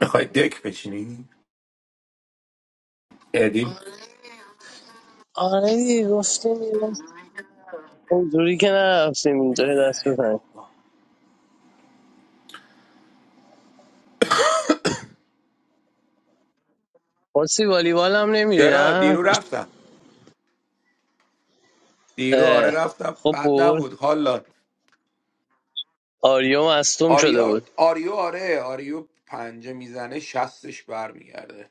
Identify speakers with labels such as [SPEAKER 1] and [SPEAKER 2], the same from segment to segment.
[SPEAKER 1] میخوای دک بچینی ادی
[SPEAKER 2] آره دیگه گفتیم یه دست اونجوری که نرفتیم اینجا یه دست
[SPEAKER 1] ای
[SPEAKER 2] بزنیم
[SPEAKER 1] بابا.
[SPEAKER 2] پرسی والیبال هم نمیری
[SPEAKER 1] چرا
[SPEAKER 2] نه
[SPEAKER 1] دیرو رفتم دیرو آره
[SPEAKER 2] اه،
[SPEAKER 1] رفتم
[SPEAKER 2] خب
[SPEAKER 1] بد
[SPEAKER 2] بود
[SPEAKER 1] نبود حالا
[SPEAKER 2] آریو مستوم شده
[SPEAKER 1] آریا
[SPEAKER 2] بود
[SPEAKER 1] آریو آره آریو پنجه میزنه شستش برمیگرده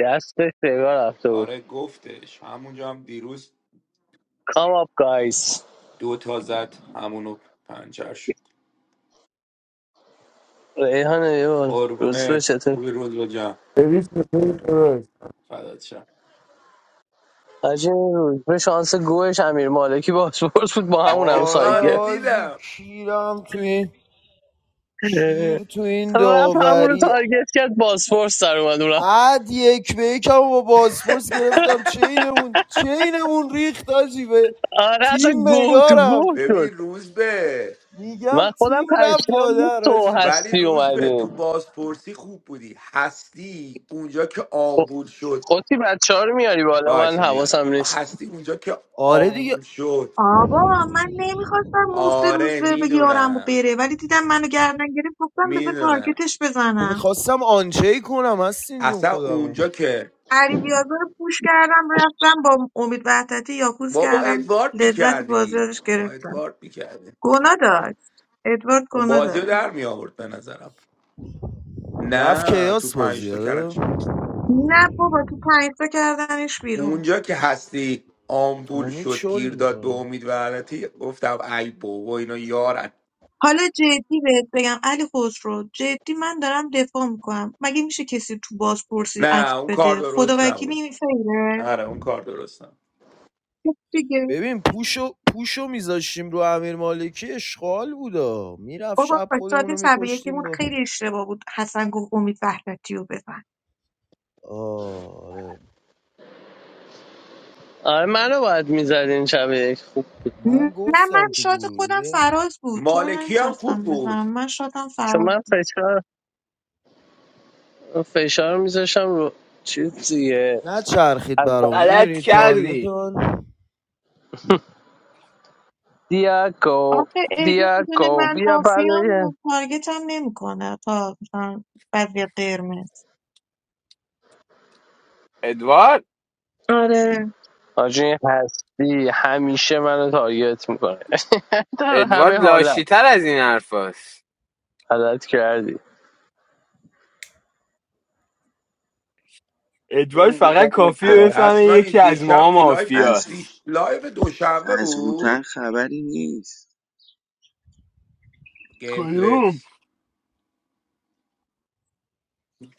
[SPEAKER 2] دستش سیگار رفته بود
[SPEAKER 1] آره گفتش همونجا هم دیروز
[SPEAKER 2] کام آپ گایز
[SPEAKER 1] دو تا زد همونو پنجر شد
[SPEAKER 2] ریحان ایول روز به
[SPEAKER 1] قربونه
[SPEAKER 2] چطور
[SPEAKER 1] خوبی روز به جم
[SPEAKER 3] سرویس چطوری داداش
[SPEAKER 1] فدات شم.
[SPEAKER 2] حاجی روز به شانس گوش امیر مالکی باسپورس بود با همون هم ساید
[SPEAKER 3] آره
[SPEAKER 1] آره
[SPEAKER 2] گرفت
[SPEAKER 3] حاجی
[SPEAKER 1] دیدم
[SPEAKER 3] کیرم تو این
[SPEAKER 2] اه.
[SPEAKER 3] کیر تو این
[SPEAKER 2] رفت همون رو
[SPEAKER 3] داوری
[SPEAKER 2] تارگت کرد باسپورس در اومد اونم
[SPEAKER 3] اد یک به یکم با بازپرس گرفتم چینمون چینمون ریخت حاجی به
[SPEAKER 2] آره اصلا
[SPEAKER 3] تیم
[SPEAKER 2] گوه تو گوه
[SPEAKER 3] بگارم
[SPEAKER 2] شد
[SPEAKER 1] ببین روز به
[SPEAKER 3] میگم
[SPEAKER 2] من خودم
[SPEAKER 3] تیم رفت
[SPEAKER 2] پشمان بود
[SPEAKER 3] لادر
[SPEAKER 2] تو
[SPEAKER 3] حاجی
[SPEAKER 1] ولی
[SPEAKER 2] هستی
[SPEAKER 1] روز به تو
[SPEAKER 2] اومدیم
[SPEAKER 1] بازپرسی خوب بودی هستی اونجا که آمبول شد
[SPEAKER 2] قطی بچه ها رو میاری بالا من
[SPEAKER 1] باشه میارم
[SPEAKER 2] حواسم نیست
[SPEAKER 1] هستی اونجا که
[SPEAKER 3] آره دیگه
[SPEAKER 1] آمبول شد
[SPEAKER 4] آبا من نمیخواستم مفت روز
[SPEAKER 1] آره
[SPEAKER 4] به به یارم و
[SPEAKER 1] میدونم
[SPEAKER 4] بره ولی دیدم منو گردن گرفت گفتم بذار
[SPEAKER 1] میدونم
[SPEAKER 4] تارگتش
[SPEAKER 3] که
[SPEAKER 4] بزنم
[SPEAKER 3] میخواستم آنچه کنم هستین جون
[SPEAKER 1] اصلا
[SPEAKER 3] خودمو
[SPEAKER 1] اونجا که
[SPEAKER 4] علی بیازار رو پوش کردم رفتم با امید وحدتی یاکوز
[SPEAKER 1] بابا
[SPEAKER 4] کردم
[SPEAKER 1] ادوارد
[SPEAKER 4] لذت بازی
[SPEAKER 1] میکردی
[SPEAKER 4] ازش
[SPEAKER 1] با
[SPEAKER 4] گرفتم
[SPEAKER 1] ادوارد میکردی
[SPEAKER 4] گناه داشت ادوارد گناه
[SPEAKER 1] بازی رو
[SPEAKER 4] داره
[SPEAKER 1] در میآورد به نظرم
[SPEAKER 3] رفت
[SPEAKER 1] نه تو
[SPEAKER 3] کیاس
[SPEAKER 1] پنج
[SPEAKER 3] بازی
[SPEAKER 1] تا
[SPEAKER 3] آره
[SPEAKER 1] کردنش بیرون.
[SPEAKER 4] نه بابا تو پنج تا کردنش بیرون
[SPEAKER 1] اونجا که هستی آمبول
[SPEAKER 3] امید
[SPEAKER 1] شد گیر
[SPEAKER 3] شل
[SPEAKER 1] داد به
[SPEAKER 3] میکنه
[SPEAKER 1] امید و علتی گفتم ای بابا اینا یارن
[SPEAKER 4] حالا جدی بهت بگم علی خسرو جدی من دارم دفاع میکنم مگه میشه کسی تو بازپرسی اکت
[SPEAKER 1] نه اون کار
[SPEAKER 4] بده خدا
[SPEAKER 1] درست
[SPEAKER 4] وکیلی
[SPEAKER 1] نبود
[SPEAKER 4] این فیره
[SPEAKER 1] آره اون کار درست نبود
[SPEAKER 4] خب دیگه
[SPEAKER 3] ببین پوشو پوشو میذاشتیم رو امیر مالکی اشغال بودا میرفت
[SPEAKER 4] بابا
[SPEAKER 3] شب
[SPEAKER 4] شاد
[SPEAKER 3] خودمونو میکشتیم
[SPEAKER 4] تبریکمون
[SPEAKER 3] با
[SPEAKER 4] خیلی اشتباه بود حسن گفت امید وحدتی رو بزن
[SPEAKER 3] آره
[SPEAKER 2] آره منو باید میزدین شب یک خوب
[SPEAKER 3] من
[SPEAKER 4] نه من
[SPEAKER 3] گفتم تو
[SPEAKER 4] شاد
[SPEAKER 3] گروه
[SPEAKER 4] خودم
[SPEAKER 3] دیگه
[SPEAKER 4] فراز بود تو رو
[SPEAKER 1] مالکی هم خوب
[SPEAKER 4] نمیخواستم
[SPEAKER 1] بود
[SPEAKER 4] بزنم من شادم
[SPEAKER 2] چون
[SPEAKER 4] فراز
[SPEAKER 2] من فشار فشار میذاشم رو چیز دیگه
[SPEAKER 3] نچرخید
[SPEAKER 2] اصلا
[SPEAKER 3] برامون
[SPEAKER 5] غلط
[SPEAKER 3] میدونی
[SPEAKER 5] کردی
[SPEAKER 3] تاریتان
[SPEAKER 2] دیاکو
[SPEAKER 4] آخه ایدی میدونه
[SPEAKER 2] دیاکو
[SPEAKER 4] من
[SPEAKER 2] بیا برای
[SPEAKER 4] مافیام تارگتم نمیکنه تا مثلا بعضی قرمز
[SPEAKER 5] ادوارد
[SPEAKER 4] آره
[SPEAKER 2] آجون هستی همیشه منو تارگت میکنه در
[SPEAKER 5] ادوارد
[SPEAKER 2] همه حالت
[SPEAKER 5] لاشیتر از این حرفاست
[SPEAKER 2] غلط کردی
[SPEAKER 5] ادوارد فقط
[SPEAKER 6] ا-
[SPEAKER 5] کافیه بفهمه
[SPEAKER 1] اصلا این
[SPEAKER 5] یکی از
[SPEAKER 1] دیشب
[SPEAKER 5] ما
[SPEAKER 1] تو لایف چ-
[SPEAKER 6] از
[SPEAKER 5] مافیاست
[SPEAKER 1] دیش... لایف دوشنبه
[SPEAKER 6] از هوتن
[SPEAKER 1] بود
[SPEAKER 6] خبری نیست
[SPEAKER 1] گیم
[SPEAKER 5] کیوم؟
[SPEAKER 1] پلکس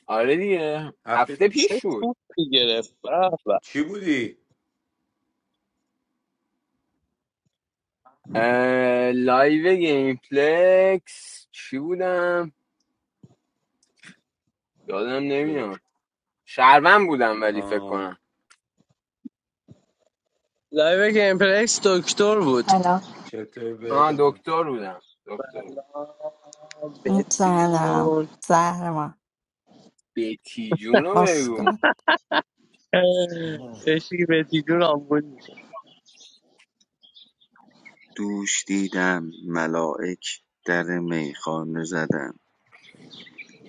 [SPEAKER 5] آره دیگه
[SPEAKER 1] هفته
[SPEAKER 5] هفته
[SPEAKER 1] پیش
[SPEAKER 2] چه
[SPEAKER 1] بود
[SPEAKER 5] پیش بود
[SPEAKER 2] توپی گرفت به به
[SPEAKER 1] چی بودی؟
[SPEAKER 5] لایو گیم پلکس چی بودم یادم
[SPEAKER 1] اه.
[SPEAKER 5] نمیاد شهروند بودم ولی فکر
[SPEAKER 1] آه.
[SPEAKER 5] کنم
[SPEAKER 2] لایو گیم پرکس دکتر بود
[SPEAKER 7] سلام
[SPEAKER 1] چطور
[SPEAKER 5] آه
[SPEAKER 1] بهتاب جون؟
[SPEAKER 5] دکتر بودم دکتر
[SPEAKER 2] سلام، بهتی
[SPEAKER 7] سلام
[SPEAKER 2] جون
[SPEAKER 7] زهرما
[SPEAKER 5] بیتی جونو بگو
[SPEAKER 7] اسکن
[SPEAKER 3] آه.
[SPEAKER 2] بشی به جون آمبول میشه
[SPEAKER 6] دوش دیدم ملائک در میخانه زدن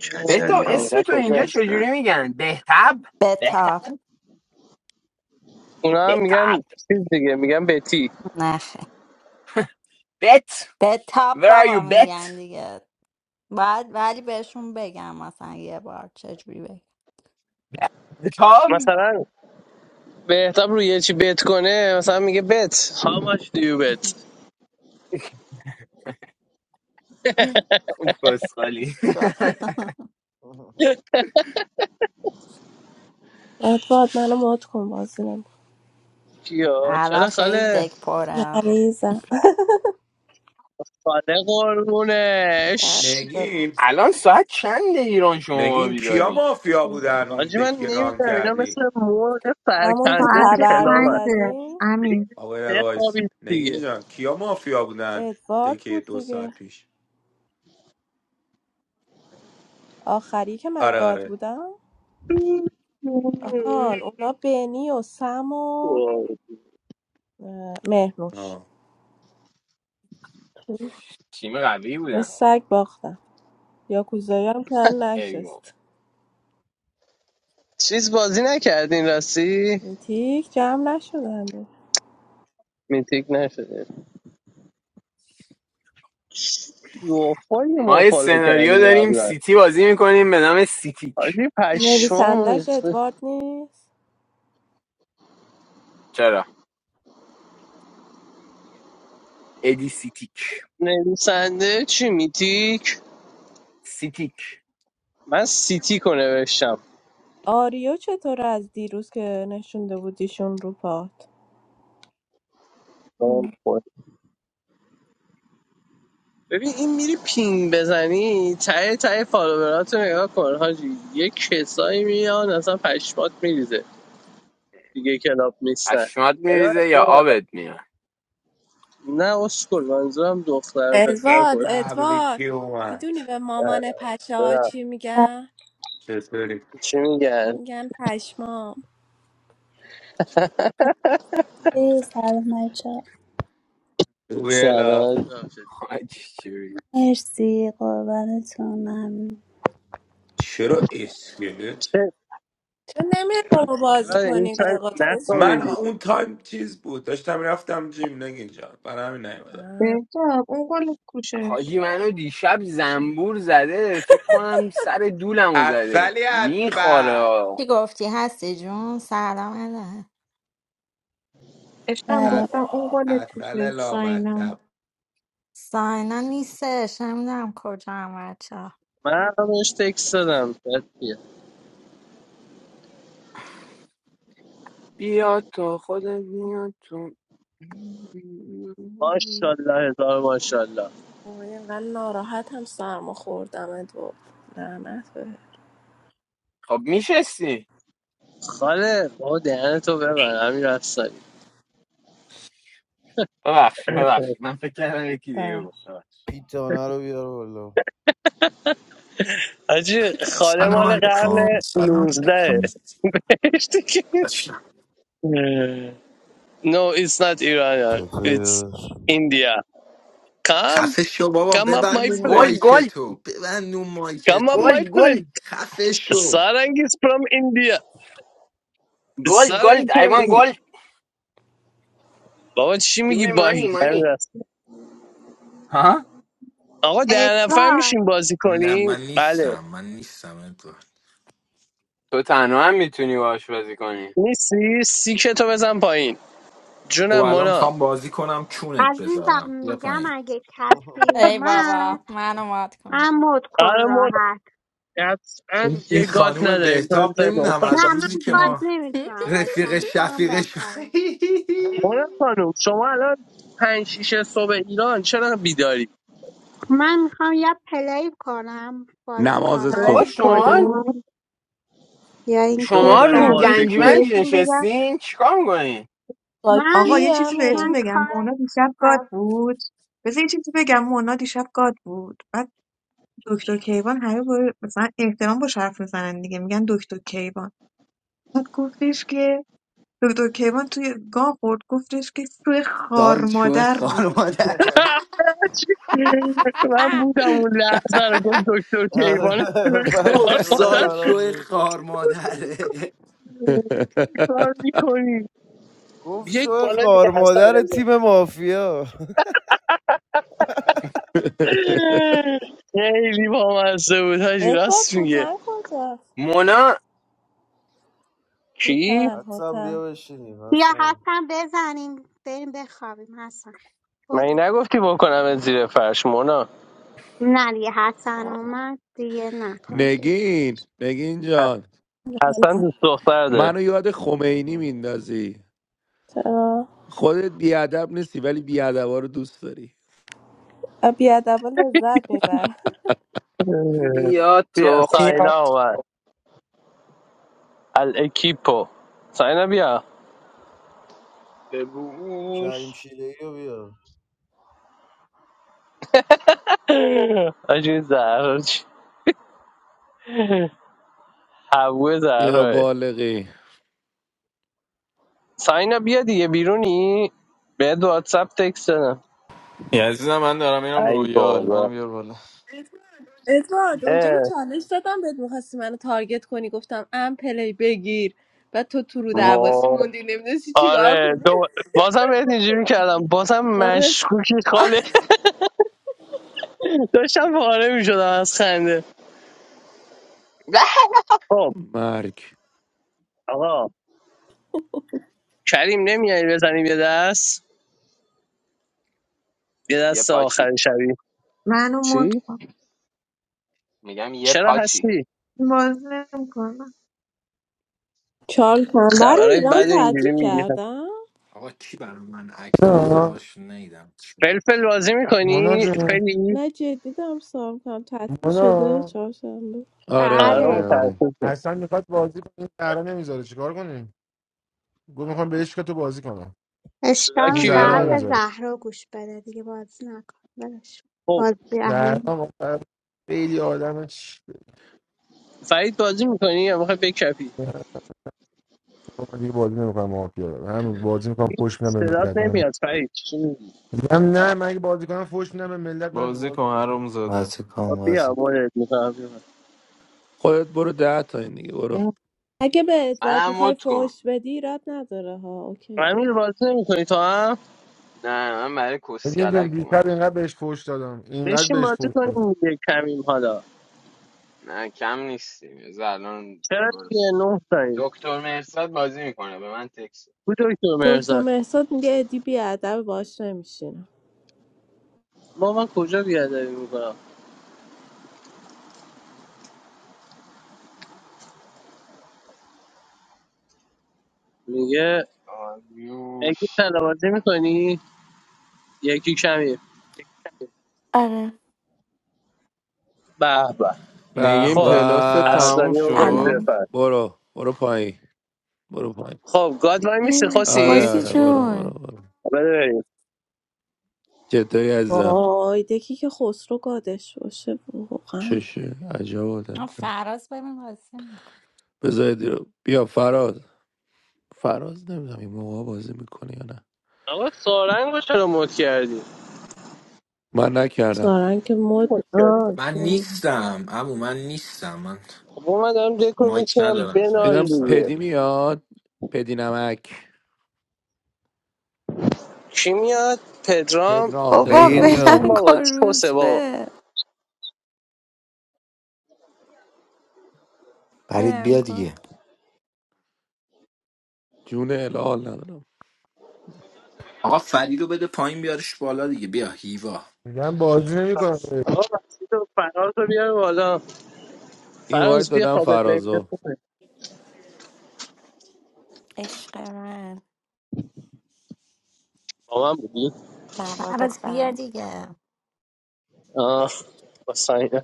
[SPEAKER 2] اوه،
[SPEAKER 6] کچلی
[SPEAKER 5] بهتاب
[SPEAKER 6] را
[SPEAKER 5] اسم
[SPEAKER 2] فایده
[SPEAKER 5] تو اینجا
[SPEAKER 2] کجاست
[SPEAKER 6] گرفتن
[SPEAKER 5] چجوری میگن بهتاب بهتاب
[SPEAKER 7] بتاب
[SPEAKER 2] اونا هم میگن
[SPEAKER 5] بهتاب
[SPEAKER 2] چیز دیگه میگن بتی
[SPEAKER 7] نخه
[SPEAKER 5] بت
[SPEAKER 7] بتاب
[SPEAKER 5] Where are you
[SPEAKER 7] بابا
[SPEAKER 5] bet?
[SPEAKER 7] میگن دیگه بعد ولی بهشون بگم مثلا یه بار چجوری بگم
[SPEAKER 5] The Tom?
[SPEAKER 2] مثلا بهتاب روی یه چی بت کنه مثلا میگه بت how much do you bet
[SPEAKER 5] اون خالی
[SPEAKER 7] اسکال.
[SPEAKER 3] آه.
[SPEAKER 8] ادوارد منو مات کن بازی نمی‌کنم.
[SPEAKER 2] کیا
[SPEAKER 7] الان
[SPEAKER 2] چرا
[SPEAKER 7] خیلی
[SPEAKER 2] خاله
[SPEAKER 7] دک پره
[SPEAKER 8] مریضم
[SPEAKER 2] خاله قربونش
[SPEAKER 8] ببین.
[SPEAKER 1] نگین
[SPEAKER 5] الان ساعت چند ایران شما
[SPEAKER 1] نگین کیا
[SPEAKER 5] بیدارین
[SPEAKER 1] مافیا بودن اون
[SPEAKER 2] حاجی
[SPEAKER 1] دکی
[SPEAKER 2] من
[SPEAKER 1] که ران
[SPEAKER 2] نمیدونم اینا
[SPEAKER 1] کردی
[SPEAKER 2] مثل مرغ
[SPEAKER 8] همون که
[SPEAKER 2] سرکنده
[SPEAKER 4] ساعت
[SPEAKER 2] تو
[SPEAKER 8] تبر
[SPEAKER 2] کلام هست
[SPEAKER 4] پنجه
[SPEAKER 8] میزدیم
[SPEAKER 4] امیر
[SPEAKER 1] آقای دقیقه وایسی
[SPEAKER 2] بخوابید
[SPEAKER 1] نگین
[SPEAKER 2] دیگه
[SPEAKER 1] جان کیا مافیا بودن
[SPEAKER 8] ادوارد
[SPEAKER 1] دکی
[SPEAKER 8] بود
[SPEAKER 1] دو
[SPEAKER 8] دیگه
[SPEAKER 1] ساعت پیش
[SPEAKER 8] آخری که من
[SPEAKER 1] آره
[SPEAKER 8] گاد
[SPEAKER 1] آره
[SPEAKER 8] بودم آن اونا بنی و سم و اه، مهنوش
[SPEAKER 1] آه.
[SPEAKER 5] تیم قوی
[SPEAKER 8] و
[SPEAKER 5] بودن
[SPEAKER 8] سگ باختم یا هم که
[SPEAKER 5] ایوه.
[SPEAKER 8] نشست
[SPEAKER 2] چیز بازی نکردین راستی
[SPEAKER 8] میتیک جمع نشده هنوز
[SPEAKER 2] میتیک نشده زوفایی
[SPEAKER 5] ما
[SPEAKER 2] ما
[SPEAKER 5] یه
[SPEAKER 2] فالو
[SPEAKER 5] سناریو
[SPEAKER 2] کردیم
[SPEAKER 5] داریم
[SPEAKER 2] قبلا
[SPEAKER 5] سیتی بازی میکنیم به نام سیتیک
[SPEAKER 2] حاجی پشمامون
[SPEAKER 8] نویسندش
[SPEAKER 2] ریخته.
[SPEAKER 8] ادوارد نیست
[SPEAKER 5] چرا ادی سیتیک
[SPEAKER 2] نویسنده چی میتیک
[SPEAKER 5] سیتیک
[SPEAKER 2] من سیتیک رو نوشتم
[SPEAKER 8] آریو چطور از دیروز که نشونده بودیشون رو پات
[SPEAKER 2] دام خور. ببین این میری پینگ بزنی ته ته فالوورات رو نگاه کن حاجی یه کسایی میان اصلا پشمات میریزه دیگه کلاب نیستن
[SPEAKER 5] پشمات میریزه یا آبت میاد
[SPEAKER 2] نه اسکل منظورم دختر پسر
[SPEAKER 8] ادوارد
[SPEAKER 2] کن
[SPEAKER 1] به ببین کی
[SPEAKER 8] ادوارد
[SPEAKER 1] اومد
[SPEAKER 8] میدونی به
[SPEAKER 2] نه،
[SPEAKER 8] مامان پشه ها چی میگن
[SPEAKER 1] چطوری
[SPEAKER 2] چی میگن
[SPEAKER 8] میگن پشمام
[SPEAKER 9] مرسی
[SPEAKER 3] Uh-huh.
[SPEAKER 9] سلام بچه
[SPEAKER 1] ویلا
[SPEAKER 2] سلام
[SPEAKER 5] حاجی چی
[SPEAKER 9] مرسی قربانتون ممنون
[SPEAKER 1] چرا اسکلت
[SPEAKER 8] چرا نمیری با ما بازی
[SPEAKER 2] این
[SPEAKER 8] کنی
[SPEAKER 2] چند
[SPEAKER 8] قایقات خسرو
[SPEAKER 1] من
[SPEAKER 8] اون
[SPEAKER 2] نخوابیدی
[SPEAKER 8] وقت
[SPEAKER 1] اون تایم چیز بود داشتم رفتم جیم نگین جان برای همین نیومدم
[SPEAKER 8] آه،
[SPEAKER 4] بهتاب اون گل کوچش
[SPEAKER 5] حاجی منو دیشب زنبور زده فکر کنم سر دولمو زده
[SPEAKER 1] اصلی از بس
[SPEAKER 5] میخوره
[SPEAKER 7] چی گفتی هستی جون سلام اله
[SPEAKER 4] عشقم
[SPEAKER 9] سلام
[SPEAKER 1] اصل
[SPEAKER 4] گفتم اون گل
[SPEAKER 1] اصل
[SPEAKER 4] کوچش ساینا
[SPEAKER 1] لامصب
[SPEAKER 7] ساینا نیستش نمیدونم کجا هم بچه
[SPEAKER 2] من همش تکست دادم بچه.
[SPEAKER 5] بیا تو خودت بیا تو
[SPEAKER 2] ماشالله هزار ماشالله
[SPEAKER 8] وای، اینقدر ناراحت هم سرما خوردم ادوارد لعنت به
[SPEAKER 5] خب میشستی
[SPEAKER 2] خاله بابا دهنتو ببن امیر رفتاری
[SPEAKER 5] ببخشید ببخشید من فکر کردم یکی دیگه گفت ببخشید
[SPEAKER 3] Pizza and all of your
[SPEAKER 2] حاجی خاله
[SPEAKER 10] سلام
[SPEAKER 2] مال
[SPEAKER 10] علیکم
[SPEAKER 2] قرن
[SPEAKER 10] سلام
[SPEAKER 2] 19
[SPEAKER 10] علیکم
[SPEAKER 2] بهش دیگه
[SPEAKER 10] بشنم
[SPEAKER 2] No, it's not Iran. It's
[SPEAKER 3] hello.
[SPEAKER 2] India. Come,
[SPEAKER 10] خفه شو بابا
[SPEAKER 2] come up, my
[SPEAKER 10] ببند اون
[SPEAKER 2] friend.
[SPEAKER 5] گلد
[SPEAKER 10] مایک
[SPEAKER 5] گلد
[SPEAKER 10] تو ببند اون مایک
[SPEAKER 2] Come up,
[SPEAKER 10] تو
[SPEAKER 2] my
[SPEAKER 5] گلد
[SPEAKER 2] friend.
[SPEAKER 5] گلد
[SPEAKER 10] خفه شو
[SPEAKER 2] Sarang is from India.
[SPEAKER 5] گلد
[SPEAKER 2] Sarang
[SPEAKER 5] گلد I
[SPEAKER 2] from
[SPEAKER 5] want
[SPEAKER 2] India.
[SPEAKER 5] گلد
[SPEAKER 2] بابا چی
[SPEAKER 5] Give
[SPEAKER 2] میگی
[SPEAKER 5] me money
[SPEAKER 2] باهی
[SPEAKER 5] money
[SPEAKER 2] همین رسم.
[SPEAKER 5] ها
[SPEAKER 2] آقا ده نفر
[SPEAKER 11] ادوارد
[SPEAKER 2] میشیم بازی
[SPEAKER 10] نه
[SPEAKER 2] کنیم
[SPEAKER 10] من
[SPEAKER 2] بله
[SPEAKER 10] نیستم من نیستم ادوارد
[SPEAKER 5] تو تنها هم میتونی باش بازی کنی
[SPEAKER 2] نیستی سیکتو بزن پایین
[SPEAKER 10] خب
[SPEAKER 2] جونم
[SPEAKER 10] الان
[SPEAKER 2] مونا
[SPEAKER 10] میخوام بازی کنم چونت
[SPEAKER 11] عزیزم
[SPEAKER 10] بذارم بیا
[SPEAKER 11] میگم
[SPEAKER 10] پایین
[SPEAKER 11] اگه کسی
[SPEAKER 7] ای بابا
[SPEAKER 11] اومد
[SPEAKER 7] منو مات کن
[SPEAKER 11] من مد کن
[SPEAKER 2] آره مونا
[SPEAKER 11] راحت
[SPEAKER 2] قطعا
[SPEAKER 10] این این
[SPEAKER 2] یه گات
[SPEAKER 10] خانوم
[SPEAKER 2] نداریم تو
[SPEAKER 10] بهتاب
[SPEAKER 2] می‌ذاریم به اون
[SPEAKER 10] نمیدونم از
[SPEAKER 2] گات.
[SPEAKER 11] نه من
[SPEAKER 10] روزی که
[SPEAKER 11] گاد
[SPEAKER 10] ما
[SPEAKER 11] نمیتونم وایسم
[SPEAKER 10] رفیق
[SPEAKER 11] میخوام
[SPEAKER 10] شفیقش
[SPEAKER 11] بخوابم
[SPEAKER 2] مونا خانم شما الان پنج شیش صبح ایران چرا بیداری
[SPEAKER 11] من میخوام یا پلی کنم بازی
[SPEAKER 1] نماز
[SPEAKER 5] آقا
[SPEAKER 2] پلی
[SPEAKER 11] کنم
[SPEAKER 1] صبح
[SPEAKER 5] شما
[SPEAKER 2] کنی
[SPEAKER 11] یا یا اینکه
[SPEAKER 5] شما
[SPEAKER 2] دختر
[SPEAKER 5] روی
[SPEAKER 4] بچه‌ها،
[SPEAKER 11] برم
[SPEAKER 4] یه چیزی
[SPEAKER 11] بخوابم
[SPEAKER 2] بازیگوی
[SPEAKER 5] گنجمنج
[SPEAKER 4] بهتون بگم
[SPEAKER 5] نشستین چیکار میکنین
[SPEAKER 8] با
[SPEAKER 11] من
[SPEAKER 4] آقا
[SPEAKER 8] کی
[SPEAKER 4] یه چیزی بهتون
[SPEAKER 8] همی
[SPEAKER 11] من
[SPEAKER 4] بگم
[SPEAKER 11] کار
[SPEAKER 4] مونا دیشب گاد
[SPEAKER 11] شب-
[SPEAKER 4] بود بذار یه چیزی بگم مونا دیشب گاد بود بعد دکتر کیوان همه با- مثلا احترام با حرف میزنن دیگه میگن دکتر کیوان بعد گفتش که دکتر کیوان توی گاه خورد گفتش که توی خار
[SPEAKER 10] سایت شو
[SPEAKER 4] مادر
[SPEAKER 10] خار
[SPEAKER 4] بود
[SPEAKER 10] مادر
[SPEAKER 2] من بودم اون لحظه رو گفت دکتر
[SPEAKER 3] آره
[SPEAKER 2] کیوان تو
[SPEAKER 10] توف
[SPEAKER 2] خوار
[SPEAKER 3] پشمای
[SPEAKER 2] مادر
[SPEAKER 10] سایت
[SPEAKER 3] من
[SPEAKER 10] شو
[SPEAKER 3] ریخت
[SPEAKER 10] خار مادره
[SPEAKER 2] کار میکنی
[SPEAKER 3] گفت
[SPEAKER 2] یک
[SPEAKER 3] شو
[SPEAKER 2] بالا دیگه
[SPEAKER 3] خار
[SPEAKER 2] هستم
[SPEAKER 3] مادر تیم مافیا
[SPEAKER 2] خیلی بامزه بود حاجی
[SPEAKER 8] ادوارد
[SPEAKER 2] راست میگه
[SPEAKER 8] هوتن کجاست
[SPEAKER 5] مونا
[SPEAKER 2] کی
[SPEAKER 8] هوتن
[SPEAKER 3] حسن بیا
[SPEAKER 8] هوتن
[SPEAKER 3] بشینیم
[SPEAKER 11] یا
[SPEAKER 3] حسن
[SPEAKER 11] حسن بزنیم بریم بخوابیم حسن
[SPEAKER 2] من
[SPEAKER 11] بازی
[SPEAKER 2] این نگفتی بکنم زیر فرش مونا
[SPEAKER 11] نه دیگه حسن
[SPEAKER 5] آه.
[SPEAKER 11] اومد دیگه نکن زیر.
[SPEAKER 1] نگین نگین جان
[SPEAKER 2] اصلا دوست دختر داره
[SPEAKER 1] منو یاد خمینی میندازی
[SPEAKER 8] چرا
[SPEAKER 1] خودت بیادب نیستی ولی بیادبا رو دوست داری
[SPEAKER 8] بیادبا لذت میبرن
[SPEAKER 5] بیا
[SPEAKER 2] بیا
[SPEAKER 5] تو خ- بیا
[SPEAKER 2] ساینا اومد الاکیپو ساینا بیا
[SPEAKER 3] کریم
[SPEAKER 5] ببوس
[SPEAKER 3] شیرهی رو بیا
[SPEAKER 2] آجی زهرا چی؟ حبوه
[SPEAKER 1] یا
[SPEAKER 2] زهراه
[SPEAKER 1] بالغی
[SPEAKER 2] ساینا بیا دیگه بیرونی به دو واتساپ تکست دادم
[SPEAKER 12] یه عزیزم من دارم میرم
[SPEAKER 2] ای
[SPEAKER 12] رویال منم
[SPEAKER 2] بابا
[SPEAKER 12] بیار بالا
[SPEAKER 8] ادوارد اونجا که
[SPEAKER 2] اه
[SPEAKER 8] چالش دادم بهت میخواستی منو تارگت کنی گفتم ام پلی بگیر و تو تو رو دعواسی
[SPEAKER 2] وای
[SPEAKER 8] موندی نمیدونستی چیکار
[SPEAKER 2] آره
[SPEAKER 8] کنی
[SPEAKER 2] دو... بازم بهت اینجوری کردم بازم
[SPEAKER 8] آره
[SPEAKER 2] مشکوکی خاله داشتم پاره میشدم از خنده
[SPEAKER 5] به!
[SPEAKER 2] خب
[SPEAKER 1] مرگ
[SPEAKER 2] آقا کریم نمیای بزنیم یه دست یه
[SPEAKER 5] یه
[SPEAKER 2] دست
[SPEAKER 5] پاچی
[SPEAKER 2] آخر شبی
[SPEAKER 4] منو مت
[SPEAKER 2] چی؟
[SPEAKER 4] کن.
[SPEAKER 5] میگم یه
[SPEAKER 2] چرا
[SPEAKER 5] پاچی
[SPEAKER 2] هستی
[SPEAKER 4] باز نمیکنم
[SPEAKER 8] چهار شنبه رو
[SPEAKER 2] خبرهای
[SPEAKER 8] ایران
[SPEAKER 2] بد و
[SPEAKER 8] تعطیل
[SPEAKER 2] اینجوری میگیره
[SPEAKER 8] کردم
[SPEAKER 10] آقا کی برای من اکت
[SPEAKER 13] No,
[SPEAKER 10] گذاشت نیدم
[SPEAKER 2] فلفل بازی
[SPEAKER 13] Mona.
[SPEAKER 2] میکنی
[SPEAKER 13] Just
[SPEAKER 2] فلی
[SPEAKER 8] نه جدی دارم سوال کنم تعطیل شده
[SPEAKER 13] Mona.
[SPEAKER 8] چهارشنبه
[SPEAKER 1] آره
[SPEAKER 2] آره
[SPEAKER 11] بله
[SPEAKER 1] آره آره
[SPEAKER 2] متاسفم
[SPEAKER 13] Hassan, you have to do it. It's not easy. Why not? I want to do it. You have to do it, Mona. It's
[SPEAKER 2] لاکی
[SPEAKER 11] اشکال به
[SPEAKER 2] بیا
[SPEAKER 11] حرف
[SPEAKER 2] بالا
[SPEAKER 13] not
[SPEAKER 11] زهرا گوش بده دیگه بازی نکن ولش کن.
[SPEAKER 2] خب
[SPEAKER 11] بازی اهم
[SPEAKER 13] easy. Easy,
[SPEAKER 2] فرید بازی میکنی یا میخوای بکپی
[SPEAKER 13] I'm okay. I'm doing it. I'm doing it. I'm pushing. I'm getting
[SPEAKER 2] صدات
[SPEAKER 13] it.
[SPEAKER 2] نمیاد فرید چی میگی؟
[SPEAKER 13] I'm not. I'm not. I'm doing it. I'm pushing. I'm getting it. I'm
[SPEAKER 12] بازی
[SPEAKER 13] doing it.
[SPEAKER 12] کن هر زاده
[SPEAKER 14] بازی کن
[SPEAKER 2] خب
[SPEAKER 14] بازی
[SPEAKER 2] بیا
[SPEAKER 14] کن
[SPEAKER 2] مدت میکنم بیا
[SPEAKER 1] خودت برو ده تا این دیگه برو
[SPEAKER 8] اگه به ادوارد
[SPEAKER 5] منم
[SPEAKER 8] میخوای
[SPEAKER 5] مت کن
[SPEAKER 8] فوش بدی ایراد نداره ها اوکی
[SPEAKER 2] امیر بازی نمیکنی تو هم
[SPEAKER 5] نه من برای
[SPEAKER 13] But you have
[SPEAKER 5] کسکلک
[SPEAKER 13] to
[SPEAKER 5] اومدم
[SPEAKER 13] do it. English pushing. I'm doing it.
[SPEAKER 2] بشین بازی کنیم دیگه کمیم حالا
[SPEAKER 5] نه کم نیستیم از الان
[SPEAKER 2] چرا دیگه
[SPEAKER 5] درست
[SPEAKER 2] نه تاییم
[SPEAKER 5] دکتر مرساد بازی میکنه به من تکس
[SPEAKER 2] کو دکتر
[SPEAKER 8] دکتر
[SPEAKER 2] مرزاد
[SPEAKER 8] مهساد میگه ادی بیادب باش نمیشینم
[SPEAKER 2] ما من کجا بیادبی میکنم میگه یکی
[SPEAKER 5] آریوش
[SPEAKER 2] تنابازی میکنی یکی کمی
[SPEAKER 15] آره
[SPEAKER 2] به به
[SPEAKER 1] به
[SPEAKER 12] نگیم
[SPEAKER 2] خب
[SPEAKER 12] پلاست
[SPEAKER 1] به.
[SPEAKER 12] تموم
[SPEAKER 2] اصلانی بکنید
[SPEAKER 12] شد
[SPEAKER 15] سلام
[SPEAKER 2] بفر
[SPEAKER 1] برو برو پایین برو پایین
[SPEAKER 2] خب گاد وای میسی
[SPEAKER 1] آره
[SPEAKER 2] خوسی
[SPEAKER 15] خوشی
[SPEAKER 1] آره برو برو
[SPEAKER 15] جون
[SPEAKER 1] برو
[SPEAKER 2] بده بریم
[SPEAKER 1] جدای عزیزم
[SPEAKER 8] وای دکی که خسرو گادش باشه واقعا
[SPEAKER 1] چشه عجب آدم
[SPEAKER 7] آه، فراز ببین بازی می‌کنه.
[SPEAKER 1] بذارید رو بیا فراز فراز نمیدونم این موقع بازی میکنه یا نه
[SPEAKER 2] آقا سارنگ رو چرا مد کردی
[SPEAKER 1] من نکردم
[SPEAKER 8] سارنگ که مد
[SPEAKER 2] مد کرد
[SPEAKER 10] من
[SPEAKER 8] آه.
[SPEAKER 10] نیستم امو من نیستم من
[SPEAKER 2] خب من دارم دکو
[SPEAKER 10] مایک
[SPEAKER 2] میچینم
[SPEAKER 10] ندارم تا نیم
[SPEAKER 2] بنال
[SPEAKER 1] اینم
[SPEAKER 10] ساعت
[SPEAKER 2] دیگه
[SPEAKER 1] پدی
[SPEAKER 10] دیگه
[SPEAKER 1] میاد پدی نمک
[SPEAKER 2] کی میاد پدرام
[SPEAKER 1] پدرام
[SPEAKER 15] بابا
[SPEAKER 3] نگین
[SPEAKER 1] پدرام
[SPEAKER 3] جان
[SPEAKER 2] پدرام
[SPEAKER 15] ولم
[SPEAKER 2] بابا
[SPEAKER 15] کن
[SPEAKER 2] چوسه بابا
[SPEAKER 15] روزبه
[SPEAKER 14] فرید
[SPEAKER 15] ولم
[SPEAKER 14] بیا
[SPEAKER 15] کن
[SPEAKER 14] دیگه
[SPEAKER 1] جون الهال ندارم
[SPEAKER 10] آقا فرید رو بده پایین بیارش بالا دیگه بیا هیوا
[SPEAKER 13] I'm doing it. You have to
[SPEAKER 2] آقا مسعود و فراز رو بیار بالا
[SPEAKER 1] این وایت
[SPEAKER 2] فراز بیا
[SPEAKER 1] دادم
[SPEAKER 2] خوابت نمیده
[SPEAKER 1] فرازو
[SPEAKER 2] خوبه.
[SPEAKER 15] عشق من
[SPEAKER 2] با من بودی
[SPEAKER 15] نبا
[SPEAKER 7] فراز بیا
[SPEAKER 15] دخترم بود
[SPEAKER 7] دیگه
[SPEAKER 2] آه با ساینا.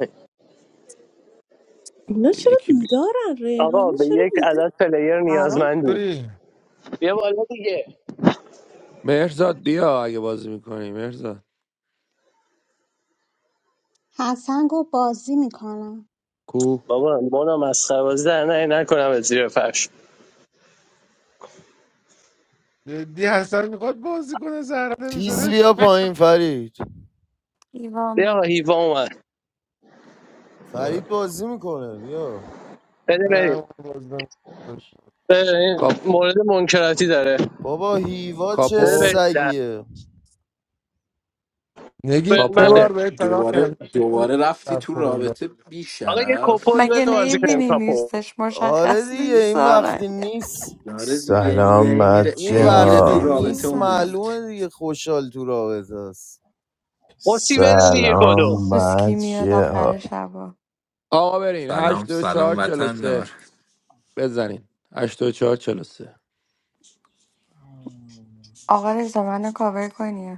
[SPEAKER 8] اینا
[SPEAKER 1] خب،
[SPEAKER 8] چرا
[SPEAKER 1] یکی بی...
[SPEAKER 8] بیدارن
[SPEAKER 2] آقا
[SPEAKER 8] ریحانه
[SPEAKER 2] به
[SPEAKER 8] چرا
[SPEAKER 2] یک
[SPEAKER 8] بیدار
[SPEAKER 2] عدد پلیر
[SPEAKER 8] حرام
[SPEAKER 2] نیازمندیم بیا بالا دیگه
[SPEAKER 1] مهرزاد بیا اگه بازی میکنی مهرزاد
[SPEAKER 11] حسن گفت بازی میکنم
[SPEAKER 1] کو
[SPEAKER 2] بابا مونا مسخره بازی در نه نکنم از زیر فرش
[SPEAKER 13] do
[SPEAKER 3] تیز
[SPEAKER 13] it.
[SPEAKER 3] بیا پایین فرید
[SPEAKER 15] ایوا
[SPEAKER 2] بیا آقا
[SPEAKER 15] من
[SPEAKER 2] هیوا اومد
[SPEAKER 1] خیلی
[SPEAKER 3] فرید بازی میکنه بیا
[SPEAKER 2] بده بریم
[SPEAKER 13] It's not easy.
[SPEAKER 1] خوش.
[SPEAKER 2] بده بریم.
[SPEAKER 1] کاپ...
[SPEAKER 2] مورد منکراتی داره
[SPEAKER 3] بابا هیوا چه
[SPEAKER 2] بده
[SPEAKER 1] کاپو
[SPEAKER 2] بریم در
[SPEAKER 3] سگیه
[SPEAKER 13] نگین
[SPEAKER 2] به
[SPEAKER 13] سه
[SPEAKER 1] کاپو
[SPEAKER 2] منه
[SPEAKER 13] بار بهت تکرار
[SPEAKER 10] دوباره
[SPEAKER 13] کردم، نگین
[SPEAKER 10] دوباره رفتی تو
[SPEAKER 13] استغفرالله
[SPEAKER 10] رابطه بی
[SPEAKER 13] اکبر.
[SPEAKER 2] آقا یه
[SPEAKER 10] شرف
[SPEAKER 2] کپل
[SPEAKER 15] مگه
[SPEAKER 2] بده بازی کنیم
[SPEAKER 15] نیبینی
[SPEAKER 2] کپل
[SPEAKER 15] نیستش
[SPEAKER 3] آره
[SPEAKER 15] مشخص
[SPEAKER 3] دیگه
[SPEAKER 15] نیست
[SPEAKER 3] این وقتی
[SPEAKER 15] سارنگ
[SPEAKER 3] نیست
[SPEAKER 10] داره دیگه
[SPEAKER 16] سلام
[SPEAKER 10] میره هی میره
[SPEAKER 3] این
[SPEAKER 16] مجه
[SPEAKER 10] هی میره
[SPEAKER 15] سلام
[SPEAKER 10] تو
[SPEAKER 3] وقتی
[SPEAKER 16] ها
[SPEAKER 10] رابطه
[SPEAKER 3] نیست
[SPEAKER 10] و
[SPEAKER 15] عزیزم
[SPEAKER 10] میاد
[SPEAKER 3] معلومه دیگه خوشحال تو رابطه است
[SPEAKER 2] بسی بده دیگه کدو
[SPEAKER 16] سلام
[SPEAKER 15] دوسکی میاد
[SPEAKER 16] مجه ها
[SPEAKER 15] آخر شبا
[SPEAKER 1] آقا برین
[SPEAKER 10] سلام
[SPEAKER 1] هشت دو
[SPEAKER 10] سلام
[SPEAKER 1] چهار چل
[SPEAKER 10] وطن
[SPEAKER 1] سه
[SPEAKER 10] دار
[SPEAKER 1] بزنین 84 43
[SPEAKER 15] آقا رزا منو کاور کنی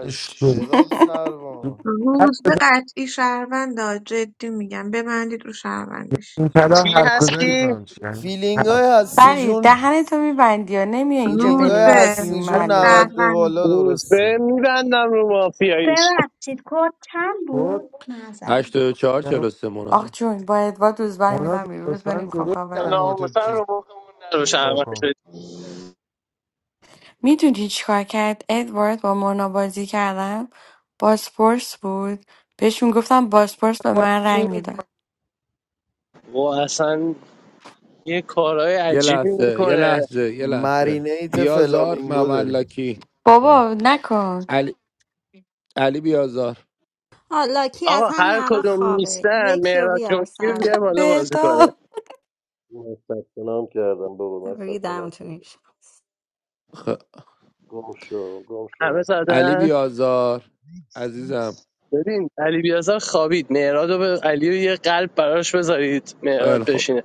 [SPEAKER 13] این شروع
[SPEAKER 3] جناب سروان
[SPEAKER 13] هر
[SPEAKER 4] روز به
[SPEAKER 13] بزن
[SPEAKER 4] قطعی شهروندا جدی میگم ببندید رو شهروندیش
[SPEAKER 13] این طلا
[SPEAKER 2] چی
[SPEAKER 13] هر
[SPEAKER 3] چکه
[SPEAKER 13] کجا
[SPEAKER 2] هستی
[SPEAKER 13] نمیفهمم چی یعنی
[SPEAKER 3] فیلینگ
[SPEAKER 13] هر
[SPEAKER 3] های هستی
[SPEAKER 15] بری
[SPEAKER 3] جون
[SPEAKER 15] دهنتو میبندی یا نمیای اینجا
[SPEAKER 3] فیلینگ
[SPEAKER 4] روز
[SPEAKER 3] های
[SPEAKER 4] به
[SPEAKER 15] بنویسی
[SPEAKER 3] هستی
[SPEAKER 13] هر
[SPEAKER 3] جون 90
[SPEAKER 15] معلومه
[SPEAKER 3] به بالا
[SPEAKER 4] شهروند
[SPEAKER 2] روز
[SPEAKER 3] درسته
[SPEAKER 2] به میبندم رو مافیاییش
[SPEAKER 11] ببخشید کد چند
[SPEAKER 13] کد
[SPEAKER 11] بود معذرت
[SPEAKER 1] 84
[SPEAKER 13] میگم
[SPEAKER 1] 43
[SPEAKER 15] آخ
[SPEAKER 1] مناجم
[SPEAKER 15] جون با ادوار دوز
[SPEAKER 13] مونا
[SPEAKER 15] میدم بیرون روز
[SPEAKER 13] لطفا
[SPEAKER 15] نمیخوام
[SPEAKER 13] درست
[SPEAKER 15] کاورم کنی
[SPEAKER 13] کلمات ما تو
[SPEAKER 2] ناموسن
[SPEAKER 13] چیز
[SPEAKER 2] رو بخمون نرو
[SPEAKER 13] ندا
[SPEAKER 2] شرمن
[SPEAKER 13] کن.
[SPEAKER 2] شد
[SPEAKER 15] میدونی چیکار کرد ادوارد با مونا بازی کردم بازپرس بود بهش میگفتم بازپرس به من رنگ میداد
[SPEAKER 2] و اصلا یه کارهای
[SPEAKER 1] یه
[SPEAKER 2] عجیبی
[SPEAKER 1] لحظه یه
[SPEAKER 2] میکنه
[SPEAKER 1] لحظه یه لحظه
[SPEAKER 3] مرینیت
[SPEAKER 1] بیازار
[SPEAKER 3] فلامینگو داریم
[SPEAKER 1] مملکی
[SPEAKER 3] چون
[SPEAKER 15] بابا نکن
[SPEAKER 1] علی علی بیازار
[SPEAKER 7] حالا کی از
[SPEAKER 2] آقا
[SPEAKER 7] همین
[SPEAKER 2] هر
[SPEAKER 7] الان
[SPEAKER 2] کدوم
[SPEAKER 7] خوابه
[SPEAKER 2] نیستن
[SPEAKER 7] یکی رو
[SPEAKER 2] مهراد
[SPEAKER 7] بیار
[SPEAKER 2] جونگی رو
[SPEAKER 7] سرش
[SPEAKER 2] بیار بالا بازی کنه
[SPEAKER 15] بهتاب
[SPEAKER 17] من ثبت نام کردم بابا من ثبت نام
[SPEAKER 7] ریدمتون این
[SPEAKER 17] کردم
[SPEAKER 7] شب.
[SPEAKER 1] خ...
[SPEAKER 17] گم شو گم شو
[SPEAKER 2] همه
[SPEAKER 17] بهتر
[SPEAKER 1] علی
[SPEAKER 2] زدن
[SPEAKER 17] برو
[SPEAKER 1] بیازار عزیزم
[SPEAKER 2] ببین علی بیازار خوابید مهراد رو به علی رو یه قلب براش بذارید
[SPEAKER 1] خیلی
[SPEAKER 2] مهراد
[SPEAKER 1] خب
[SPEAKER 2] بشینه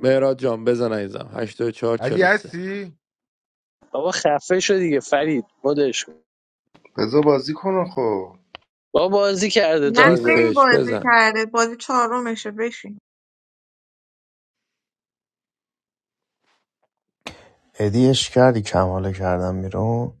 [SPEAKER 1] مهراد جان بزن عزیزم 84
[SPEAKER 13] اگه
[SPEAKER 1] 43
[SPEAKER 13] هستی
[SPEAKER 2] بابا خفه شو دیگه فرید مدش کن.
[SPEAKER 18] بذار بازی کنم خب
[SPEAKER 2] بابا بازی کرده
[SPEAKER 4] نه
[SPEAKER 2] تازه
[SPEAKER 4] خیلی
[SPEAKER 1] نیستش
[SPEAKER 4] بازی
[SPEAKER 1] بزن
[SPEAKER 4] کرده بازی چهارمشه بشین
[SPEAKER 16] ادیش کردی کماله کردم بیرون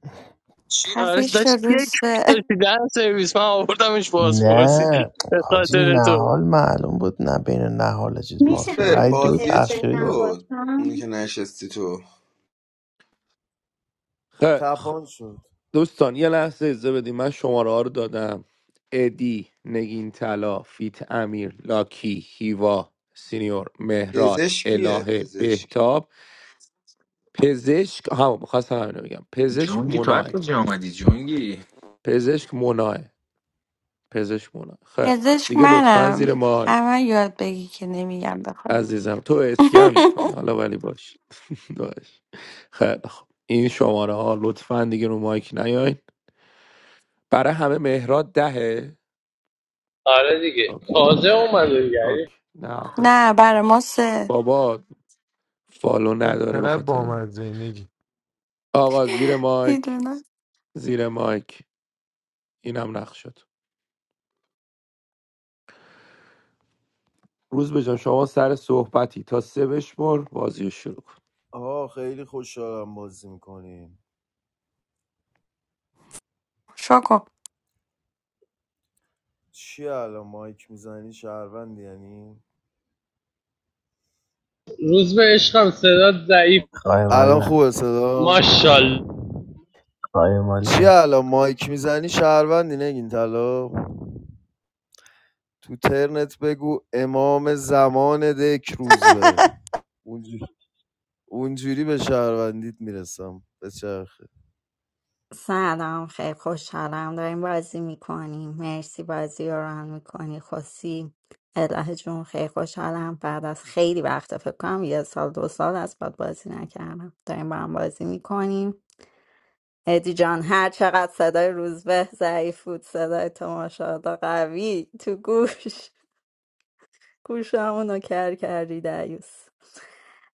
[SPEAKER 2] چی آرش
[SPEAKER 15] خفه شو
[SPEAKER 2] داشت یک
[SPEAKER 15] روز به
[SPEAKER 2] داشتی در سرویس من آوردمش
[SPEAKER 16] نه
[SPEAKER 2] بازپرسی به
[SPEAKER 16] حاجی
[SPEAKER 2] خاطر تو
[SPEAKER 16] نهال معلوم بود نه بین نهال چیز
[SPEAKER 11] میشه
[SPEAKER 16] مافی
[SPEAKER 18] روزبه
[SPEAKER 11] من
[SPEAKER 16] رای دو
[SPEAKER 18] بازیه
[SPEAKER 11] تسته
[SPEAKER 18] چی
[SPEAKER 16] تأخیری داده
[SPEAKER 18] شد
[SPEAKER 11] نباشم
[SPEAKER 18] اونی که نشستی تو
[SPEAKER 1] خیلی خب
[SPEAKER 3] تپان شد
[SPEAKER 1] دوستان یه لحظه اجازه بدیم من شماره ها رو دادم ادی نگین طلا فیت امیر لاکی هیوا سینیور مهراد
[SPEAKER 18] پزشکیه
[SPEAKER 1] الهه
[SPEAKER 18] پزشک
[SPEAKER 1] بهتاب پزشک هم میخواستم همینو بگم پزشک
[SPEAKER 10] جونگی تو از
[SPEAKER 1] مناه
[SPEAKER 10] کجا آمدی جونگی
[SPEAKER 1] پزشک مناه پزشک مناه خیلی خب
[SPEAKER 15] پزشک
[SPEAKER 1] دیگه لطفا زیر
[SPEAKER 15] منم
[SPEAKER 1] ما
[SPEAKER 15] اما یاد بگی که نمیگم بخوام
[SPEAKER 1] عزیزم تو اسکن میکنی حالا ولی باش باش خیلی خب این شماره ها لطفا دیگه رو مایک نیاین برای همه مهراد دهه
[SPEAKER 2] آره دیگه
[SPEAKER 1] اوکی
[SPEAKER 2] تازه
[SPEAKER 18] آره
[SPEAKER 2] اومده دیگه یعنی
[SPEAKER 1] اوکی نه آخه
[SPEAKER 15] نه برا ما سه
[SPEAKER 1] بابا فالو
[SPEAKER 13] وای
[SPEAKER 1] نداره به
[SPEAKER 13] چقدر
[SPEAKER 1] خاطر این
[SPEAKER 13] بامزه ای نگین،
[SPEAKER 1] آقا زیر مایک
[SPEAKER 15] میدونم
[SPEAKER 1] زیر مایک اینم نقش شد روز بجان شما سر صحبتی تا سه بشمر بازی رو شروع کن
[SPEAKER 3] آه خیلی خوشحالم بازی میکنیم
[SPEAKER 15] شکم
[SPEAKER 3] چی الان مایک میزنی شهروند یعنی
[SPEAKER 2] روز
[SPEAKER 3] تو-
[SPEAKER 2] به عشقم صدات ضعیف
[SPEAKER 16] قایمال
[SPEAKER 3] الان
[SPEAKER 16] نه
[SPEAKER 3] خوبه صدام
[SPEAKER 2] ماشاءالله
[SPEAKER 16] قایمال
[SPEAKER 3] چی
[SPEAKER 16] نه
[SPEAKER 3] الان مایک میزنی شهروندی نگین طلا تو ترنت بگو امام زمان دک روز به اونجوری, اونجوری به شهروندیت میرسم به چرخه
[SPEAKER 7] سلام خیلی خوشحالم داریم بازی میکنیم مرسی بازی رو ران میکنی خوسی اله جون خیلی خوشحالم بعد از خیلی وقت فکر کنم یه سال دو سال از بعد بازی نکردم داریم با هم بازی میکنیم ادی جان هر چقدر صدای روزبه ضعیف بود صدای تماشادا قوی تو گوش گوشمون رو کر کردی دیوس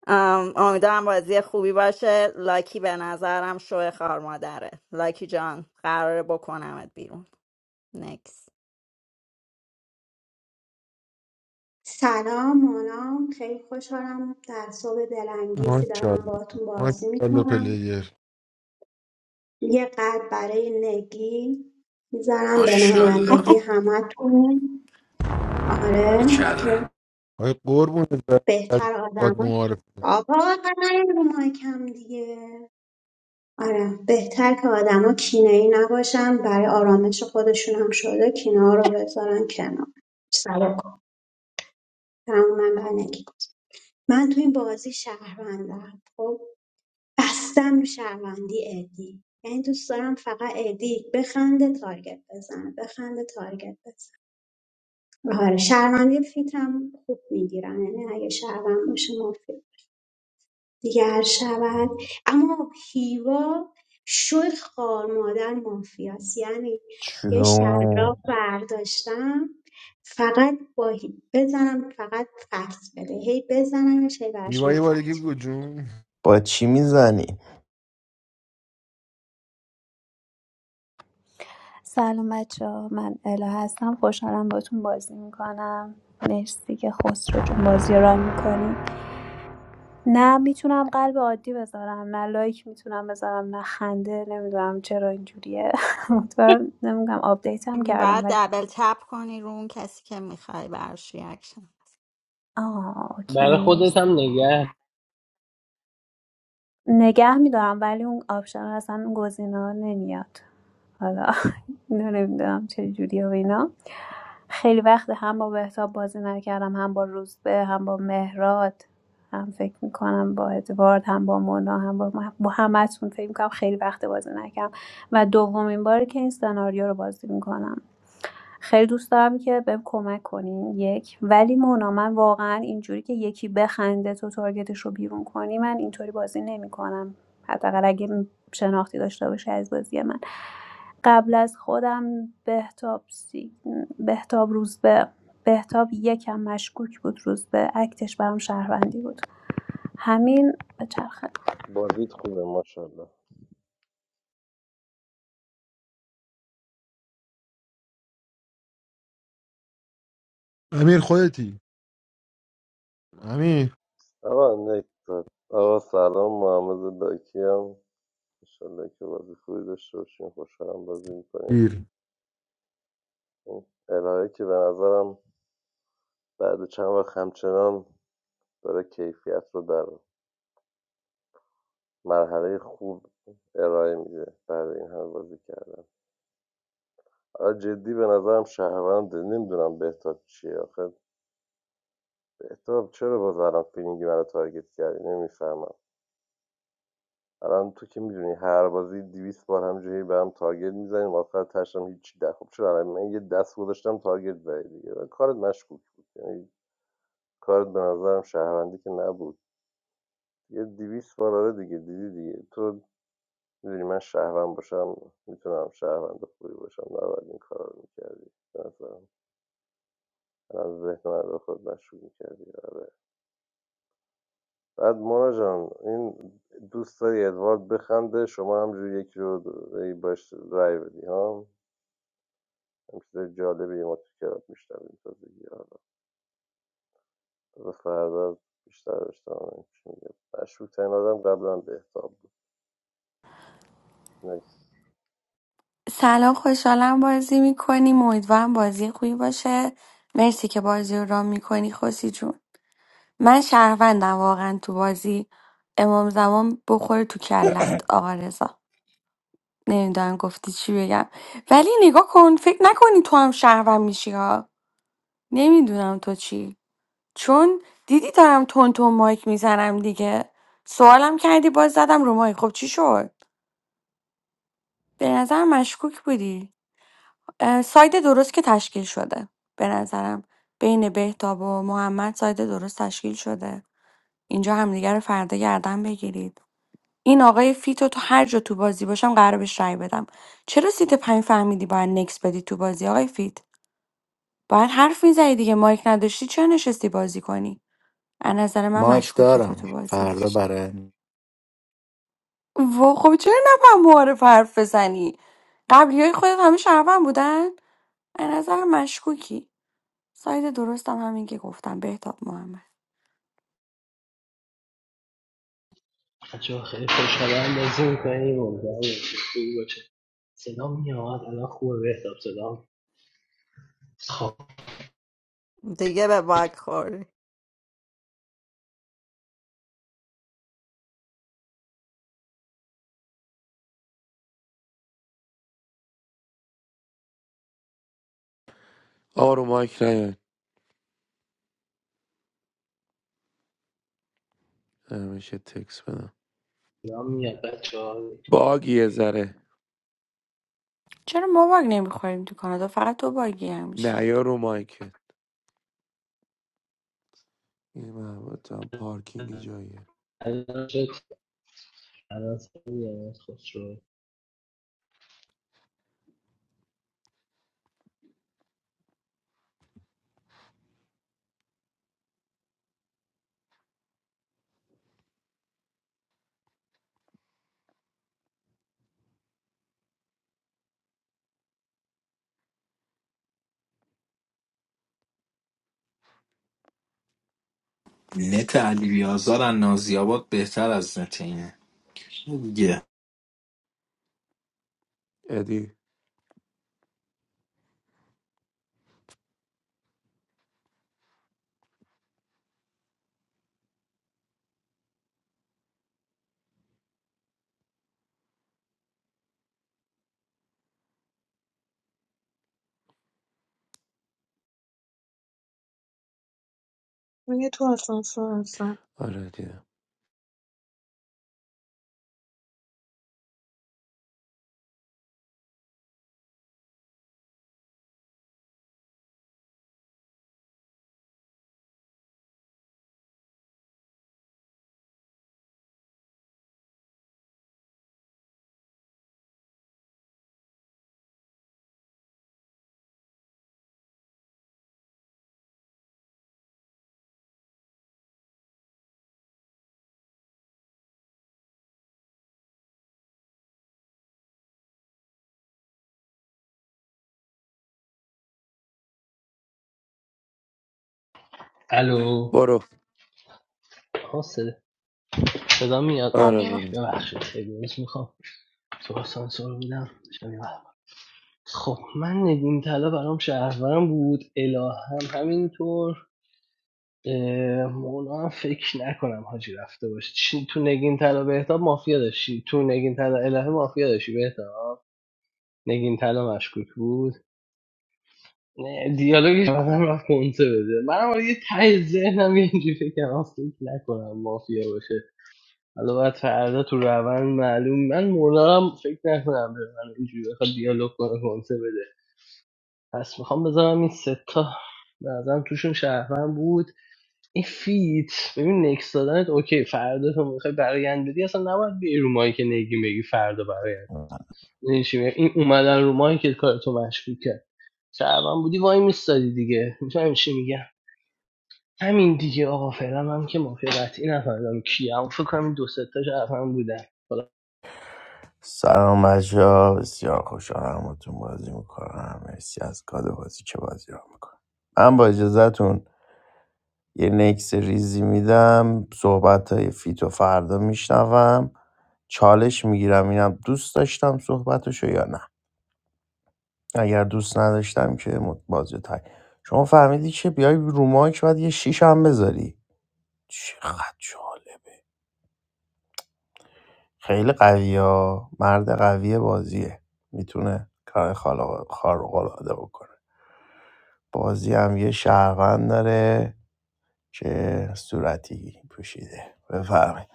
[SPEAKER 7] ام، امیدوارم بازی خوبی باشه لاکی به نظرم شوه خار مادره لاکی جان قراره بکنمت بیرون نکس
[SPEAKER 11] سلام مانم خیلی خوشحالم در صبح دلانگیزی دارم
[SPEAKER 13] ماشاءالله
[SPEAKER 11] باهاتون بازی
[SPEAKER 13] ماشاءالله
[SPEAKER 11] میکنم
[SPEAKER 13] پلیر.
[SPEAKER 11] یه قلب برای نگی میذارم به
[SPEAKER 10] ماشاءالله
[SPEAKER 11] نمایندگی همتون آره
[SPEAKER 10] کردم
[SPEAKER 13] آقای قربون از
[SPEAKER 11] بهتر
[SPEAKER 13] باد
[SPEAKER 11] آدما
[SPEAKER 13] معارف
[SPEAKER 11] آقا آقا نیاین رو مایکم دیگه آره بهتر که آدما کینه ای نباشن برای آرامش خودشون هم شده کینه ها رو بذارن کنار سلام تمام بندگی من تو این بازی شهروندم خب بستم رو شهروندی ادی یعنی دوست دارم فقط ادی بخنده تارگت بزنه بخنده تارگت بزنه آره شهروندی فیتم خوب میگیرن یعنی اگه شهروند باشه مفید دیگه هر شود اما هیوا شوی خار مادر مافیاست یعنی یه شلاق
[SPEAKER 16] چون
[SPEAKER 11] برداشتم فقط با هی- بزنم فقط فکت بده هی بزنم هی برای شما
[SPEAKER 13] میوای
[SPEAKER 11] فکت
[SPEAKER 13] بارگی بگو
[SPEAKER 11] بده.
[SPEAKER 13] جون.
[SPEAKER 16] با چی میزنی
[SPEAKER 9] سلام بچه من الا هستم خوشحالم باتون بازی میکنم مرسی که خسرو جون بازی رو میکنی نه میتونم قلب عادی بذارم نه لایک میتونم بذارم نه خنده نمیدونم چرا اینجوریه مطمئن نمیدونم آپدیت هم
[SPEAKER 7] باید
[SPEAKER 9] کردم ولی
[SPEAKER 7] دبل تپ کنی رو اون کسی که میخوای برش ریاکشن
[SPEAKER 9] آه اوکی
[SPEAKER 2] برای
[SPEAKER 9] مرسی
[SPEAKER 2] خودت هم نگه
[SPEAKER 9] نگه میدارم ولی اون آپشن اصلا اون گزینه ها نمیاد حالا اینو نمیدونم چه جوریه و اینا خیلی وقت هم با بهتاب بازی نکردم هم با روزبه هم با مهراد هم فکر میکنم با ادوارد هم با مونا هم با, با همتون فکر میکنم خیلی وقت بازی نکردم و دومین باری که این سناریو رو بازی میکنم خیلی دوست دارم که بهم کمک کنین یک ولی مونا من واقعا اینجوری که یکی بخنده تو تارگتش رو بیرون کنی من اینطوری بازی نمیکنم حداقل اگه شناختی داشته باشه از بازی من قبل از خودم بهتاب سی... بهتاب روزبه بهتاب یکم مشکوک بود روزبه اکتش برام شهروندی بود همین به چرخه
[SPEAKER 17] بازیت خوبه ماشاءالله
[SPEAKER 13] امیر خودتی امیر
[SPEAKER 17] آقا نکتر آقا سلام محمد لاکی هم انشالله که بازی خوبی داشته باشیم خوشحالم بازی میکنیم
[SPEAKER 13] گیر
[SPEAKER 17] این الهه که به نظرم بعد چند وقت همچنان داره کیفیت رو در مرحله خوب ارائه میده بعد این همه بازی کردن حالا جدی به نظرم شهرونده نمیدونم بهتاب چیه آخه بهتاب چرا باز الان فیلینگی من رو تارگت کردی نمیفهمم الان تو که میدونی هر بازی دیویس بار همجوری به هم تارگت میزنیم آخر تشم هیچی ده خب چرا الان من یه دست گذاشتم تارگت زدی دیگه کارت مشکوک بود یعنی کارت به نظرم شهروندی که نبود یه دیویس بار آره دیگه دیدی دیگه تو میدونی من شهروند باشم میتونم شهروند خوبی باشم نباید این کار رو میکردی به نظرم الان ذهن من رو خود مشکوک میکردی آره بعد مونا جان این دوست داری ادوارد بخنده شما همجوری یکی رو ای باش رای بدی ها هم چیز جالبی ما تو کلاب میشنویم تازگی ها رو. و فردا بیشتر بشنویم چی میگه مشروع ترین آدم قبلا بهتاب بود نکس
[SPEAKER 15] سلام خوشحالم بازی میکنیم امیدوارم بازی خوبی باشه مرسی که بازی رو رام میکنی خوسی جون من شهروندم واقعا تو بازی امام زمان بخوره تو کلت آقا رضا نمیدونم گفتی چی بگم ولی نگاه کن فکر نکنی تو هم شهروند میشی ها نمیدونم تو چی چون دیدی دارم تون تون مایک میزنم دیگه سوالم کردی باز زدم رو مایک خب چی شد به نظر مشکوک بودی اه، ساید درست که تشکیل شده به نظرم بین بهتاب و محمد ساید درست تشکیل شده اینجا همدیگه رو فردا گردن بگیرید این آقای فیتو تو هر جا تو بازی باشم قرار بهش رأی بدم چرا سیت پنج فهمیدی باید نکس بدی تو بازی آقای فیت باید حرف میزدی دیگه مایک نداشتی چرا نشستی بازی کنی از نظر من
[SPEAKER 14] مایک
[SPEAKER 15] مشکوکی تو
[SPEAKER 14] دارم
[SPEAKER 15] تو بازی
[SPEAKER 14] فردا برای
[SPEAKER 15] و خب چرا نفهم معارف حرف بزنی قبلی های خودت همه شهروند بودن از نظر مشکوکی ساید درستم همین که گفتم بهتاب محمد
[SPEAKER 2] بچه‌ها خیلی خوشحالم بازی می‌کنیم امیدوارم بازی خوبی باشه صدا میاد الان خوبه بهتاب صدا خب
[SPEAKER 7] دیگه به باگ خوری
[SPEAKER 1] آقا رو مایک نیاد همیشه تکس بدم
[SPEAKER 2] صدا میاد بچه ها
[SPEAKER 1] باگی یه ذره
[SPEAKER 15] چرا ما باگ نمیخوریم تو کانادا فقط تو باگی همیشه
[SPEAKER 1] نه یا رو مایکت این محبت هم پارکینگ جاییه
[SPEAKER 2] الان شد الان صدا میاد خسرو
[SPEAKER 10] نت علی بیازار از نازیاباد بهتر از نت اینه دیگه
[SPEAKER 1] ادی
[SPEAKER 4] من یه تو آسانسور هستم
[SPEAKER 1] آره دیدم
[SPEAKER 2] الو
[SPEAKER 1] برو
[SPEAKER 2] آها صدا صدا میاد
[SPEAKER 1] آره
[SPEAKER 2] اوکی
[SPEAKER 15] الو
[SPEAKER 1] برو
[SPEAKER 2] ببخشید سگویش میخوام تو آسانسور بودم خب من نگین طلا برام شهرورم بود الهه هم همینطور اه، مونا هم فکر نکنم حاجی رفته باشه چی تو نگین طلا بهتاب مافیا داشتی تو نگین طلا الهه مافیا داشتی بهتاب نگین طلا مشکوک بود نه، دیالوگش آدم رفت کنسه بده منم حالا یه ته ذهنم یه اینجوری فکرم آه، فکر نکنم مافیا باشه حالا باید فردا تو روند معلوم من مولارم فکر نکنم به من اینجوری بخواد دیالوگ کنه کنسه بده پس میخوام بذارم این سه تا به نظرم توشون شهرمن بود این فیت ببین نکس دادنت اوکی فردا تو میخوای برایند بدی اصلا نباید بیای رو مایی که نگیم بگی فردا برایند می‌دونی چی میگم؟ این اومدن رو مایی که کارتو مشکوک کرد شهروند بودی وای میستادی دیگه میفهمی چی میگم همین دیگه آقا فعلا من که مافیا قطعی نفهمیدم کیم فکر کنم این دو سه تاش حرفم بودن
[SPEAKER 16] سلام مجه ها بسیار خوشحالم با بازی میکنم مرسی از کاد بازی که بازی رو میکنم من با اجازهتون یه نکس ریزی میدم صحبت های فیتو فردا میشنوم چالش میگیرم اینم دوست داشتم صحبتشو یا نه اگر دوست نداشتم که مت- بازی تای شما فهمیدی که بیای رو مایک باید یه شیش هم بذاری چقدر جالب خیلی قویه مرد قوی بازیه میتونه کار خارق العاده بکنه بازی هم یه شهروند داره که صورتی پوشیده بفرمایید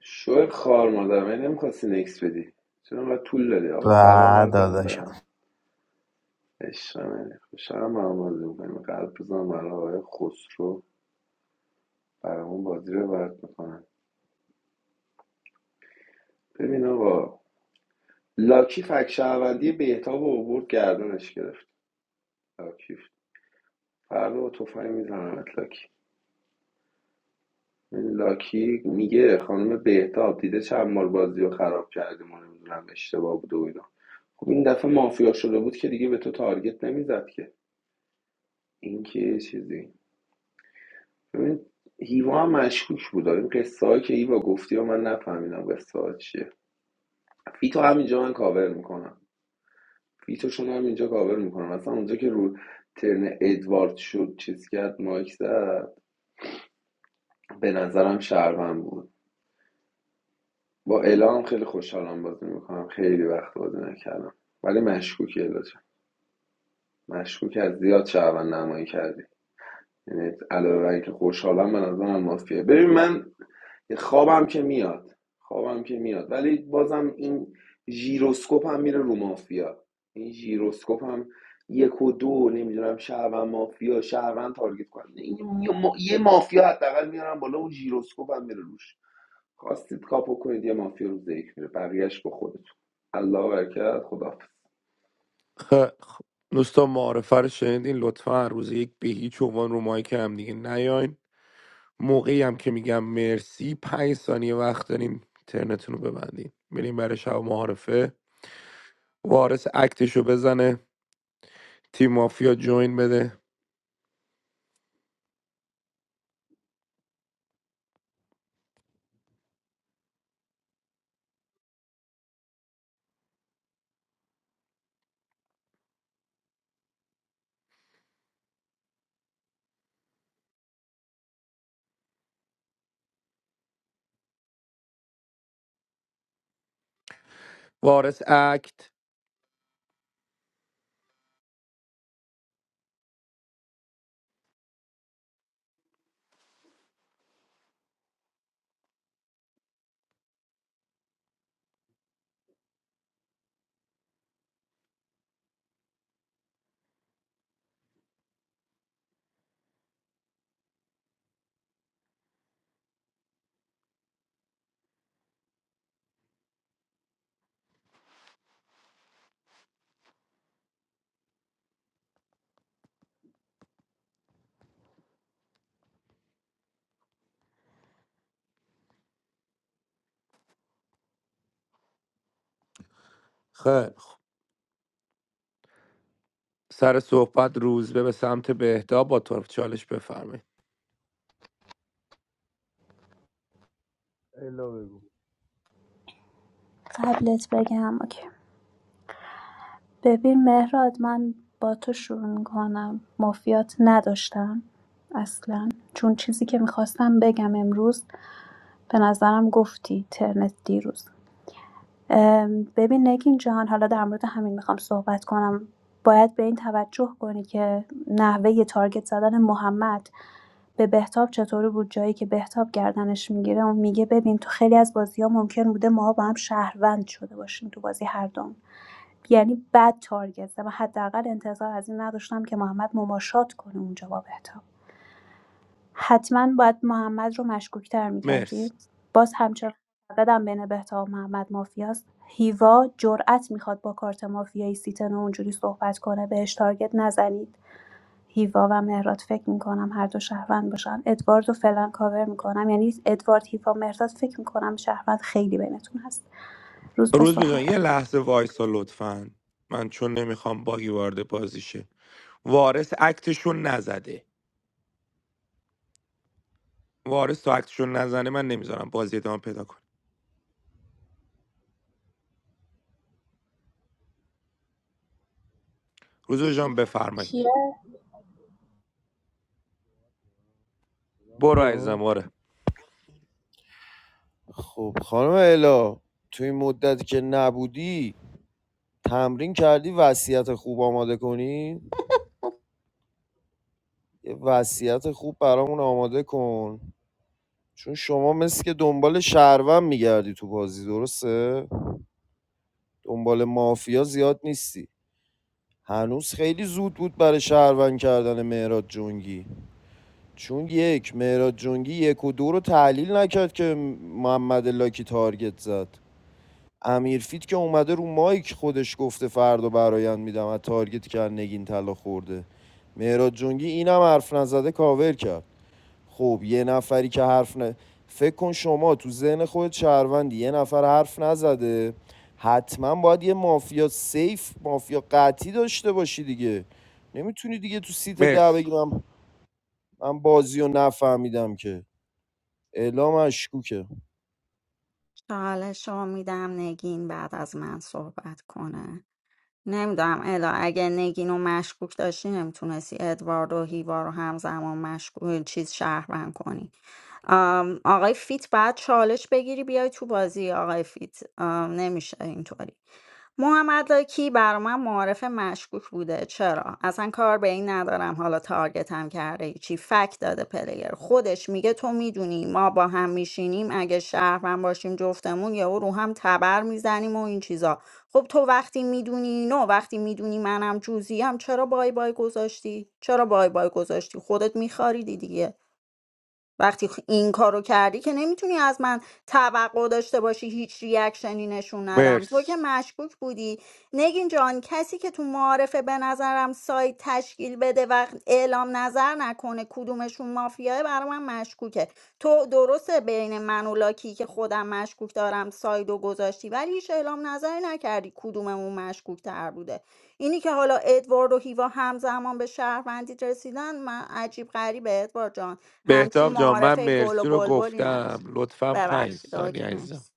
[SPEAKER 18] شوی خار مادر من نمیخواستی نکس بدی چرا انقدر طول دادی
[SPEAKER 16] و
[SPEAKER 18] آقا سلام عرض
[SPEAKER 16] داداشم
[SPEAKER 18] ادب عشق منی خوشحالم با هم بازی میکنیم قلب بزنم برای آقای خسرو برامون بازی رو برد میکنن ببین آقا لاکی فک شهروندی بهتاب و عبور گردنش گرفت لاکی فردا با تفنگ میزنم لاکی لاکی میگه خانم بهتاب دیده چند بار بازی رو خراب کردیم و نمیدونم اشتباه بود و اینا خب این دفعه مافیا شده بود که دیگه به تو تارگت نمیزد که این که یه چیزی ببین هیوا هم مشکوک بود این قصه هایی که هیوا گفتی و من نفهمیدم قصه ها چیه فیتو همینجا من کاور میکنم فیتوشون همینجا کاور میکنم اصلا اونجا که رو ترن ادوارد شد چیز کرد مایک زد به نظرم شهروند بود با الهام خیلی خوشحالم بازی میکنم خیلی وقت بازی نکردم ولی مشکوکی الا جان مشکوک از زیاد شعبن نمایی کردی یعنی علاوه بر اینکه خوشحالم به نظرم مافیه ببین من خوابم که میاد خوابم که میاد ولی بازم این ژیروسکوپ هم میره رو مافیا این ژیروسکوپ هم یک و دو نمیدونم شهروند مافیا شهروند تارگت کنه این یه یه مافیا حداقل میارم بالا اون ژیروسکوپ هم میره روش خواستید کاپو کنید یه مافیا روز یک میره بقیهش با خودتون الله برکت خداحافظ
[SPEAKER 1] خ- خ- دوستان معارفه رو شنیدین لطفا هر روز یک به هیچ عنوان رو مایک هم دیگه نیاین موقعی هم که میگم مرسی پنج ثانیه وقت دارین ترنتون رو ببندین بریم برای شب معارفه وارث اکتش رو بزنه تیم مافیا جوین بده وارث اکت خیر سر صحبت روزبه به سمت بهدا با طرف چالش بفرمایید
[SPEAKER 3] الا بگو
[SPEAKER 9] قبلت بگم اوکی. ببین مهراد من با تو شروع میکنم مافیات نداشتم اصلا چون چیزی که میخواستم بگم امروز به نظرم گفتی ترنت دیروز ببین نگین جان حالا در مورد همین میخوام صحبت کنم باید به این توجه کنی که نحوه ی تارگت زدن محمد به بهتاب چطوری بود جایی که بهتاب گردنش میگیره اون میگه ببین تو خیلی از بازی ها ممکن بوده ما با هم شهروند شده باشیم تو بازی هر دوم یعنی بد تارگت و حداقل انتظار از این نداشتم که محمد مماشات کنه اونجا با بهتاب حتما باید محمد رو مشکوک‌تر می‌کردی،
[SPEAKER 1] مرسی
[SPEAKER 9] باز همچنان معتقدم بین بهتا و محمد مافیاست هیوا جرئت میخواد با کارت مافیایی سیتن اونجوری صحبت کنه بهش تارگت نزنید هیوا و مهراد فکر میکنم هر دو شهروند باشن ادوارد رو فعلا کاور میکنم یعنی ادوارد هیوا مهراد فکر میکنم شهروند خیلی بینتون هست روز به
[SPEAKER 1] روزبه جان
[SPEAKER 9] صحبت
[SPEAKER 1] یه لحظه وایسا لطفا من چون نمیخوام باگی وارد بازی شه وارث اکتشون نزده وارث تا اکتشون نزنه من نمیذارم بازی ادامه پیدا کنه روزبه جان بفرمایید
[SPEAKER 8] کیه
[SPEAKER 1] برو عزیزم
[SPEAKER 3] میاد
[SPEAKER 1] آره
[SPEAKER 3] خب خانم الا تو این مدتی که نبودی تمرین کردی وصیت خوب آماده کنی یه وصیت خوب برامون آماده کن چون شما مثل که دنبال شهروند میگردی تو بازی درسته دنبال مافیا زیاد نیستی هنوز خیلی زود بود برای شهروند کردن مهراد جنگی چون یک مهراد جنگی یک و دو رو تحلیل نکرد که محمد لاکی تارگت زد امیرفید که اومده رو مایک خودش گفته فردا برایند میدم از تارگتی که از نگین طلا خورده مهراد جنگی اینم حرف نزده کاور کرد خب یه نفری که حرف نه فکر کن شما تو ذهن خودت شهروندی یه نفر حرف نزده حتما باید یه مافیا سیف مافیا قطعی داشته باشی دیگه نمیتونی دیگه تو سیت ده
[SPEAKER 1] مرسی
[SPEAKER 3] بگی من من بازی رو نفهمیدم که اعلام مشکوکه
[SPEAKER 7] چالش رو میدم نگین بعد از من صحبت کنه نمیدونم الا اگه نگین و مشکوک داشتی نمیتونستی ادوارد و هیوا رو همزمان مشکوک چیز شهروند کنی ام، آقای فیت باید چالش بگیری بیای تو بازی آقای فیت ام، نمیشه اینطوری محمد لاکی بر من معارف مشکوک بوده چرا اصلا کار به این ندارم حالا تارگتم کرده چی فک داده پلیر خودش میگه تو میدونی ما با هم میشینیم اگه شهرم باشیم جفتمون یهو رو هم تبر میزنیم و این چیزا خب تو وقتی میدونی نه وقتی میدونی منم جوزیم چرا بای بای گذاشتی چرا بای بای گذاشتی خودت میخاریدی دیگه وقتی خ- این کارو کردی که نمیتونی از من توقع داشته باشی هیچ ریاکشنی نشون ندم تو
[SPEAKER 1] مرسی
[SPEAKER 7] که مشکوک بودی نگین جان کسی که تو معارفه به نظرم سایت تشکیل بده و اعلام نظر نکنه کدومشون مافیاه برای من مشکوکه تو درسته بین من و لاکی که خودم مشکوک دارم ساید و گذاشتی ولی هیچ اعلام نظری نکردی کدوممون مشکوک تر بوده اینی که حالا ادوارد و هیوا همزمان به شهروندی رسیدن من عجیب غریبه ادوارد جان هم که
[SPEAKER 1] بهتاب جان من
[SPEAKER 7] معارفه گل و
[SPEAKER 1] مرسی رو
[SPEAKER 7] بلبلی
[SPEAKER 1] گفتم
[SPEAKER 7] نداشت
[SPEAKER 1] لطفا پنج
[SPEAKER 7] ببخشید آقا
[SPEAKER 1] ثانیه
[SPEAKER 7] که
[SPEAKER 1] عزیزم
[SPEAKER 7] مرسی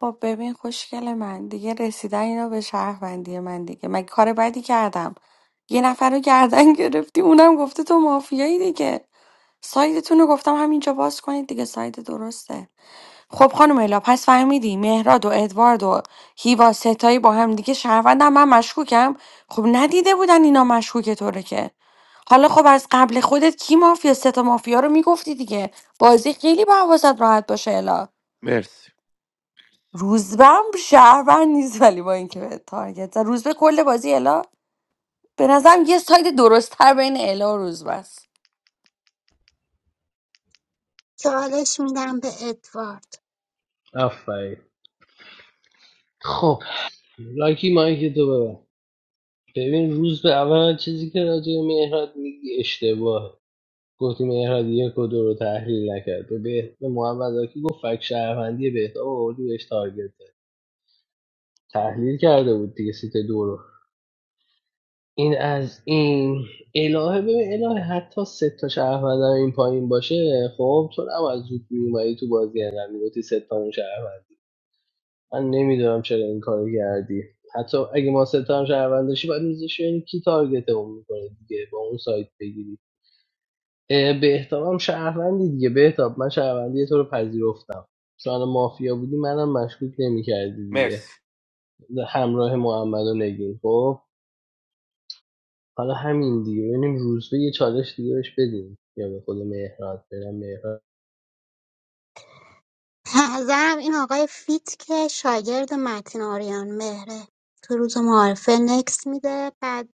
[SPEAKER 15] خب ببین خوشگل من دیگه رسیدن اینا به شهروندی من دیگه مگه کار بدی کردم یه نفر رو گردن گرفتی اونم گفته تو مافیایی دیگه سایدتون رو گفتم همینجا باز کنید دیگه ساید درسته خب خانم الا پس فهمیدی مهراد و ادوارد و هیوا ستایی با هم دیگه شهروندم من مشکوکم خب ندیده بودن اینا مشکوک طوره که حالا خب از قبل خودت کی مافیا سه تا مافیا رو میگفتی دیگه بازی خیلی با حواست راحت باشه الا
[SPEAKER 1] مرسی
[SPEAKER 15] روزبه هم شهروند نیست ولی با اینکه به تارگت زد روزبه کل بازی الا به نظرم یه ساید درستتر بین الا و روزبه است
[SPEAKER 11] سوالش میدم به ادوارد
[SPEAKER 2] آفرین خب لایکی مایک تو ببر ببین روز به اول چیزی که راجع به مهراد میگی اشتباهه گفتی مهراد یک و دو رو تحلیل نکرد به به به محمد زاکی گفت فک شهروندی بهتا آوردی بهش تارگت زد. تحلیل کرده بود دیگه سیت دو رو این از این الهه ببین الهه حتی سه تا شهروند هم این پایین باشه خب تو هم از زود میومدی تو بازی هرم میگفتی سه تا هم شهروندی من نمیدونم چرا این کارو کردی حتی اگه ما سه تا هم شهروند داشتی باید می‌ذاشتی ببینی کی تارگت اون میکنه دیگه با اون سایت بگیری اه، بهتاب هم شهروندی دیگه بهتاب من شهروندی تو رو پذیرفتم چون مافیا بودی منم مشکوک نمیکردی دیگه
[SPEAKER 1] مرسی
[SPEAKER 2] همراه محمد و نگین خب حالا همین دیگه ببینیم روزبه یه چالش دیگه بهش بدیم یا به خود مهراد بدم مهراد
[SPEAKER 11] به نظرم این آقای فیت که شاگرد متین آریان مهره تو روز معارفه نکس میده بعد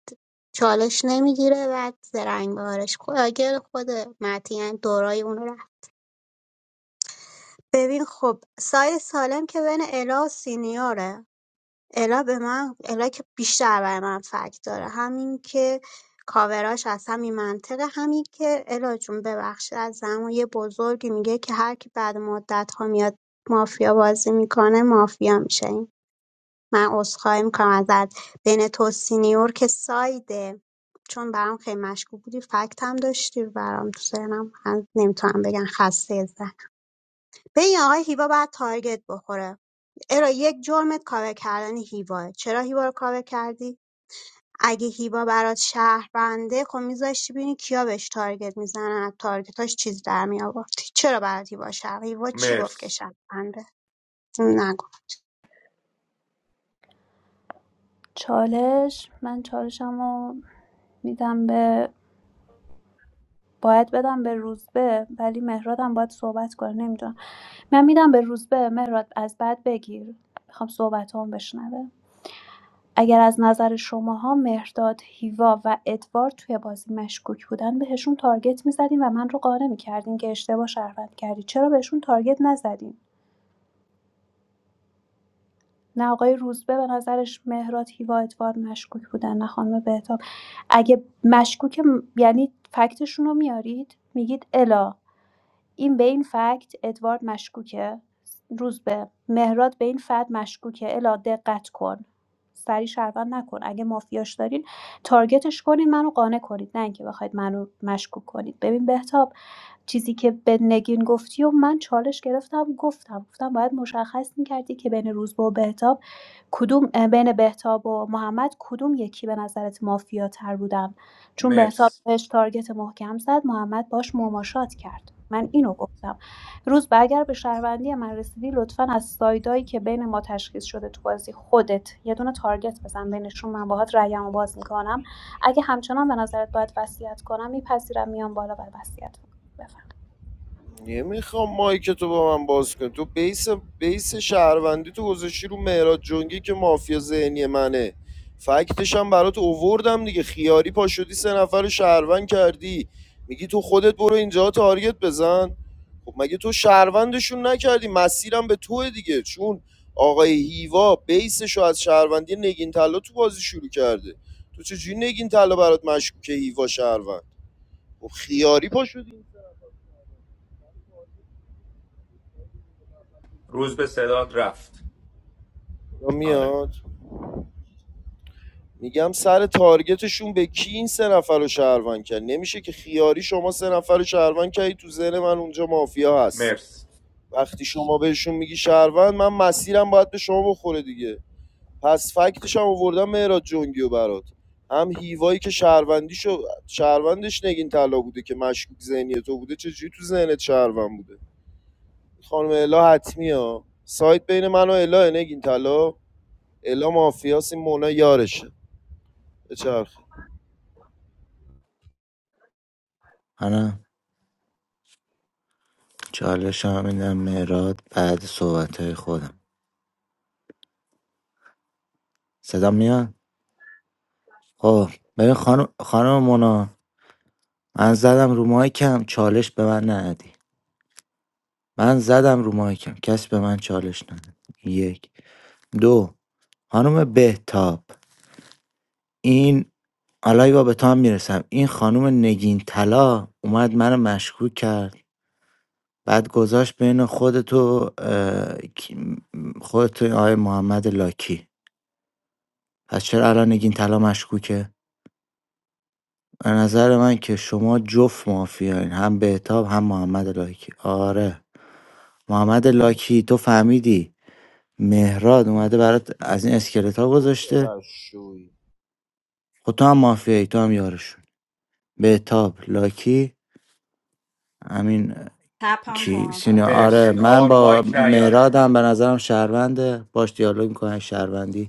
[SPEAKER 11] چالش نمیگیره بعد زرنگ بارش خود خود متین یعنی دورای اون رو ببین خب ساید سالم که بین الا و سینیوره الا به من الا که بیشتر برای من فرق داره همین که کاوراش از همین منطقه همین که الا جون ببخشید از زمان یه بزرگی میگه که هر کی بعد مدت ها میاد مافیا بازی میکنه مافیا میشه این من عذرخواهی میکنم ازت بین تو و سینیور که سایده چون برام خیلی مشکوک بودی فکت هم داشتی برام تو ذهنم هنوز نمیتونم بگم خسته به این آقای هیوا باید تارگت بخوره ارا یک جرمت کاور کردن هیواه چرا هیوا رو کاور کردی اگه هیوا برات شهربنده خب میذاشتی ببینی کیا بهش تارگت میزنن از تارگتاش چیز در میآوردی چرا برات هیوا شهر هیوا چی گفت که
[SPEAKER 1] مرسی
[SPEAKER 11] شهربنده نگو.
[SPEAKER 9] چالش من چالشم رو میدم به باید بدم به روزبه ولی مهرادم باید صحبت کنه نمیدونم من میدم به روزبه مهراد از بعد بگیر میخوام صحبت هم بشنوه اگر از نظر شماها مهرداد هیوا و ادوارد توی بازی مشکوک بودن بهشون تارگت میزدین و من رو قانع میکردین که اشتباه شهروند کردی چرا بهشون تارگت نزدین نه آقای روزبه به نظرش مهراد هیوا ادوارد مشکوک بودن نه خانم بهتاب اگه مشکوک م- یعنی فکتشون رو میارید میگید الا این به این فکت ادوارد مشکوکه روزبه مهراد به این فکت مشکوکه الا دقت کن سری شهروند نکن اگه مافیاش دارین تارگتش کنین منو قانع کنید نه اینکه بخواید منو مشکوک کنید ببین بهتاب چیزی که به نگین گفتی و من چالش گرفتم گفتم گفتم باید مشخص میکردی که بین روزبه و بهتاب کدوم اه، بین بهتاب و محمد کدوم یکی به نظرت مافیا تر بودن. چون بهتاب
[SPEAKER 1] مرسی
[SPEAKER 9] بهش تارگت محکم زد محمد باش مماشات کرد من اینو گفتم روز به اگر به شهروندی من رسیدی لطفا از سایدایی که بین ما تشخیص شده تو بازی خودت یه دونه تارگت بزن بینشون من باهات رأیمو باز میکنم اگه همچنان به نظرت باید وصیت کنم میپذیرم میام بالا و وصیت میکنم بفرمایید
[SPEAKER 3] نمیخوام مایک تو با من باز کن تو بیس بیس شهروندی تو گذاشتی رو مهراد جنگی که مافیا ذهنی منه فکتش هم برات اووردم دیگه خیاری پا شدی سه نفر رو شهروند کردی میگی تو خودت برو اینجا تارگت بزن خب مگه تو شهروندشون نکردی مسیرم به توه دیگه چون آقای هیوا بیسش رو از شهروندی نگین طلا تو بازی شروع کرده تو چجوری نگین طلا برات مشکوکه هیوا شهروند خب خیاری پا شدی
[SPEAKER 1] روز به صداد رفت
[SPEAKER 3] یا
[SPEAKER 1] آره
[SPEAKER 3] میاد میگم سر تارگتشون به کی این سه نفر رو شهروند کرد نمیشه که خیاری شما سه نفر رو شهروند کردی تو ذهن من اونجا مافیا هست
[SPEAKER 1] مرسی
[SPEAKER 3] وقتی شما بهشون میگی شهروند من مسیرم باید به شما بخوره دیگه پس فکتش هم آوردم مهراد جنگی و برات هم هیوایی که شهروندیشو شهروندش نگین طلا بوده که مشکوک ذهنی تو بوده چجوری تو ذهنت شهروند بوده خانم الا حتمی ها سایت بین من و الا نگین طلا الا مافیاس این مونا یارشه بچرخ
[SPEAKER 14] منم چالش هم میدم مهراد بعد صحبت های خودم صدا میاد خب ببین خانم خانم مونا من زدم رو مایکم چالش به من ندی من زدم رو مایکم کسی به من چالش نداد یک دو خانم بهتاب این حالا با به تو هم میرسم این خانم نگین طلا اومد منو مشکوک کرد بعد گذاشت بین خودت و اه، کی- م- خودت و آقای محمد لاکی پس چرا الان نگین طلا مشکوکه به نظر من که شما جفت مافیاین هم بهتاب هم محمد لاکی آره محمد لاکی تو فهمیدی مهراد اومده برات از این اسکلت ها
[SPEAKER 3] کوچه
[SPEAKER 14] گذاشته
[SPEAKER 3] چقدر شوی
[SPEAKER 14] خود تو هم مافیایی تو هم یارشون بهتاب لاکی همین اه،
[SPEAKER 7] تپان
[SPEAKER 14] کی
[SPEAKER 7] کن
[SPEAKER 14] سینه
[SPEAKER 7] آتم
[SPEAKER 14] آره
[SPEAKER 1] مرسی آقا
[SPEAKER 14] من
[SPEAKER 1] رو
[SPEAKER 14] با
[SPEAKER 1] مایک نیاین
[SPEAKER 14] مهرادم به نظرم شهرونده باش دیالوگ میکنه شهروندی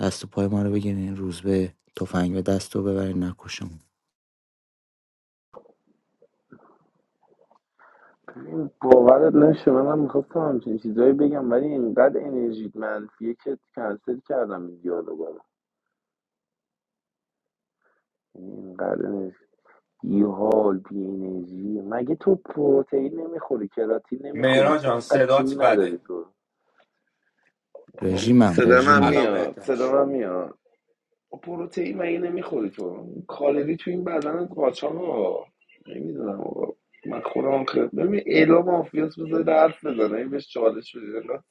[SPEAKER 14] دست و پای ما رو بگیرین روزبه تفنگ به دست رو ببرین نکشمون
[SPEAKER 18] باورت نشه منم میخواستم همچین چیزایی بگم ولی اینقدر انرژیت منفیه که کنسل کردم این دیالوگا رو یعنی اینقدر انرژی بی حال بی انرژی مگه تو پروتئین نمیخوری کراتین نمیخوری
[SPEAKER 1] مهران
[SPEAKER 18] چرا
[SPEAKER 1] جان
[SPEAKER 18] انقدر
[SPEAKER 1] صدات
[SPEAKER 18] جون نداری
[SPEAKER 1] بده
[SPEAKER 18] تو
[SPEAKER 14] رژیمم
[SPEAKER 18] صدا من
[SPEAKER 14] رژیمم
[SPEAKER 1] الان
[SPEAKER 18] میاد
[SPEAKER 1] بهتر
[SPEAKER 18] صدا
[SPEAKER 1] شد
[SPEAKER 18] من میاد پروتئین مگه نمیخوری تو کالری تو این بدن قاچاق ها نمیدونم آقا من خودم خیلی ببین الا مافیاس بذاره حرف بزنه این بهش چالش بده الا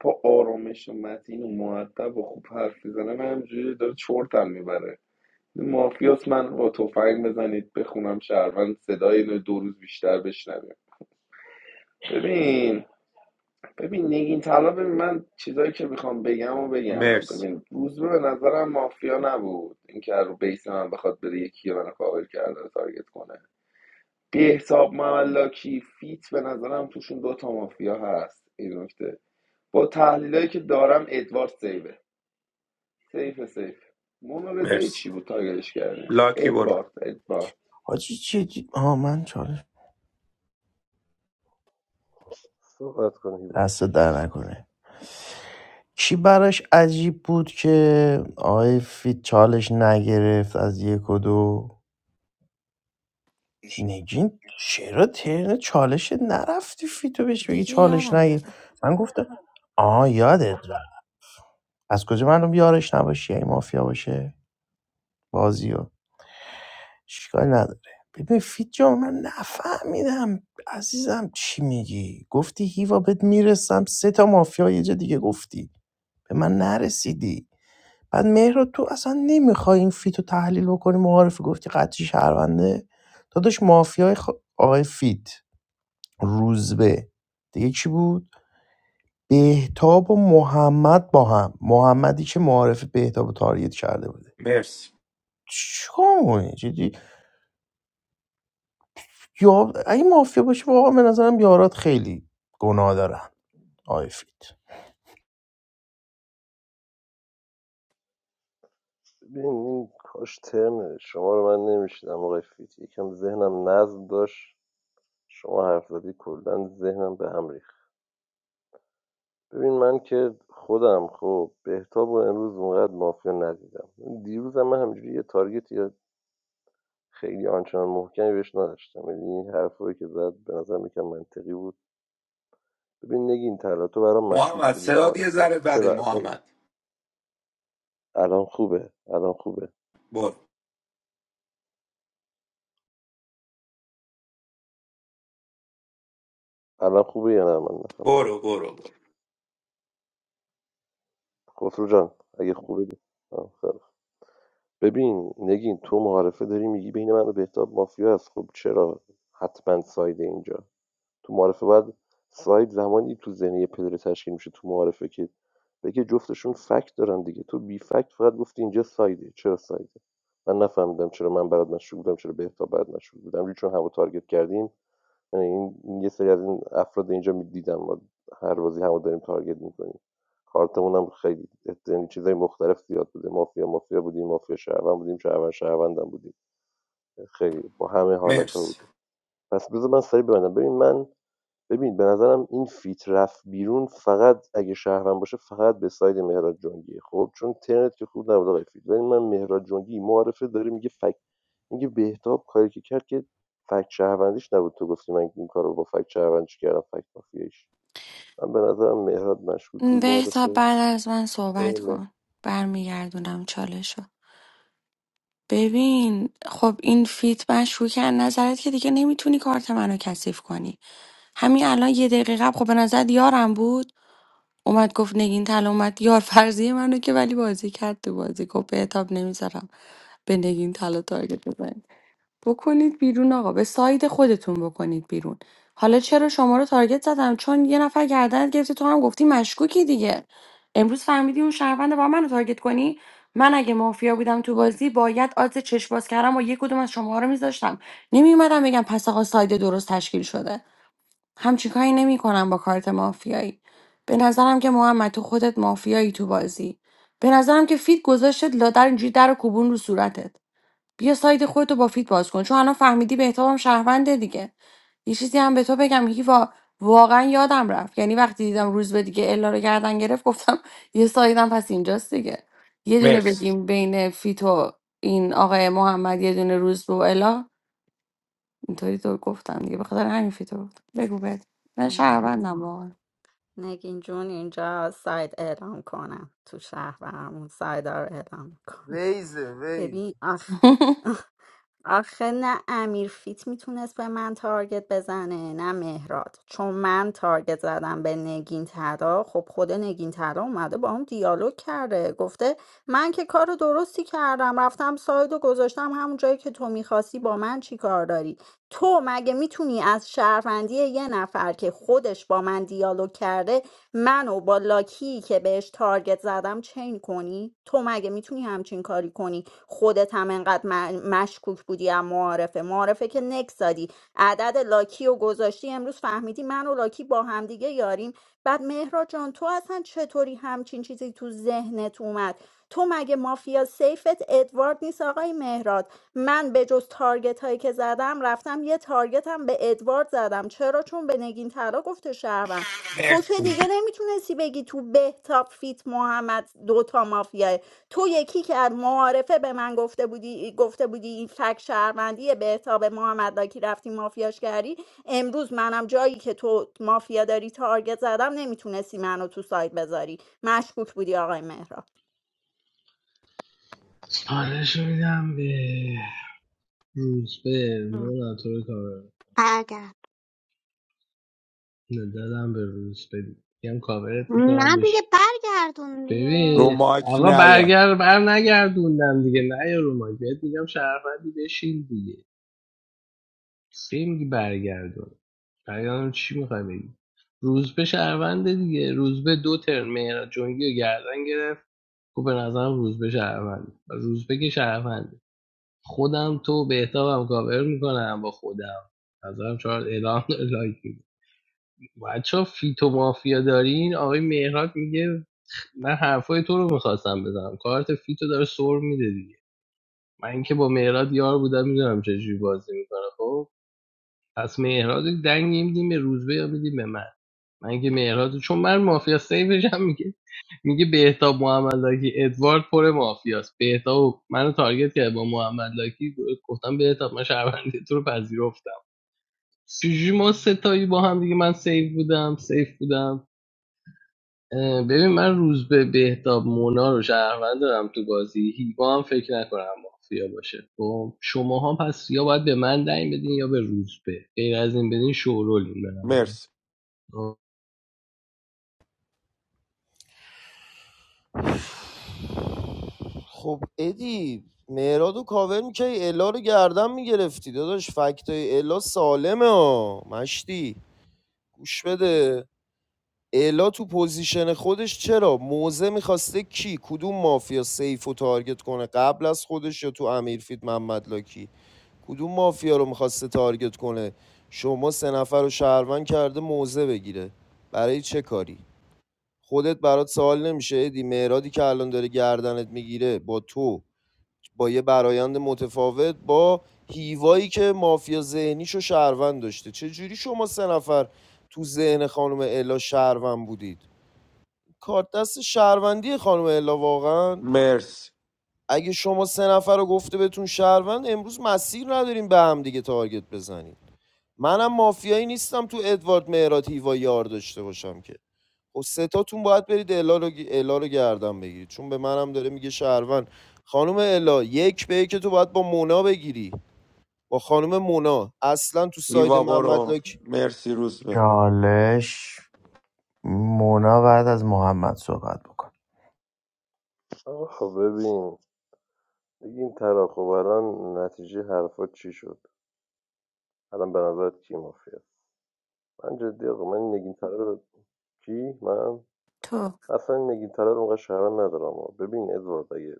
[SPEAKER 18] با آرامش و متین و معدب و خوب حرف میزنه من همجوری داره چرتم میبره مافیاس من با تفنگ بزنید بخونم شهروند صدای اینو دو روز بیشتر بشنویم ببین ببین نگین طلا ببین من چیزایی که میخوام بگم و بگم
[SPEAKER 1] مرسی
[SPEAKER 18] ببین روزبه به نظرم مافیا نبود اینکه از رو بیس من بخواد بره یکی منو کاور کرده و تارگت کنه بی حساب مولاکی فیت به نظرم توشون دو تا مافیا هست این نکته با تحلیلایی که دارم ادوارد سیفه سیفه سیف مونا رضایی
[SPEAKER 1] مرسی
[SPEAKER 18] چی بود تارگتش کردی
[SPEAKER 1] لاکی برو
[SPEAKER 18] ادوارد ادوارد
[SPEAKER 16] حاجی چی چی- آها من چالش
[SPEAKER 17] صحبت کن هیوا
[SPEAKER 16] دست در نکنه چی براش عجیب بود که آقای فیت چالش نگرفت از یک و دو نگین چرا ترن چالش نرفتی فیتو بهش بگی
[SPEAKER 15] دیگه
[SPEAKER 16] چالش
[SPEAKER 15] یادم
[SPEAKER 16] نگیر
[SPEAKER 15] رفت
[SPEAKER 16] من گفتم آها یادت رفت از کجا معلوم یارش نباشی ای مافیا باشه بازی و اشکال نداره ببین فیت جان من نفهمیدم عزیزم چی میگی گفتی هیوا بهت میرسم سه تا مافیا یه جا دیگه گفتی به من نرسیدی بعد مهراد تو اصلا نمیخوای این فیت رو تحلیل بکنی معارفه گفتی قطعی شهرونده داداش مافیای خ... آقای فیت روزبه دیگه چی بود بهتاب و محمد با هم محمدی که معارف بهتاب و تاریت کرده بوده
[SPEAKER 1] مرسی
[SPEAKER 16] چیکار می‌کنی؟ جدی یا اگه مافیا باشه واقعا به نظرم یارات خیلی گناه دارن آقای فیت
[SPEAKER 17] ببین این کاش ترم شما رو من نمیشیدم آقای فیت یکم ذهنم نظم داشت شما حرف زدی کلا ذهنم به هم ریخت ببین من که خودم خب بهتاب و امروز اونقدر مافیا ندیدم دیروز هم من همجوری یه تارگت یا خیلی آنچنان محکمی بهش نداشتم یعنی این حرفایی که زد به نظر یکم منطقی بود ببین نگین طلا تو برام مشکوک
[SPEAKER 1] محمد
[SPEAKER 17] بودی
[SPEAKER 1] صدات یه
[SPEAKER 17] معارفه
[SPEAKER 1] ذره بده
[SPEAKER 17] چرا اصلا
[SPEAKER 1] محمد
[SPEAKER 17] الان خوبه الان خوبه
[SPEAKER 1] برو
[SPEAKER 17] الان خوبه یا نه من نفهمیدم
[SPEAKER 1] برو برو برو
[SPEAKER 17] خسرو جان اگه خوبه دی- آه، خیلی خوب. ببین نگین تو معارفه داری میگی بین من و بهتاب مافیا هست خب چرا حتما سایده اینجا تو معارفه بعد ساید زمانی تو ذهن یه پدر تشکیل میشه تو معارفه که بگه جفتشون فکت دارن دیگه تو بی فکت فقط گفتی اینجا سایده چرا سایده من نفهمیدم چرا من برات مشروع بودم چرا بهتا برات مشروع بودم همجوری چون هوا تارگت کردیم یعنی این یه سری از این افراد اینجا میدیدم ما هر بازی همو داریم تارگت میکنیم کارتمون هم خیلی یعنی چیزای مختلف زیاد بوده مافیا مافیا بودیم مافیا شهروند بودیم شهروند شهروندم بودیم خیلی با همه حالت ها
[SPEAKER 1] مرسی
[SPEAKER 17] بوده پس بذار من سری ببندم ببین من ببین به نظرم این فیت رفت بیرون فقط اگه شهروند باشه فقط به ساید مهراد جنگیه خب چون ترنت که خوب نبود آقای فیت ولی من مهراد جنگی معارفه داره میگه فک میگه بهتاب کاری که کرد که فک شهروندیش نبود تو گفتی من این کارو با فک شهروندیش کردم فک مافیایش من به نظرم مهراد مشکوک بود
[SPEAKER 15] بهتا
[SPEAKER 17] معارفه
[SPEAKER 15] بعد از من صحبت
[SPEAKER 17] اینه
[SPEAKER 15] کن برمیگردونم چالشو ببین خب این فیت مشکوک از نظرت که دیگه نمیتونی کارت منو کثیف کنی همین الان یه دقیقه قبل خب به نظرت یارم بود اومد گفت نگین طلا اومد یار فرضیه منو که ولی بازی کرد تو بازی گفت بهتاب نمیذارم به نگین طلا تارگت بزنی بکنید بیرون آقا به ساید خودتون بکنید بیرون حالا چرا شما رو تارگت زدم چون یه نفر گردنت گرفته تو هم گفتی مشکوکی دیگه امروز فهمیدی اون شهرونده با منو تارگت کنی من اگه مافیا بودم تو بازی باید آدز چشم باز کردم و یک کدوم از شما رو میذاشتم نمیومدم بگم پس آقا ساید درست تشکیل شده همچین کاری نمیکنم با کارت مافیایی به نظرم که محمد تو خودت مافیایی تو بازی به نظرم که فیت گذاشتت لادر اینجوری در و کوبون رو صورتت بیا ساید خودتو با فیت باز کن چون الان فهمیدی بهتابم شهرونده دیگه یه چیزی هم به تو بگم هیوا واقعا یادم رفت یعنی وقتی دیدم روز به دیگه الا رو گردن گرفت گفتم یه سایدم پس اینجاست دیگه یه دونه
[SPEAKER 1] مرسی
[SPEAKER 15] بگیم بین فیت و این آقای محمد یه دونه روز به و الا اینطوری تو گفتم دیگه به خاطر همین فیتو گفتم بگو بهت من
[SPEAKER 7] نه.
[SPEAKER 15] شهروندم واقعا
[SPEAKER 7] نگین جون اینجا ساید اعلام کنم تو شهر و همون سایت رو اعلام کنم
[SPEAKER 3] ویزه ویز
[SPEAKER 7] ببین آخ آخه نه امیر فیت میتونست به من تارگت بزنه نه مهراد چون من تارگت زدم به نگین ترا خب خود نگین ترا اومده با هم دیالوگ کرده گفته من که کار درستی کردم رفتم ساید و گذاشتم همون جایی که تو میخواستی با من چی کار داری تو مگه میتونی از شهروندی یه نفر که خودش با من دیالوگ کرده منو با لاکی که بهش تارگت زدم چین کنی تو مگه میتونی همچین کاری کنی خودت هم انقدر م- مشکوک بودی از معارفه معارفه که نکس دادی عدد لاکی و گذاشتی امروز فهمیدی من و لاکی با همدیگه یاریم بعد مهراد جان تو اصلا چطوری همچین چیزی تو ذهنت اومد تو مگه مافیا سیفت ادوارد نیست آقای مهراد من به جز تارگت هایی که زدم رفتم یه تارگت هم به ادوارد زدم چرا چون به نگین طلا گفته شهروند تو که
[SPEAKER 1] مرسی
[SPEAKER 7] دیگه نمیتونستی بگی تو بهتاب فیت محمد دوتا مافیاه تو یکی که از معارفه به من گفته بودی گفته بودی این فک شهروندی بهتاب محمد که رفتی مافیاش کردی امروز منم جایی که تو مافیا داری تارگت زدم نمیتونستی منو تو سایت بذاری مشکوک بودی آقای مهراب
[SPEAKER 2] چالش رو میدم به روزبه مولا تو رو کامل
[SPEAKER 11] برگرد
[SPEAKER 2] دادم به روزبه دیگه. میگم کاورت میکنم
[SPEAKER 11] نه دیگه
[SPEAKER 2] بش
[SPEAKER 11] برگردون دیگه
[SPEAKER 1] رو
[SPEAKER 2] ببین
[SPEAKER 1] مایک
[SPEAKER 2] آقا
[SPEAKER 1] نیا
[SPEAKER 2] برگر بر نگردوندم دیگه نه یا رو مایک. بهت میگم شرفندی بشین دیگه سیم برگردون برگردون چی میخوای بگی روزبه شهرونده دیگه روزبه دو ترن مهراد جنگی رو گردن گرفت خب به نظرم روزبه شهروند روزبه که شهروند خودم تو بهتابم کاور میکنم با خودم نظرم چهار اعلام لایک میدی بچه فیتو مافیا دارین آقای مهراد میگه من حرفای تو رو میخواستم بزنم کارت فیتو داره سر میده دیگه من که با مهراد یار بودم میدونم چجوری بازی میکنه خب پس مهراد رو دنگ نمیدیم به روزبه یا میدیم به من من که مهراد چون من مافیا سیفش هم میگه میگه بهتاب محمد ادوارد پر مافیاست بهتاب منو تارگت کرد با محمد لاکی گفتم بهتاب من شهروندی تو رو پذیرفتم چجوری ما ستایی با هم دیگه من سیف بودم سیف بودم اه، ببین من روز به بهتاب مونا رو شهروند دارم تو بازی هیوا هم فکر نکنم مافیا باشه خب شما هم پس یا باید به من دنگ بدین یا به روز به غیر از این بدین شورولین برم
[SPEAKER 1] مرسی
[SPEAKER 2] خب،
[SPEAKER 3] خب ادی مهراد و کاور می‌کردی الا رو گردن میگرفتی داداش فکتای الا سالمه ها مشتی گوش بده الا تو پوزیشن خودش چرا موزه میخواسته کی کدوم مافیا سیف و تارگت کنه قبل از خودش یا تو امیرفید محمد لاکی کدوم مافیا رو میخواسته تارگت کنه شما سه نفر رو شهروند کرده موزه بگیره برای چه کاری خودت برات سوال نمیشه ادی مهرادی که الان داره گردنت میگیره با تو با یه برایند متفاوت با هیوایی که مافیا ذهنیشو و شهروند داشته چه جوری شما سه نفر تو ذهن خانم الا شهروند بودید کارت دست شهروندی خانم الا واقعا
[SPEAKER 1] مرسی
[SPEAKER 3] اگه شما سه نفر رو گفته بهتون شهروند امروز مسیر نداریم به هم دیگه تارگت بزنیم منم مافیایی نیستم تو ادوارد مهرات هیوا یار داشته باشم که خب سه تاتون باید برید الا رو, گ- الا رو گردن بگیرید چون به منم داره میگه شهروند خانم الا یک به یک تو باید با مونا بگیری با خانم مونا اصلا تو ساید
[SPEAKER 1] ایوا
[SPEAKER 3] محمد
[SPEAKER 1] برو
[SPEAKER 3] لاکی
[SPEAKER 1] مرسی روزبه
[SPEAKER 16] چالش مونا بعد از محمد صحبت بکن
[SPEAKER 17] آقا ببین این تراخو الان نتیجه حرفات چی شد الان به نظرت کی مافیاست من جدی آقا من نگین تره رو- کی من
[SPEAKER 15] تو
[SPEAKER 17] اصلا این نگین طلب اونقدر شهروند ندارم ها. ببین ادوارد اگه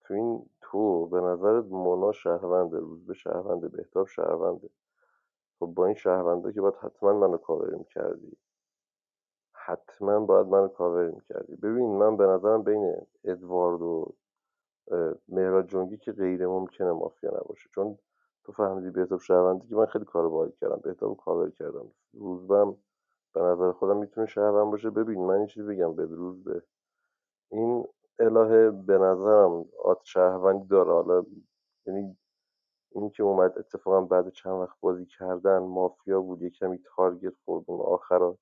[SPEAKER 17] تو این تو به نظرت مونا شهرونده روز به شهرونده بهتاب شهرونده خب با این شهرونده که باید حتما منو کاور میکردی حتما باید منو کاور میکردی ببین من به نظرم بین ادوارد و مهراد جنگی که غیر ممکنه مافیا نباشه چون تو فهمیدی بهتاب شهرونده که من خیلی کار باید کردم بهتاب رو کاور کردم روزبم به نظر خودم میتونه شهروند باشه ببین من یه چیزی بگم به روز این الهه به نظرم آت شهروندی داره حالا یعنی این که اومد اتفاقا بعد چند وقت بازی کردن مافیا بود یه کمی تارگت خورد اون آخرا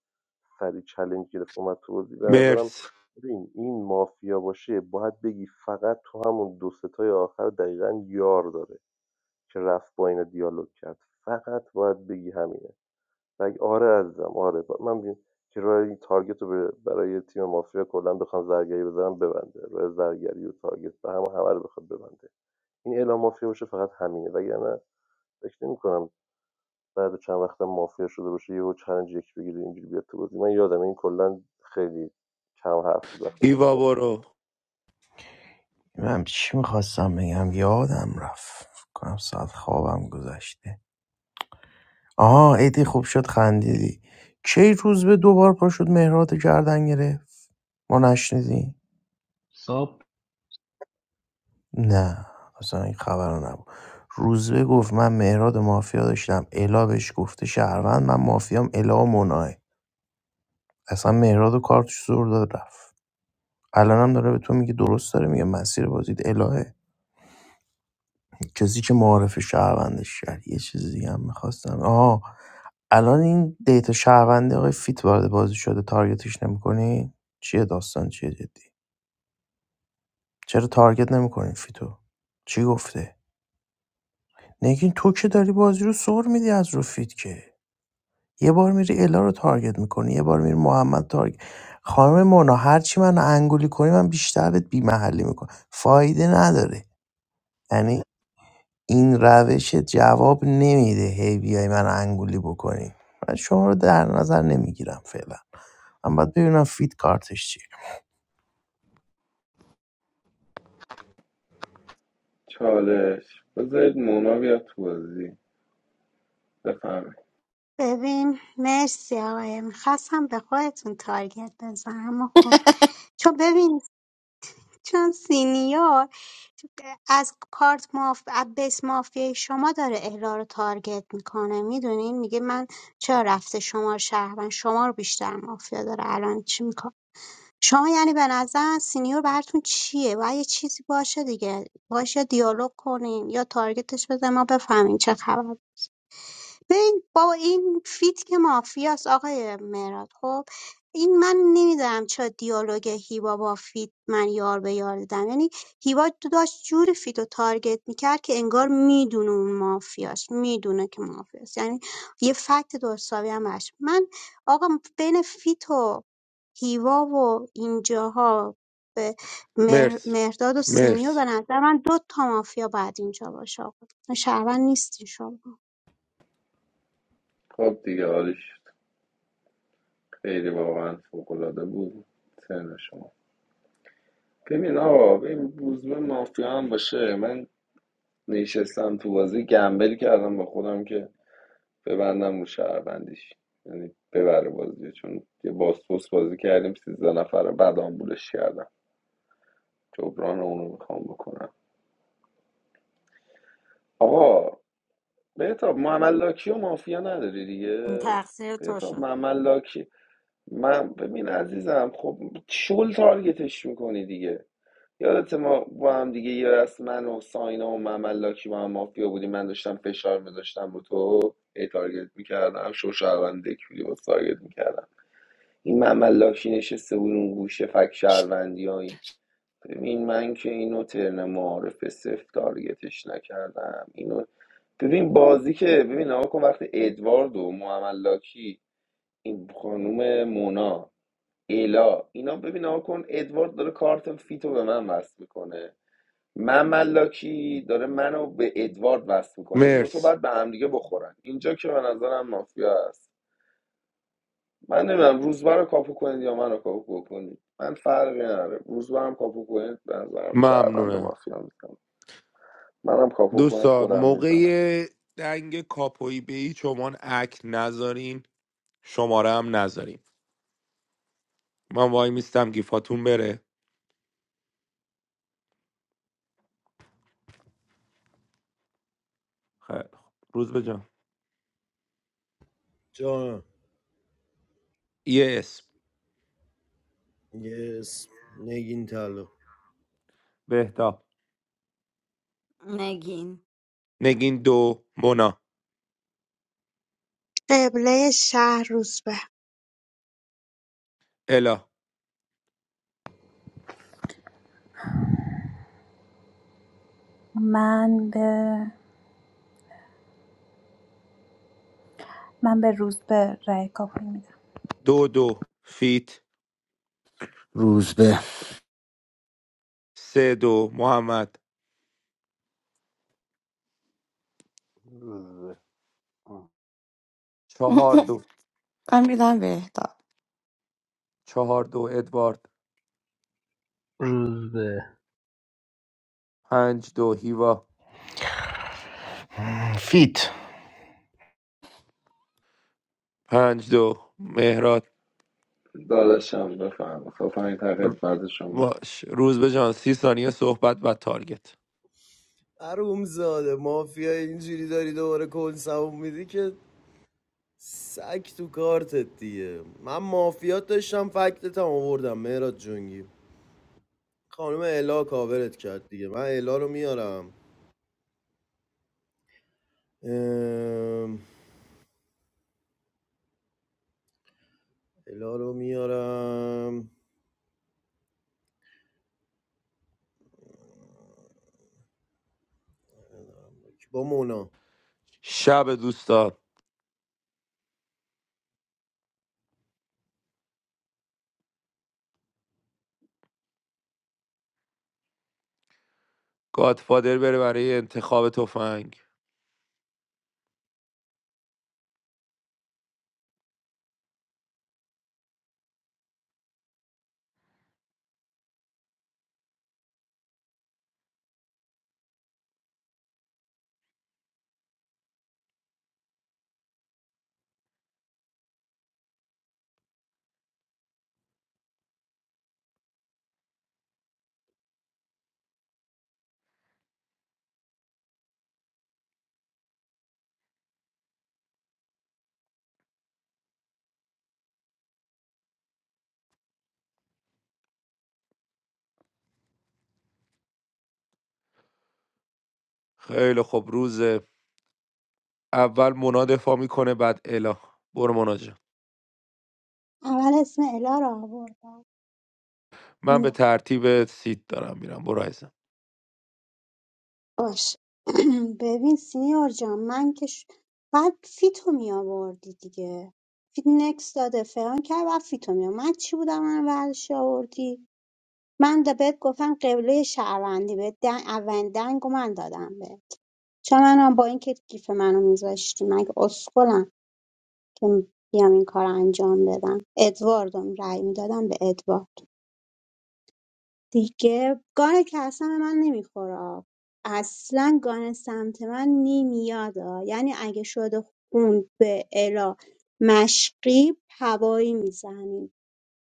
[SPEAKER 17] سری چلنج گرفت اومد تو بازی به نظرم
[SPEAKER 1] مرسی
[SPEAKER 17] ببین این مافیا باشه باید بگی فقط تو همون دو ستای آخر دقیقا یار داره که رفت با اینا دیالوگ کرد فقط باید بگی همینه مگه آره عزیزم آره ب- من بیم که راه این تارگت رو برای تیم مافیا کلا بخوام زرگری بزنم ببنده راه زرگری و تارگت به هم همه رو بخواد ببنده این اعلام مافیا باشه فقط همینه وگرنه فکر نمی‌کنم بعد چند وقت مافیا شده باشه یهو چلنج یک بگیره اینجوری بیاد تو بازی من یادم این کلا خیلی کم حرف بود وقتی
[SPEAKER 1] ایوا
[SPEAKER 17] مافیا
[SPEAKER 1] برو
[SPEAKER 16] من چی میخواستم بگم یادم رفت فکر کنم ساعت خوابم گذشته آها ایدی خوب شد خندیدی کی روز به دوبار پاشد مهرات رو گردن گرفت ما نشنیدیم
[SPEAKER 2] ساب
[SPEAKER 16] نه اصلا این خبر رو نبود روزبه گفت من مهراد و مافیا داشتم الا بهش گفته شهروند من مافیام الا و مناه اصلا مهراد و کارتش زور داد رفت الانم داره به تو میگه درست داره میگه مسیر بازید الهه کسی که معارف شهروندش کرد یه چیز دیگه هم میخواستم آها الان این دیتا شهروند آقای فیت وارد بازی شده تارگتش نمیکنی چیه داستان چیه جدی چرا تارگت نمیکنی فیتو چی گفته نگین تو که داری بازی رو سر میدی از رو فیت که یه بار میری الا رو تارگت میکنی یه بار میری محمد تارگت خانم مونا هرچی من انگولی کنی من بیشتر بهت بیمحلی میکنم فایده نداره یعنی این روش جواب نمیده هی بیای من انگولی بکنی من شما رو در نظر نمیگیرم فعلا من باید ببینم فیت کارتش چیه
[SPEAKER 18] چالش بذارید مونا بیاد تو بازی بفهمید
[SPEAKER 11] ببین مرسی آقای میخواستم به خودتون تارگت بزنم اما خب چون ببین چون سینیور از کارت ماف... از بیس مافیای شما داره الا رو تارگت میکنه میدونین میگه من چرا رفته شما رو شهر من شما رو بیشتر مافیا داره الان چی میکنه شما یعنی به نظر سینیور براتون چیه باید یه چیزی باشه دیگه باشه دیالوگ کنین یا تارگتش بزن ما بفهمیم چه خبر ببین بابا این فیت که مافیاست آقای مهراد خب این من نمیدونم چرا دیالوگ هیوا با فیت من یار به یار دیدم یعنی هیوا تو داشت جوری فیت رو تارگت میکرد که انگار میدونه اون مافیاست میدونه که مافیاست یعنی یه فکت درستاوی هم براش. من آقا بین فیت و هیوا و اینجاها به مهر-
[SPEAKER 1] مرسی
[SPEAKER 11] مهرداد و سینیور
[SPEAKER 1] مرسی
[SPEAKER 11] به نظر من دو تا مافیا بعد اینجا باشه آقا شهروند نیستی شما
[SPEAKER 18] خب دیگه عالیش خیلی واقعا فوقالعاده بود ترن شما ببین آقا ببین روزبه مافیا هم باشه من نشستم تو بازی گمبل کردم با خودم که ببندم رو شهروندیش یعنی ببره بازی چون یه باسپوس بازی کردیم سیزده نفر رو بعد آمبولش کردم جبران اونو میخوام بکنم آقا بهتاب محمد لاکی و مافیا نداری دیگه
[SPEAKER 7] این تقصیر تو
[SPEAKER 18] بهتاب
[SPEAKER 7] شد
[SPEAKER 18] محمد لاکی من ببین عزیزم خب شل تارگتش میکنی دیگه یادت ما با هم دیگه یه از من و ساینا و محمد لاکی با هم مافیا بودیم من داشتم فشار میذاشتم رو تو ای تارگت میکردم شو شهروند دکولی با تارگت میکردم این محمد لاکی نشسته بود اون گوشه فک شهروندی های ببین من که اینو ترن معارف صفر تارگتش نکردم اینو ببین بازی که ببین نگاه کن وقتی ادوارد و محمد این خانوم مونا ایلا اینا ببین نگاه کن ادوارد داره کارت فیتو به من وصل میکنه من ملاکی داره منو به ادوارد وصل میکنه این دوتا
[SPEAKER 1] مرسی
[SPEAKER 18] باید به هم دیگه بخورن اینجا که به نظرم مافیا است من نمیدونم روزبه رو کاپو کنید یا منو کاپو کنید من فرقی نداره روزبه هم کاپو کنید به نظرم شهروند
[SPEAKER 1] ممنونم
[SPEAKER 18] مافیا میزنم منم کاپو کنید
[SPEAKER 1] دوستان
[SPEAKER 18] خودم میزنم
[SPEAKER 1] موقع دنگ کاپوی به هیچ عنوان اک نذارین شماره هم نذارین من وای میستم گیفاتون بره خیلی خوب. روز به جان
[SPEAKER 3] جانم
[SPEAKER 1] یه اسم
[SPEAKER 3] یس نگین طلا
[SPEAKER 1] بهتا
[SPEAKER 7] نگین
[SPEAKER 1] نگین دو مونا
[SPEAKER 11] قبله شهر روسبه
[SPEAKER 1] الا
[SPEAKER 9] من به من به روز به رأی کاپوی میدم
[SPEAKER 1] دو دو فیت
[SPEAKER 14] روزبه
[SPEAKER 1] سه دو محمد
[SPEAKER 17] میشد
[SPEAKER 1] چهار دو
[SPEAKER 15] من میدم بهتاب
[SPEAKER 1] چهار دو ادوارد
[SPEAKER 2] روز به
[SPEAKER 1] پنج دو هیوا
[SPEAKER 16] فیت
[SPEAKER 1] پنج دو مهرات
[SPEAKER 18] داداشم بفهم خواهم تقید بعد شما
[SPEAKER 1] باش روز به جان سی ثانیه صحبت و تارگت
[SPEAKER 3] عروم زاده مافیا اینجوری داری دوباره کنسمون میدی که سگ تو کارتت دیگه من مافیات داشتم فکتت هم آوردم مهراد جونگی خانم الا کاورت کرد دیگه من الا رو میارم ام، الا رو میارم با مونا
[SPEAKER 1] شب دوستان گادفادر بره برای انتخاب تفنگ خیلی خوب روز اول مونا دفاع میکنه بعد الا برو مونا جان
[SPEAKER 11] اول اسم الا رو آورد
[SPEAKER 1] من به
[SPEAKER 11] میرم
[SPEAKER 1] ترتیب سیت دارم میرم برو عزیزم
[SPEAKER 11] باش ببین سینیور جان من که ش... بعد فیتو می آوردی دیگه فیت نکس داده فلان کرد بعد فیتو می آورد. من چی بودم من ورش آوردی من ده بهت گفتم قبله شهروندی بهت دن... اولین دنگو من دادم بهت چون من با اینکه گیف منو میذاشتی مگه اسکلم که بیام این کار رو انجام بدم ادواردم رأی میدادم به ادوارد دیگه گانه که اصلا به من نمیخوره آب، اصلا گانه سمت من نمیاد آ. یعنی اگه شده خون به الا مشقی هوایی میزنیم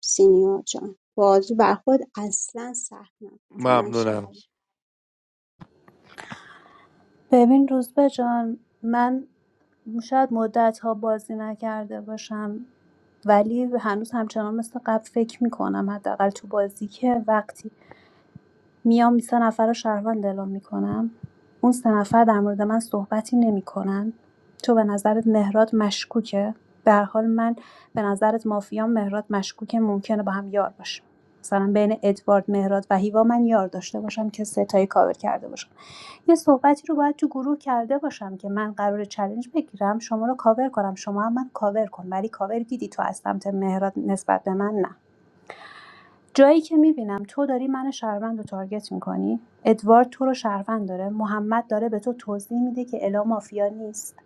[SPEAKER 11] سینیور جان بازو بر خود اصلا سخت نکن چون من
[SPEAKER 1] ممنونم
[SPEAKER 11] شرم
[SPEAKER 9] ببین روزبه جان من شاید مدت ها بازی نکرده باشم ولی هنوز همچنان مثل قبل فکر میکنم حداقل تو بازی که وقتی میام سه نفر رو شهروند اعلام می‌کنم اون سه نفر در مورد من صحبتی نمی‌کنن تو به نظرت مهراد مشکوکه به هر حال من به نظرت مافیام مهراد مشکوکه ممکنه با هم یار باشیم مثلا بین ادوارد مهراد و هیوا من یار داشته باشم که ستایی کاور کرده باشم یه صحبتی رو باید تو گروه کرده باشم که من قرار چالش بگیرم شما رو کاور کنم شما هم من کاور کن ولی کاور دیدی تو از سمت مهراد نسبت به من نه جایی که می‌بینم تو داری من شهروند رو تارگت می‌کنی، ادوارد تو رو شهروند داره، محمد داره به تو توضیح میده که الا مافیا نیست،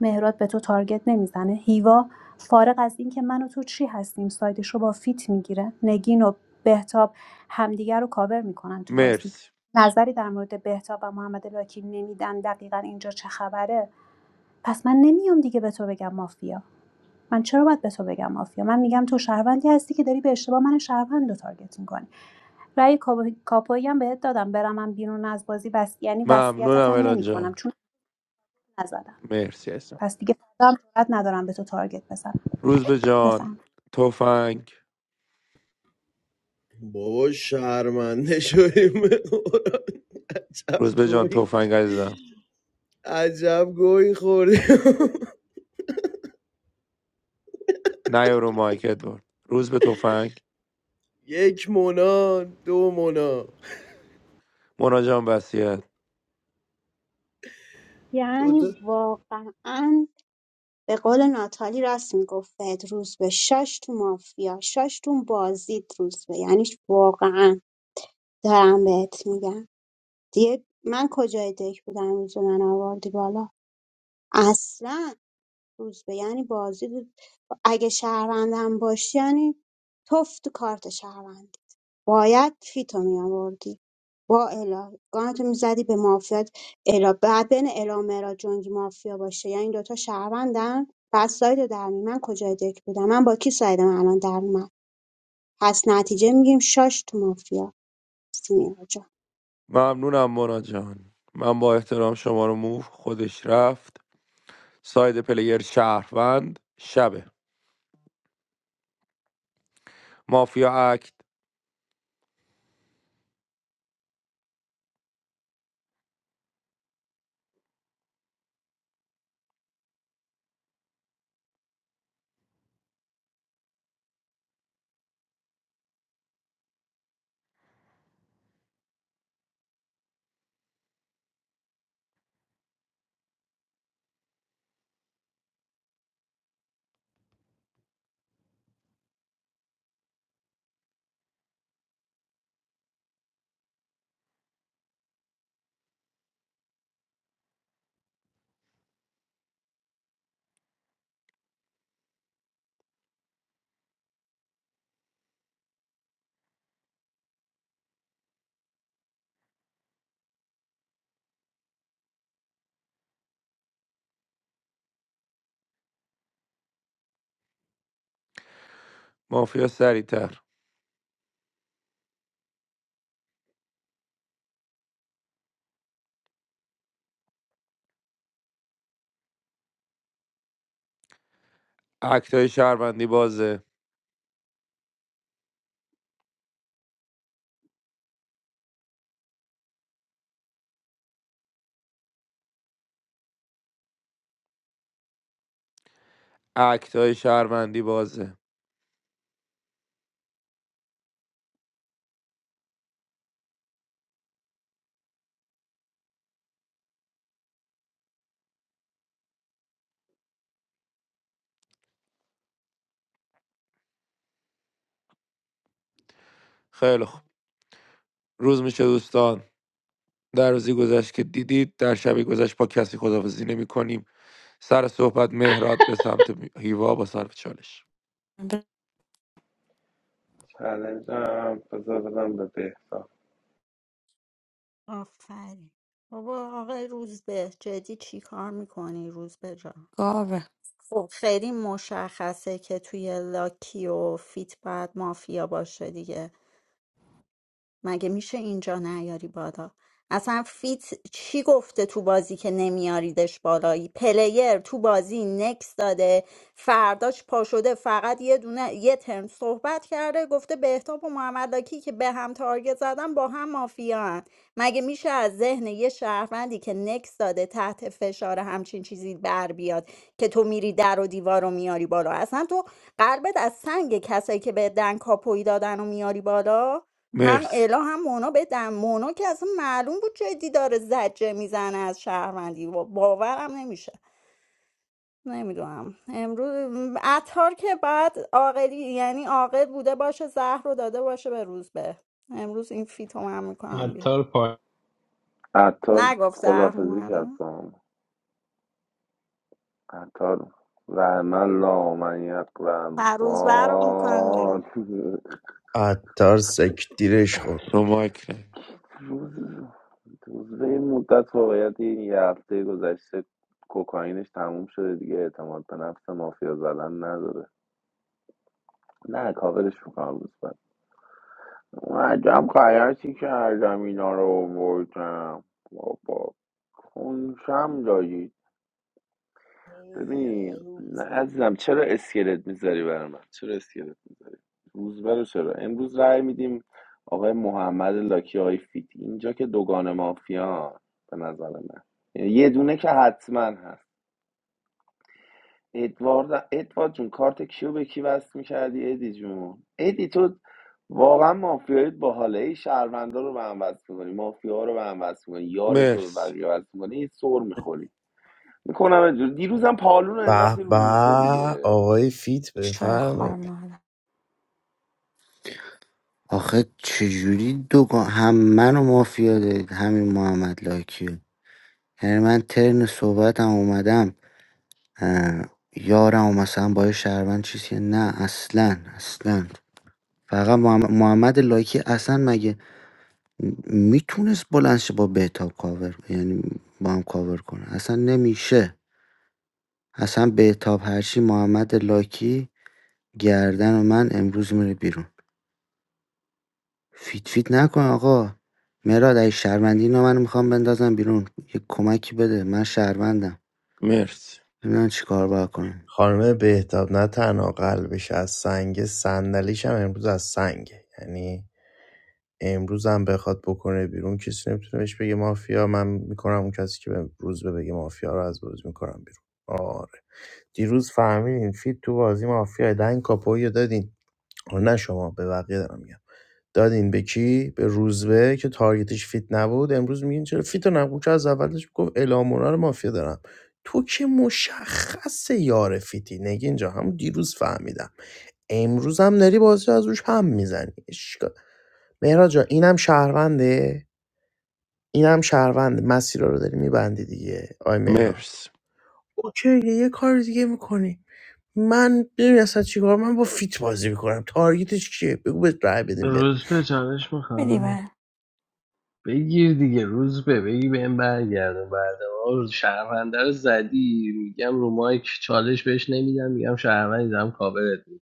[SPEAKER 9] مهراد به تو تارگت نمیزنه، هیوا فارغ از اینکه من و تو چی هستیم سایدش رو با فیت میگیره، نگین و بهتاب همدیگر رو کاور میکنن تو بازی
[SPEAKER 1] مرسی
[SPEAKER 9] نظری در مورد بهتاب و محمد لاکی نمیدن دقیقا اینجا چه خبره پس من نمیام دیگه به تو بگم مافیا من چرا باید به تو بگم مافیا من میگم تو شهروندی هستی که داری به اشتباه من شهروند رو تارگت میکنی رأی کاپویی هم بهت دادم برمم بیرون از بازی بس یعنی وصیتت
[SPEAKER 1] ممنونم
[SPEAKER 9] هم
[SPEAKER 1] الا
[SPEAKER 9] نمیکنم
[SPEAKER 1] جان
[SPEAKER 9] چون نزدم
[SPEAKER 1] مرسی عزیزم
[SPEAKER 9] پس دیگه فردا هم جرئت ندارم به تو تارگت بزنم
[SPEAKER 1] روز به جان
[SPEAKER 9] بفهم
[SPEAKER 1] تفنگ
[SPEAKER 3] بابا شرمنده شدیم عجب
[SPEAKER 1] روز به جان
[SPEAKER 3] گوی
[SPEAKER 1] تفنگ عزیزم
[SPEAKER 3] عجب گوی خوردیم
[SPEAKER 1] نیا رو مایک ادوارد روز به تفنگ
[SPEAKER 3] یک مونا دو مونا
[SPEAKER 1] مونا جان وصیت
[SPEAKER 3] دو تا
[SPEAKER 11] یعنی واقعا به قول ناتالی راست میگفت روز به شاش تو مافیا شاش تو بازیت روز به یعنی واقعا دارم بهت میگم دیگه من کجای دک بودم امروز رو من آوردی بالا اصلا روز به یعنی بازی بود اگه شهروندم باشی یعنی توف تو کارت شهروندی باید فیتو می آوردی با الا گانتو میزدی به مافیات الا بعد بین الا و مهراد جنگی مافیا باشه یعنی دوتا شهروندن بعد سایدو در می من کجای دک بودم من با کی سایدم الان در میاد پس نتیجه میگیم شاش تو مافیا سینیا جان
[SPEAKER 1] ممنونم مونا جان من با احترام شما رو موف خودش رفت ساید پلیر شهروند شبه مافیا اکت مافیا سریعتر اکت های شهروندی بازه اکت های شهروندی بازه خیلی خوب روز میشه دوستان در روزی گذشت که دیدید در شبی گذشت با کسی خداحافظی نمی سر صحبت مهرات به سمت هیوا با صرف چالش
[SPEAKER 15] به
[SPEAKER 18] چلنجم بذار بدم به بهتا
[SPEAKER 7] آفرین بابا آقای روزبه جدی چی کار میکنی روزبه جان
[SPEAKER 15] گاوه
[SPEAKER 7] خب خیلی مشخصه که توی لاکی و فیت باید مافیا باشه دیگه مگه میشه اینجا نیاری بالا اصلا فیت چی گفته تو بازی که نمیاریدش بالایی پلیر تو بازی نکس داده فرداش پا شده فقط یه دونه یه ترم صحبت کرده گفته بهتاب و محمد لاکی که به هم تارگت زدن با هم مافیان مگه میشه از ذهن یه شهروندی که نکس داده تحت فشار همچین چیزی بر بیاد که تو میری در و دیوار رو میاری بالا اصلا تو قلبت از سنگ کسایی که به دنگ کاپوی دادن و میاری بالا هم
[SPEAKER 1] مرسی
[SPEAKER 7] الا هم مونا بدم مونا که اصلا معلوم بود جدی داره زجه میزنه از شهروندی با- باورم نمیشه نمیدونم امروز عطار که بعد عاقلی یعنی عاقل بوده باشه زهر رو داده باشه به روز به امروز این فیتو من میکنم بیرون.
[SPEAKER 2] عطار پای
[SPEAKER 18] عطار
[SPEAKER 7] نگفت زهر
[SPEAKER 18] خدافزی
[SPEAKER 7] اومده
[SPEAKER 18] کرد با ما. عطار و من لا من یقلم
[SPEAKER 7] فروز رو میکنم بیرون.
[SPEAKER 18] وان روز
[SPEAKER 16] عطار سکتیرش خورد
[SPEAKER 1] رو مایک نه.
[SPEAKER 18] روز این مدت واقعیت یه هفته گذشته کوکائینش تموم شده دیگه اعتماد به نفس مافیا زدن نداره نه کاورش میکنم روز بعد اون عجب غلطی کردم اینا رو آوردم بابا کنشم دارید ببین نه عزیزم چرا اسکلت میذاری برای من چرا اسکلت روزبه رو چرا امروز رأی میدیم آقای محمد لاکی های فیت اینجا که دوگان مافیا به نظر من یه دونه که حتما هست ادوارد ادوارد جون کارت کیو به کی وصل میکردی ادی جون ادی تو واقعا مافیای باحاله ای شهروندا رو به هم وصل میکنی مافیا رو به هم وصل میکنی یار تو به
[SPEAKER 1] مرسی
[SPEAKER 18] بقیه وصل میکنی سر میخوری میکنم دیروزم پالون رو
[SPEAKER 16] به
[SPEAKER 18] انداختی رو
[SPEAKER 16] به
[SPEAKER 18] روزبه دیگه
[SPEAKER 16] آقای فیت
[SPEAKER 15] شوی خار
[SPEAKER 16] بفرمایید
[SPEAKER 15] مادر
[SPEAKER 14] آخه چجوری دوگان هم منو مافیا دارید همین محمد لاکی رو. یعنی من ترن صحبتم اومدم اه، یارم و مثلا با یه شهروند چیزی نه اصلا اصلا فقط محمد, محمد لاکی اصلا مگه میتونست بلند شه با بهتاب کاور یعنی با هم کاور کنه اصلا نمیشه اصلا بهتاب هرچی محمد لاکی گردن و من امروز میره بیرون فیت فیت نکن آقا مراد اگه شهروندی اینا من میخوام بندازم بیرون یه کمکی بده من شهروندم
[SPEAKER 1] مرسی
[SPEAKER 14] ببینم چی کار باید کنم
[SPEAKER 16] خانم بهتاب نه تنها قلبش از سنگ صندلیش هم امروز از سنگه یعنی امروز هم بخواد بکنه بیرون کسی نمیتونه بهش بگه مافیا من میکنم اون کسی که به روز به بگه مافیا رو از بازی میکنم بیرون آره دیروز فهمیدین فیت تو بازی مافیا دنگ کاپویی دادین آه، نه شما به بقیه دارم میگم دادین به کی به روزبه که تارگتش فیت نبود امروز میگین چرا فیت نبود که از اولش گفت الامونا رو مافیا دارم تو که مشخص یار فیتی نگین اینجا همون دیروز فهمیدم امروز هم داری بازی رو از روش هم میزنی مهراد جا اینم شهرونده اینم شهرونده مسیر رو داری میبندی دیگه آی مهراد
[SPEAKER 1] مرسی
[SPEAKER 16] اوکی یه کار دیگه میکنی من ببین اصلا چیکار من با فیت بازی میکنم تارگتش چیه بگو بهت رای بدیم بره
[SPEAKER 2] روز به چالش میخوای
[SPEAKER 15] بدی
[SPEAKER 2] بگیر دیگه روز به بگی بهم برگردون بعد ما شهرونده رو زدی میگم رو مایک چالش بهش نمیدم میگم شهروند دارم کاورت می‌کنم.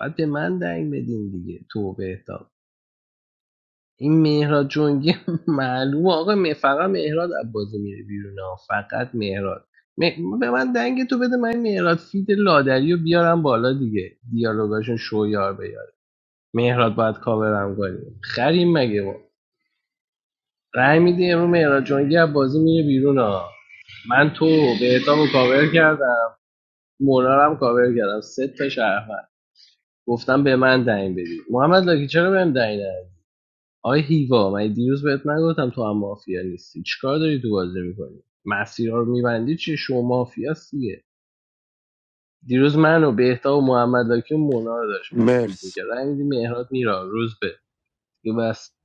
[SPEAKER 2] باید به من دنگ بدین دیگه تو بهتاب این مهراد جنگی معلومه آقا م- فقط مهراد از بازی میره بیرون ها فقط مهراد م- به من دنگ تو بده من این مهراد فید لادری رو بیارم بالا دیگه دیالوگاشون شویار بیاره مهراد باید کاورم کنیم خریم مگه ما رأی میده امرو مهراد جنگی از بازی میره بیرون ها من تو به اتامو کاور کردم مونارم کاور کردم سه تا شرفن گفتم به من دنگ بدید محمد لاکی چرا بهم دنگ ندادی؟ آقای هیوا من دیروز بهت نگفتم تو هم مافیا نیستی چیکار داری تو بازی میکنی مسیرها رو میبندی چی شما مافیا دیگه دیروز منو و بهتا و محمد لاکی و مونا رو داشت مشکوک
[SPEAKER 1] مرسی
[SPEAKER 2] میکرد رای مهراد میرا روز به دیگه بس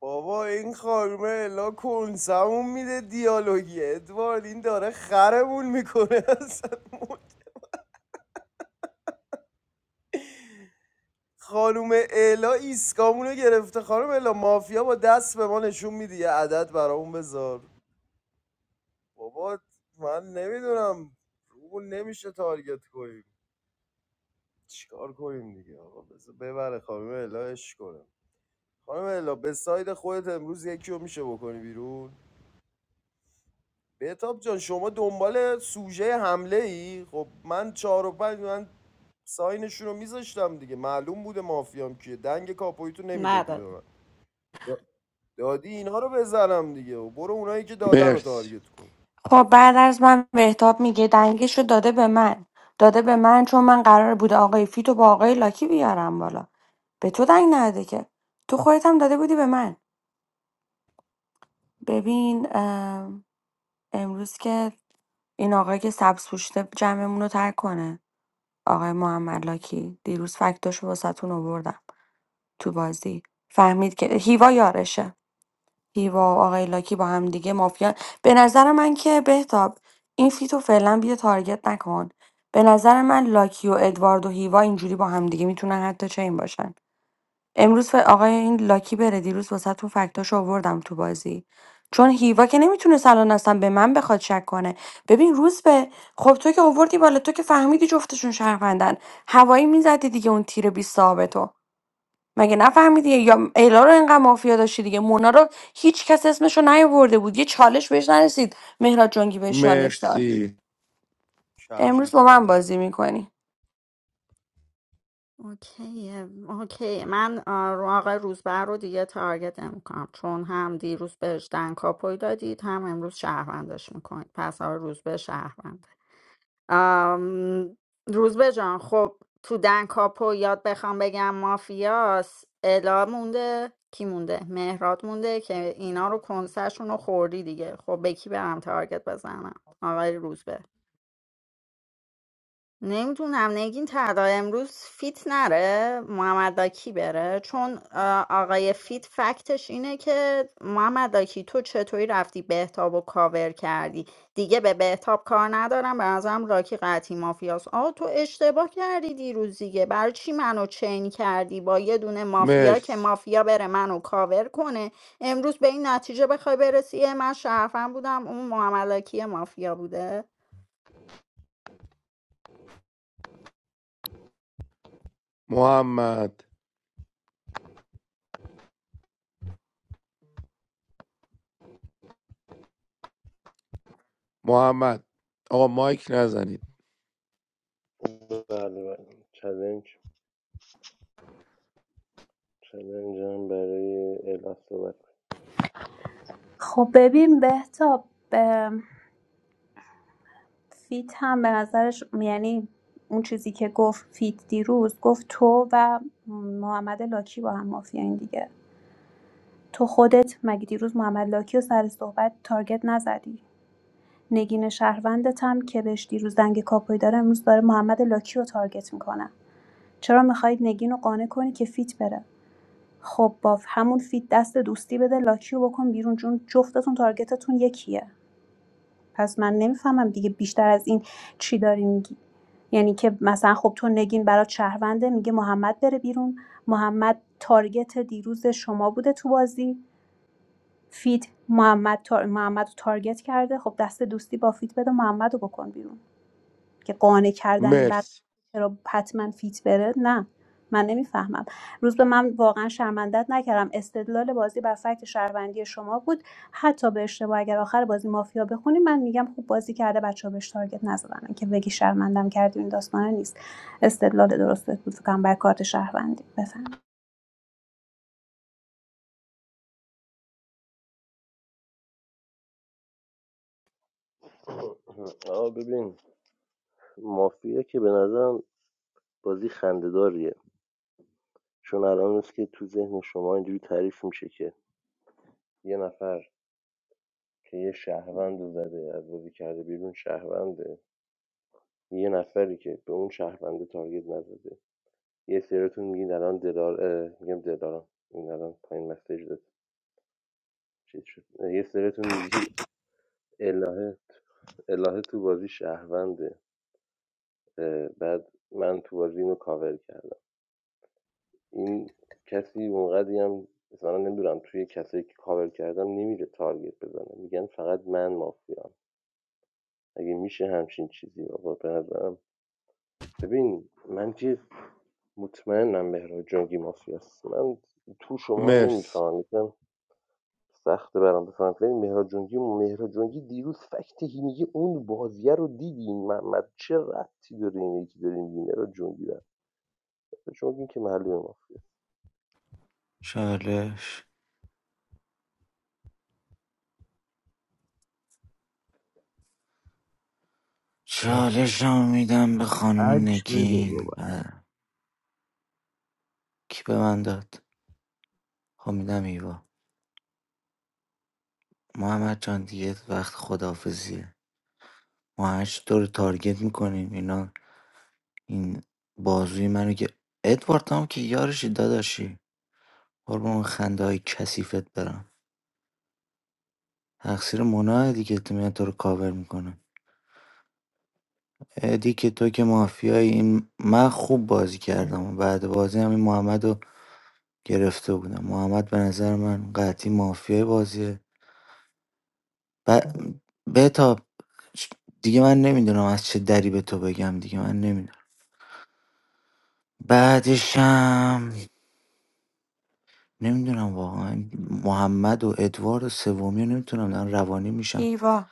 [SPEAKER 3] بابا این خانومه الا کنسمون میده دیالوگی ادوارد این داره خرمون میکنه اصلا خانوم الا ایسکامونو گرفته خانوم الا مافیا با دست به ما نشون میده یه عدد برامون بذار بابا من نمیدونم رو نمیشه تارگت کنیم چیکار کنیم دیگه آقا بذار ببره خانم الا اش کنم خانم الا به ساید خودت امروز یکی رو میشه بکنی بیرون بهتاب جان شما دنبال سوژه حمله ای خب من چهار و پنج من ساینشون رو میذاشتم دیگه معلوم بوده مافیام کیه دنگ کاپویتو نمیدادی
[SPEAKER 7] نداره.
[SPEAKER 3] به من دا- دادی اینها رو بزنم دیگه و برو اونایی که دادن رو
[SPEAKER 1] مرسی
[SPEAKER 3] تارگت کن
[SPEAKER 15] خب بعد از من بهتاب میگه دنگش رو داده به من داده به من چون من قرار بوده آقای فیتو با آقای لاکی بیارم بالا به تو دنگ نده که تو خودت هم داده بودی به من ببین ام، امروز که این آقای که سبز پوشته جمعمون رو ترک کنه آقای محمد لاکی دیروز فکتاشو واسهتون آوردم تو بازی فهمید که هیوا یارشه هیوا و آقای لاکی با هم دیگه مافیا به نظر من که بهتاب این فیتو فعلا بیا تارگت نکن به نظر من لاکی و ادوارد و هیوا اینجوری با هم دیگه میتونن حتی چین باشن امروز ف- آقای این لاکی بره دیروز واسه تو فکتاش آوردم تو بازی چون هیوا که نمیتونه الان اصلا به من بخواد شک کنه ببین روز به خب تو که آوردی بالا تو که فهمیدی جفتشون شهروندن هوایی میزدی دیگه اون تیر 20 صاحب تو مگه نفهمیدی یا الا رو انقدر مافیا داشتی دیگه مونا رو هیچ کس اسمش رو نیاورده بود یه چالش بهش نرسید مهراد جنگی بهش چالش داد
[SPEAKER 1] مرسی
[SPEAKER 15] امروز با من
[SPEAKER 3] کبوتر
[SPEAKER 15] بازی میکنی
[SPEAKER 7] اوکیه اوکی من آه، رو- آقای روزبر رو دیگه تارگت نمیکنم چون هم دیروز بهش دنکاپوی دادید هم امروز شهروندش میکنید پس آقای روزبه شهروند آم، روزبه جان خب تو دنکاپو یاد بخوام بگم مافیاس الا مونده کی مونده مهراد مونده که اینا رو کنسرشون رو خوردی دیگه خب به کی برم تارگت بزنم آقای روزبه نمیدونم نگین تدا امروز فیت نره محمد داکی بره چون اه، آقای فیت فکتش اینه که محمد داکی تو چطوری رفتی بهتاب و کاور کردی دیگه به بهتاب کار ندارم به نظرم راکی قطعی مافیاست آه تو اشتباه کردی دیروز دیگه برای چی منو چین کردی با یه دونه مافیا که
[SPEAKER 1] مرسی
[SPEAKER 7] مافیا بره منو کاور کنه امروز به این نتیجه بخوای برسی اه، من شرفم بودم اون محمد داکی مافیا بوده
[SPEAKER 1] محمد محمد آقا مایک نزنید
[SPEAKER 17] بله بله چلنج چلنج هم برای الا صحبت کنم.
[SPEAKER 9] خب ببین بهتاب ام، فیت هم به نظرش یعنی اون چیزی که گفت فیت دیروز گفت تو و محمد لاکی با هم مافیاین دیگه تو خودت مگه دیروز محمد لاکی رو سر صحبت تارگت نزدی نگین شهروندتم که بهش دیروز دنگ کاپوی داره امروز داره محمد لاکی رو تارگت میکنه چرا میخواید نگین رو قانع کنی که فیت بره خب باف همون فیت دست دوستی بده لاکی رو بکن بیرون چون جفتتون تارگتتون یکیه پس من نمیفهمم دیگه بیشتر از این چی داری میگی یعنی که مثلا خب تو نگین برات شهرونده میگه محمد بره بیرون محمد تارگت دیروز شما بوده تو بازی فیت محمد تار... محمد رو تارگت کرده خب دست دوستی با فیت بده محمد رو بکن بیرون که قانع کردن بقیه
[SPEAKER 1] مرس
[SPEAKER 9] چرا حتما فیت بره نه من نمیفهمم روز به من واقعا شرمندت نکردم استدلال بازی بر فکت شهروندی شما بود حتی به اشتباه اگر آخر بازی مافیا بخونی من میگم خوب بازی کرده بچه ها بهش تارگت نزدن که بگی شرمندم کردی این داستانه نیست استدلال درستت بود فکرم بر کارت شهروندی بفهم
[SPEAKER 17] آه ببین مافیا که به نظرم بازی خنده‌داریه چون الان نیست که تو ذهن شما اینجوری تعریف میشه که یه نفر که یه شهروند رو زده از بازی کرده بیرون شهرونده یه نفری که به اون شهرونده تارگت نزده یه سریتون میگین الان دلار اه، میگم دلارم این الان پایین مسیج داد چیز شد اه، یه سریتون میگید الهه الهه تو بازی شهرونده اه، بعد من تو بازی اینو کاور کردم این کسی اونقدی هم مثلا نمیدونم توی کسایی که کاور کردم نمیره تارگت بزنه میگن فقط من مافیام اگه میشه همچین چیزی آقا به نظرم ببین من که مطمئنم مهراد جنگی مافیاست من تو شما
[SPEAKER 1] مرس
[SPEAKER 17] نمیفهمم یکم سخته برام بفهمم ولی مهراد جنگی مهراد جنگی دیروز فکت میگه اون بازیه رو دیدین محمد چه ربطی داره این یکی داره میگه مهراد جنگی برده جنگی که معلومه مافیاست
[SPEAKER 14] چالش چالش رو میدم به خانم
[SPEAKER 16] اک بده
[SPEAKER 14] نگین
[SPEAKER 16] بابا
[SPEAKER 14] بله. کی به من داد خب میدم ایوا محمد جان دیگه وقت خدافزیه ما هشت دور تارگت میکنیم اینا این بازوی منو که ادوارد هم که یارشی داداشی قربون خنده های کسیفت برم تقصیر مونا دیگه تو میاد تو رو کاور میکنه ادی که تو که مافیایی این من خوب بازی کردم و بعد بازی هم این محمد رو گرفته بودم محمد به نظر من قطعی مافیای بازیه ب... بتاب دیگه من نمیدونم از چه دری به تو بگم دیگه من نمیدونم بعدش هم نمیدونم واقعا محمد و ادوارد و سومی رو نمیتونم دارم روانی میشم
[SPEAKER 15] ایوا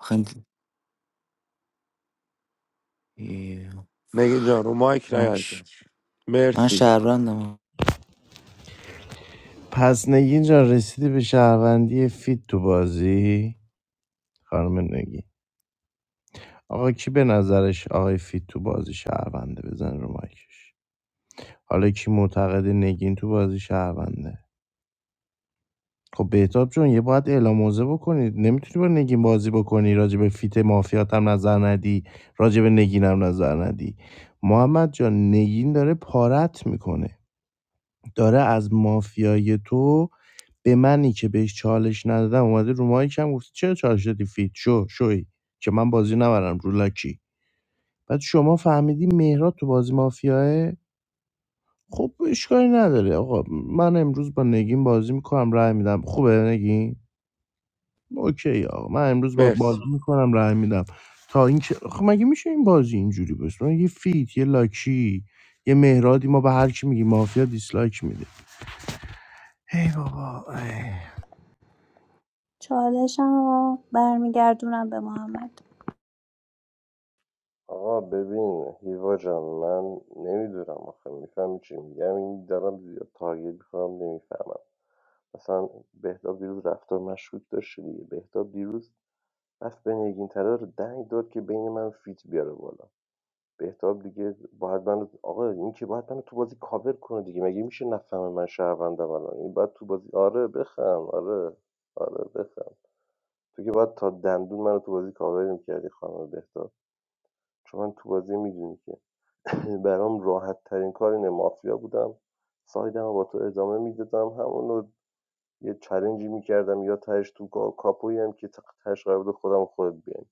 [SPEAKER 14] آخه این- ای،
[SPEAKER 1] نگین جان رو مایک نیزن
[SPEAKER 14] آش من
[SPEAKER 1] مرسی
[SPEAKER 14] شهروندم
[SPEAKER 16] پس نگین جان رسیدی به شهروندی فیت تو بازی خانم نگین آقا کی به نظرش آقای فیت تو بازی شهرونده بزن رو مایکش حالا کی معتقد نگین تو بازی شهرونده خب بهتاب جون یه باید اعلام موضع بکنید نمیتونی با نگین بازی بکنی راجع به فیت مافیات هم نظر ندی راجع به نگین هم نظر ندی محمد جان نگین داره پارت میکنه داره از مافیای تو به منی که بهش چالش ندادم اومده رو مایک هم گفته چرا چالش دادی فیت شو شوی که من بازی نبرم رو لاکی بعد شما فهمیدی مهراد تو بازی مافیاه خب اشکالی نداره آقا من امروز با نگین بازی میکنم رای میدم خوبه نگین اوکی آقا من امروز با
[SPEAKER 1] مرس
[SPEAKER 16] بازی میکنم رای میدم تا این چه... خب مگه میشه این بازی اینجوری باشه من یه فیت یه لاکی یه مهرادی ما به هر کی میگی مافیا دیسلایک میده ای بابا ای.
[SPEAKER 9] چالشم رو برمیگردونم به محمد
[SPEAKER 17] آقا ببین هیوا جان من نمیدونم آخه میفهمی چی میگم این دارم زیاد تارگت میخورم نمیفهمم اصلا بهتاب دیروز رفتار مشکوک داشته دیگه بهتاب دیروز رفت به نگین طلا رو دنگ داد که بین من و فیت بیاره بالا بهتاب دیگه باید من آقا این که باید منو تو بازی کاور کنه دیگه مگه میشه نفهمه من شهروندم الان این باید تو بازی آره بخم آره آره بخم تو که باید تا دندون منو تو بازی کاور میکردی خانم بهتاب چون من تو بازی میدونی برام راحت ترین کار اینه مافیا بودم سایدم با تو ادامه میدادم همونو یه چلنجی میکردم یا تهش تو کا- کاپویی هم که تهش قرار بود خودم و خودت بیایم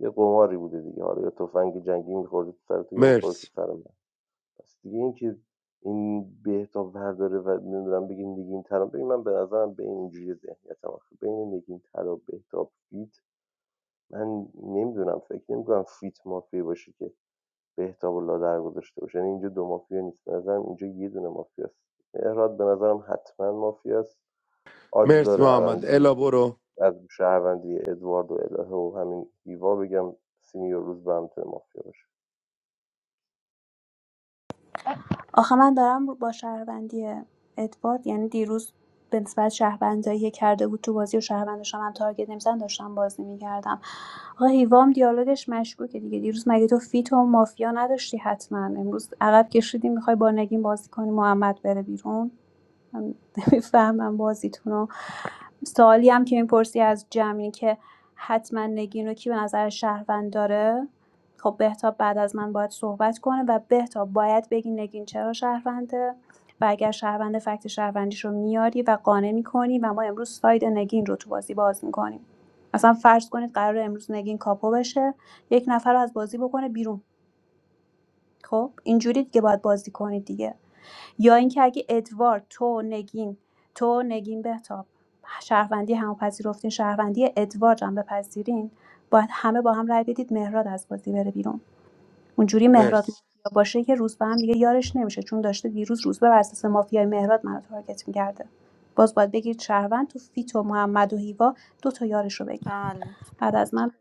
[SPEAKER 17] یه قماری بوده دیگه حالا یا تفنگ جنگی میخورد تو سرت یا میخورد تو
[SPEAKER 1] مرس
[SPEAKER 17] سرم. پس دیگه این که این بهتاب برداره و نمیدونم بگی نگین ترا ببین من به نظرم بین اینجوری ذهنیتم آخه بین نگین ترا بهتاب فیت من نمیدونم فکر نمیکنم فیت مافیا باشه که بهتاب و لادر گذاشته باشه یعنی اینجا دو مافیا نیست به نظرم اینجا یه دونه مافیاست مهراد به نظرم حتما مافیاست آدز
[SPEAKER 1] مرس
[SPEAKER 17] داره الان
[SPEAKER 1] محمد الا برو
[SPEAKER 17] از شهروندی ادوارد و الهه و همین هیوا بگم سینیور روز به هم میتونه مافیا باشه
[SPEAKER 9] آخه من دارم با شهروندی ادوارد یعنی دیروز به نسبت شهروندایی که کرده بود تو بازی و شهروندش هم تارگت نمیزن داشتم بازی میکردم آقا هیوام دیالوگش مشکوکه دیگه دیروز مگه تو فیت و مافیا نداشتی حتما امروز عقب کشیدی میخوای با نگین بازی کنی محمد بره بیرون من نمیفهمم بازیتون رو سوالی هم که میپرسی از جمعی که حتما نگین رو کی به نظر شهروند داره خب بهتاب بعد از من باید صحبت کنه و بهتاب باید بگی نگین چرا شهرونده و اگر شهرونده فکت شهروندیش رو میاری و قانع میکنی و ما امروز ساید نگین رو تو بازی باز میکنیم اصلا فرض کنید قرار امروز نگین کاپو بشه یک نفر رو از بازی بکنه بیرون خب اینجوری دیگه باید بازی کنید دیگه یا اینکه اگه ادوارد تو نگین تو نگین بهتاب شهروندی هم پذیرفتین شهروندی ادوارد هم بپذیرین باید همه با هم رای بدید مهراد از بازی بره بیرون اونجوری مهراد
[SPEAKER 1] مرس
[SPEAKER 9] مافیا باشه که روزبه هم دیگه یارش نمیشه چون داشته دیروز روزبه بر اساس مافیای مهراد منو تارگت میکرده باز باید بگید شهروند تو فیت و محمد و هیوا دو تا یارش رو بگیر بعد از من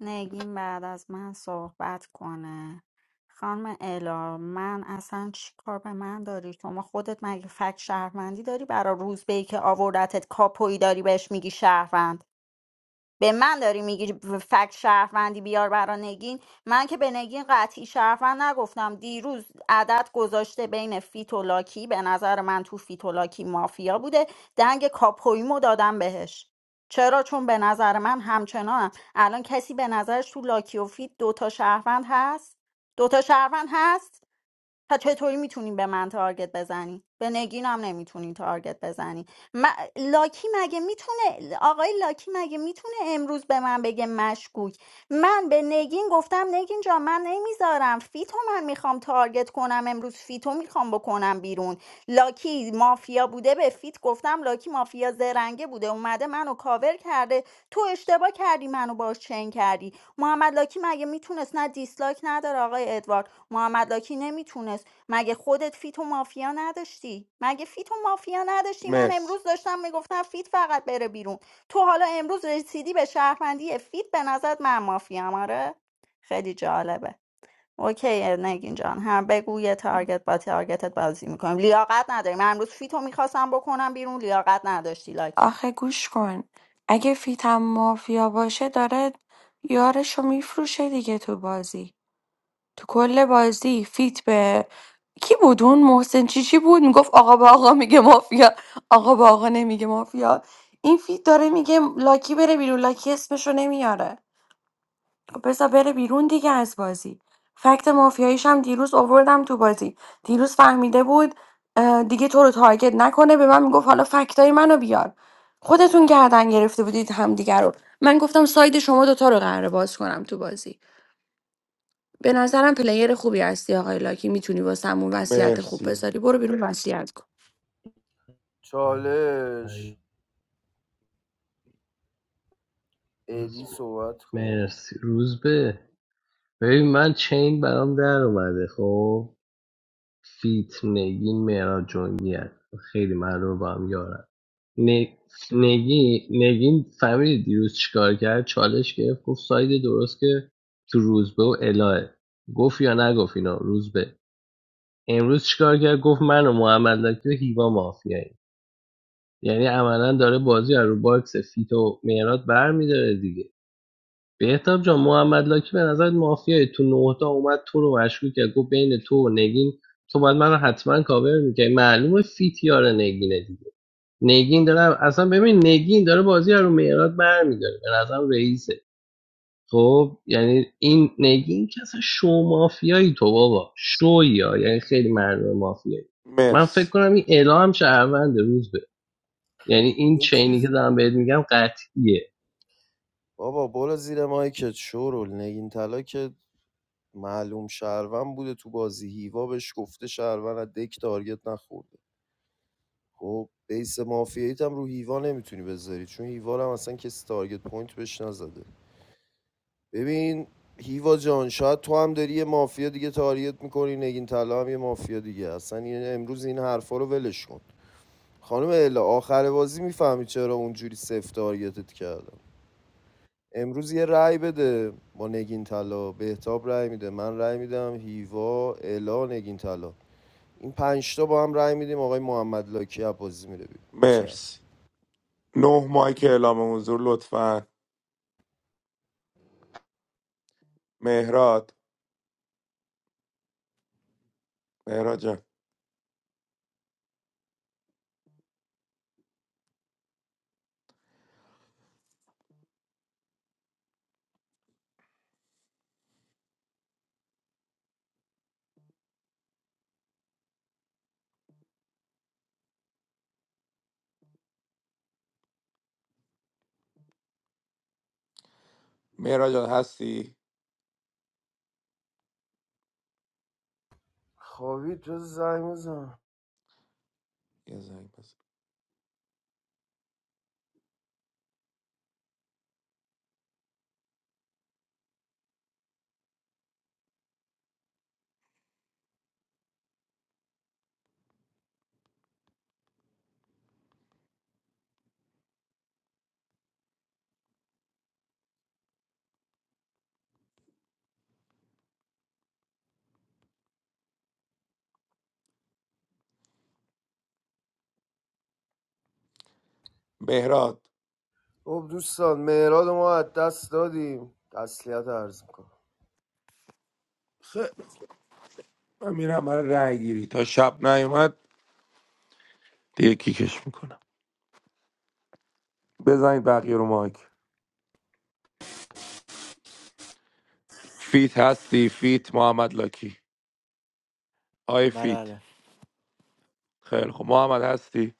[SPEAKER 7] نگین بعد از من صحبت کنه خانم الا من اصلا چی کار به من داری شما خودت مگه فک شهروندی داری برا روزبه ای که آوردتت کاپوی داری بهش میگی شهروند به من داری میگی فکت شهروندی بیار برا نگین من که به نگین قطعی شهروند نگفتم دیروز عدد گذاشته بین فیت و لاکی به نظر من تو فیت و لاکی مافیا بوده دنگ کاپویمو دادم بهش چرا چون به نظر من همچنان الان کسی به نظرش تو لاکی و فیت دوتا شهروند هست دوتا شهروند هست تا چطوری میتونین به من تارگت بزنی به نگین هم نمیتونین تارگت بزنی م- لاکی مگه میتونه آقای لاکی مگه میتونه امروز به من بگه مشکوک من به نگین گفتم نگین جا من نمیذارم فیتو من میخوام تارگت کنم امروز فیتو میخوام بکنم بیرون لاکی مافیا بوده به فیت گفتم لاکی مافیا زرنگه بوده اومده منو کاور کرده تو اشتباه کردی منو باش چنگ کردی محمد لاکی مگه میتونست نه دیسلایک نداره آقای ادوارد محمد لاکی نمیتونست مگه خودت فیت و مافیا نداشتی مگه فیت و مافیا نداشتی من
[SPEAKER 1] مرس
[SPEAKER 7] امروز داشتم میگفتم فیت فقط بره بیرون تو حالا امروز رسیدی به شهروندی فیت به نظرت من مافیا آره خیلی جالبه اوکی نگین جان هم بگو یه تارگت با تارگتت بازی میکنیم لیاقت نداریم من امروز فیتو میخواستم بکنم بیرون لیاقت نداشتی لاکی
[SPEAKER 15] آخه گوش کن اگه فیتم مافیا باشه داره یارشو میفروشه دیگه تو بازی تو کل بازی فیت به کی بود اون محسن چیچی بود میگفت آقا با آقا میگه مافیا آقا با آقا نمیگه مافیا این فیت داره میگه لاکی بره بیرون لاکی اسمشو نمیاره خب بذار بره بیرون دیگه از بازی فکت مافیاییش هم دیروز آوردم تو بازی دیروز فهمیده بود اه، دیگه تو رو تارگت نکنه به من میگفت حالا فکتای منو بیار خودتون گردن گرفته بودید همدیگه رو من گفتم ساید شما دوتا رو قراره باز کنم تو بازی به نظرم پلیر خوبی هستی آقای لاکی میتونی واسمون وصیت خوب
[SPEAKER 1] مرسی
[SPEAKER 15] بذاری برو بیرون وصیت کن
[SPEAKER 3] چالش ادی
[SPEAKER 2] روز به
[SPEAKER 3] صحبت کن
[SPEAKER 2] مرسی روز به ببین من چین برام در اومده خب فیت نگین مهراد جنگی هست خیلی معلومه با هم یارن نگی نگین فهمیدی دیروز چیکار کرد چالش گرفت گفت ساید درست که تو روزبه و الهه گفت یا نگفت اینا روزبه امروز چیکار کرد گفت من و محمد لکی و هیوا مافیاییم یعنی عملا داره بازی رو باکس فیت و مهراد برمیداره دیگه بهتاب جان محمد لاکی به نظر مافیای تو نهتا اومد تو رو مشکوک کرد گفت بین تو و نگین تو باید من رو حتما کاور میکنی معلومه فیتیار نگینه دیگه نگین داره اصلا ببین نگین داره بازی رو میراد برمیداره به نظرم رئیسه خب یعنی این نگین که اصلا شو مافیایی تو بابا شویا یعنی خیلی مردم مافیایی من فکر
[SPEAKER 1] مرس
[SPEAKER 2] کنم این اعلام شهروند روز به یعنی این
[SPEAKER 3] یه
[SPEAKER 2] چینی که
[SPEAKER 3] چیز
[SPEAKER 2] دارم بهت میگم قطعیه
[SPEAKER 3] بابا برو زیر مایکت شورول نگین طلا که معلوم شهروند بوده تو بازی هیوا بهش گفته شهروند از دک تارگت نخورده خب بیس مافیاییت هم رو هیوا نمیتونی بذاری چون هیوا رو هم اصلا کسی تارگت پوینت بهش نزده ببین هیوا جان شاید تو هم داری یه مافیا دیگه تارگت میکنی نگین طلا هم یه مافیا دیگه اصلا این امروز این حرفا رو ولش کن خانم الا آخر بازی میفهمی چرا اونجوری سفت تارگتت کردم امروز یه رأی بده با نگین طلا بهتاب رأی میده من رأی میدم هیوا الا نگین طلا این پنج تا با هم رأی میدیم آقای محمد لاکی عباسی میره بیرون بچرخ
[SPEAKER 1] مرس نه مایک اعلام حضور لطفا مهراد مهراد جان مهراد جان هستی
[SPEAKER 3] خوابید تو زنگ بزن
[SPEAKER 1] یه زنگ بزن. مهراد
[SPEAKER 3] خب دوستان مهراد ما از دست دادیم تسلیت عرض میکنم
[SPEAKER 1] خیلی خوب. من میرم برای رای گیری تا شب نیومد دیگه کیکش میکنم بزنید بقیه رو مایک فیت هستی فیت محمد لاکی آی
[SPEAKER 14] بله
[SPEAKER 1] فیت
[SPEAKER 14] بله.
[SPEAKER 1] خیلی خب محمد هستی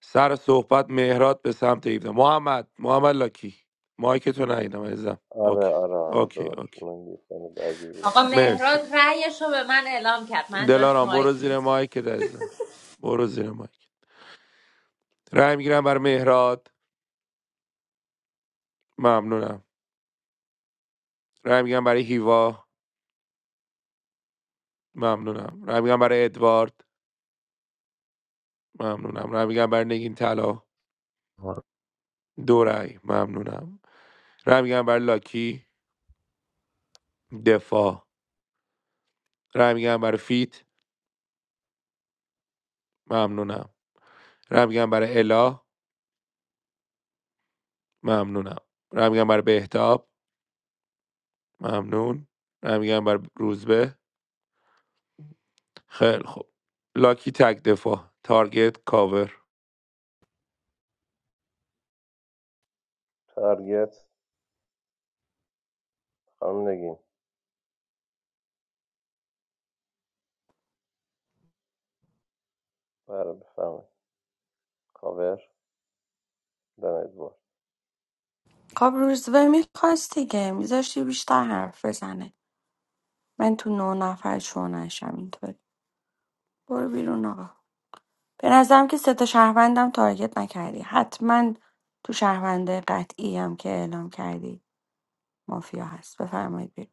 [SPEAKER 1] سر صحبت مهرات به سمت ایبدا محمد محمد لاکی مایکتو نگیدم عزیزم
[SPEAKER 17] آره
[SPEAKER 1] اوکی
[SPEAKER 17] آره آره
[SPEAKER 1] اوکی اوکی
[SPEAKER 17] ببخشید من یه ثانیه درگیر بودم
[SPEAKER 19] آقا
[SPEAKER 1] مرسی
[SPEAKER 19] مهراد رأیش رو به من اعلام کرد من جاش
[SPEAKER 1] دلارام
[SPEAKER 19] مایک
[SPEAKER 1] برو زیر
[SPEAKER 19] نیست.
[SPEAKER 1] مایکت عزیزم برو زیر مایک رای میگیرم برای مهرات ممنونم رای میگیرم برای هیوا ممنونم رای میگیرم برای ادوارد ممنونم رای میگیرم برای نگین طلا دو رای ممنونم رای میگیرم برای لاکی دفاع رای میگم برای فیت ممنونم رای میگم برای الا ممنونم رای میگم برای بهتاب ممنون رای میگم برای روزبه خیلی خوب لاکی تک دفاع تارگت کاور
[SPEAKER 17] تارگت خانم نگین بله بفهمه. کاور دن ادوارد
[SPEAKER 15] خب روزبه میخواست دیگه میذاشتی بیشتر حرف بزنه من تو نه نفر شو نشم اینطوری برو بیرون آقا به نظرم که سه تا شهروندم تارگت نکردی حتما تو شهرونده قطعی هم که اعلام کردی مافیا هست بفرمایید بیرون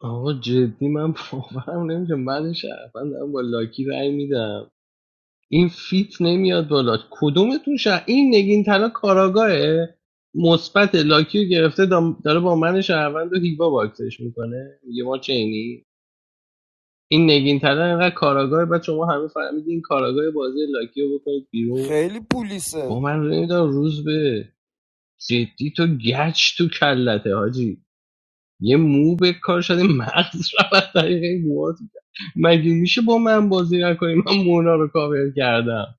[SPEAKER 2] آقا جدی من باورم نمیشه من شهروند دارم با لاکی رأی میدم این فیت نمیاد بالا کدومتون شهر این نگین طلا کاراگاهه مثبت لاکی رو گرفته دام- داره با من شهروند و هیوا باکسش میکنه میگه ما چینی این نگین طلا اینقدر کاراگاه بعد شما همه فهمیدین این کاراگاه بازی لاکی رو بکنید بیرون
[SPEAKER 3] خیلی پولیسه
[SPEAKER 2] با من نمیدونم روز به جدی تو گچ تو کلته حاجی یه مو به کار شده مغز رو از طریق موهات کرد. مگه میشه با من بازی نکنی من مونا رو کاور کردم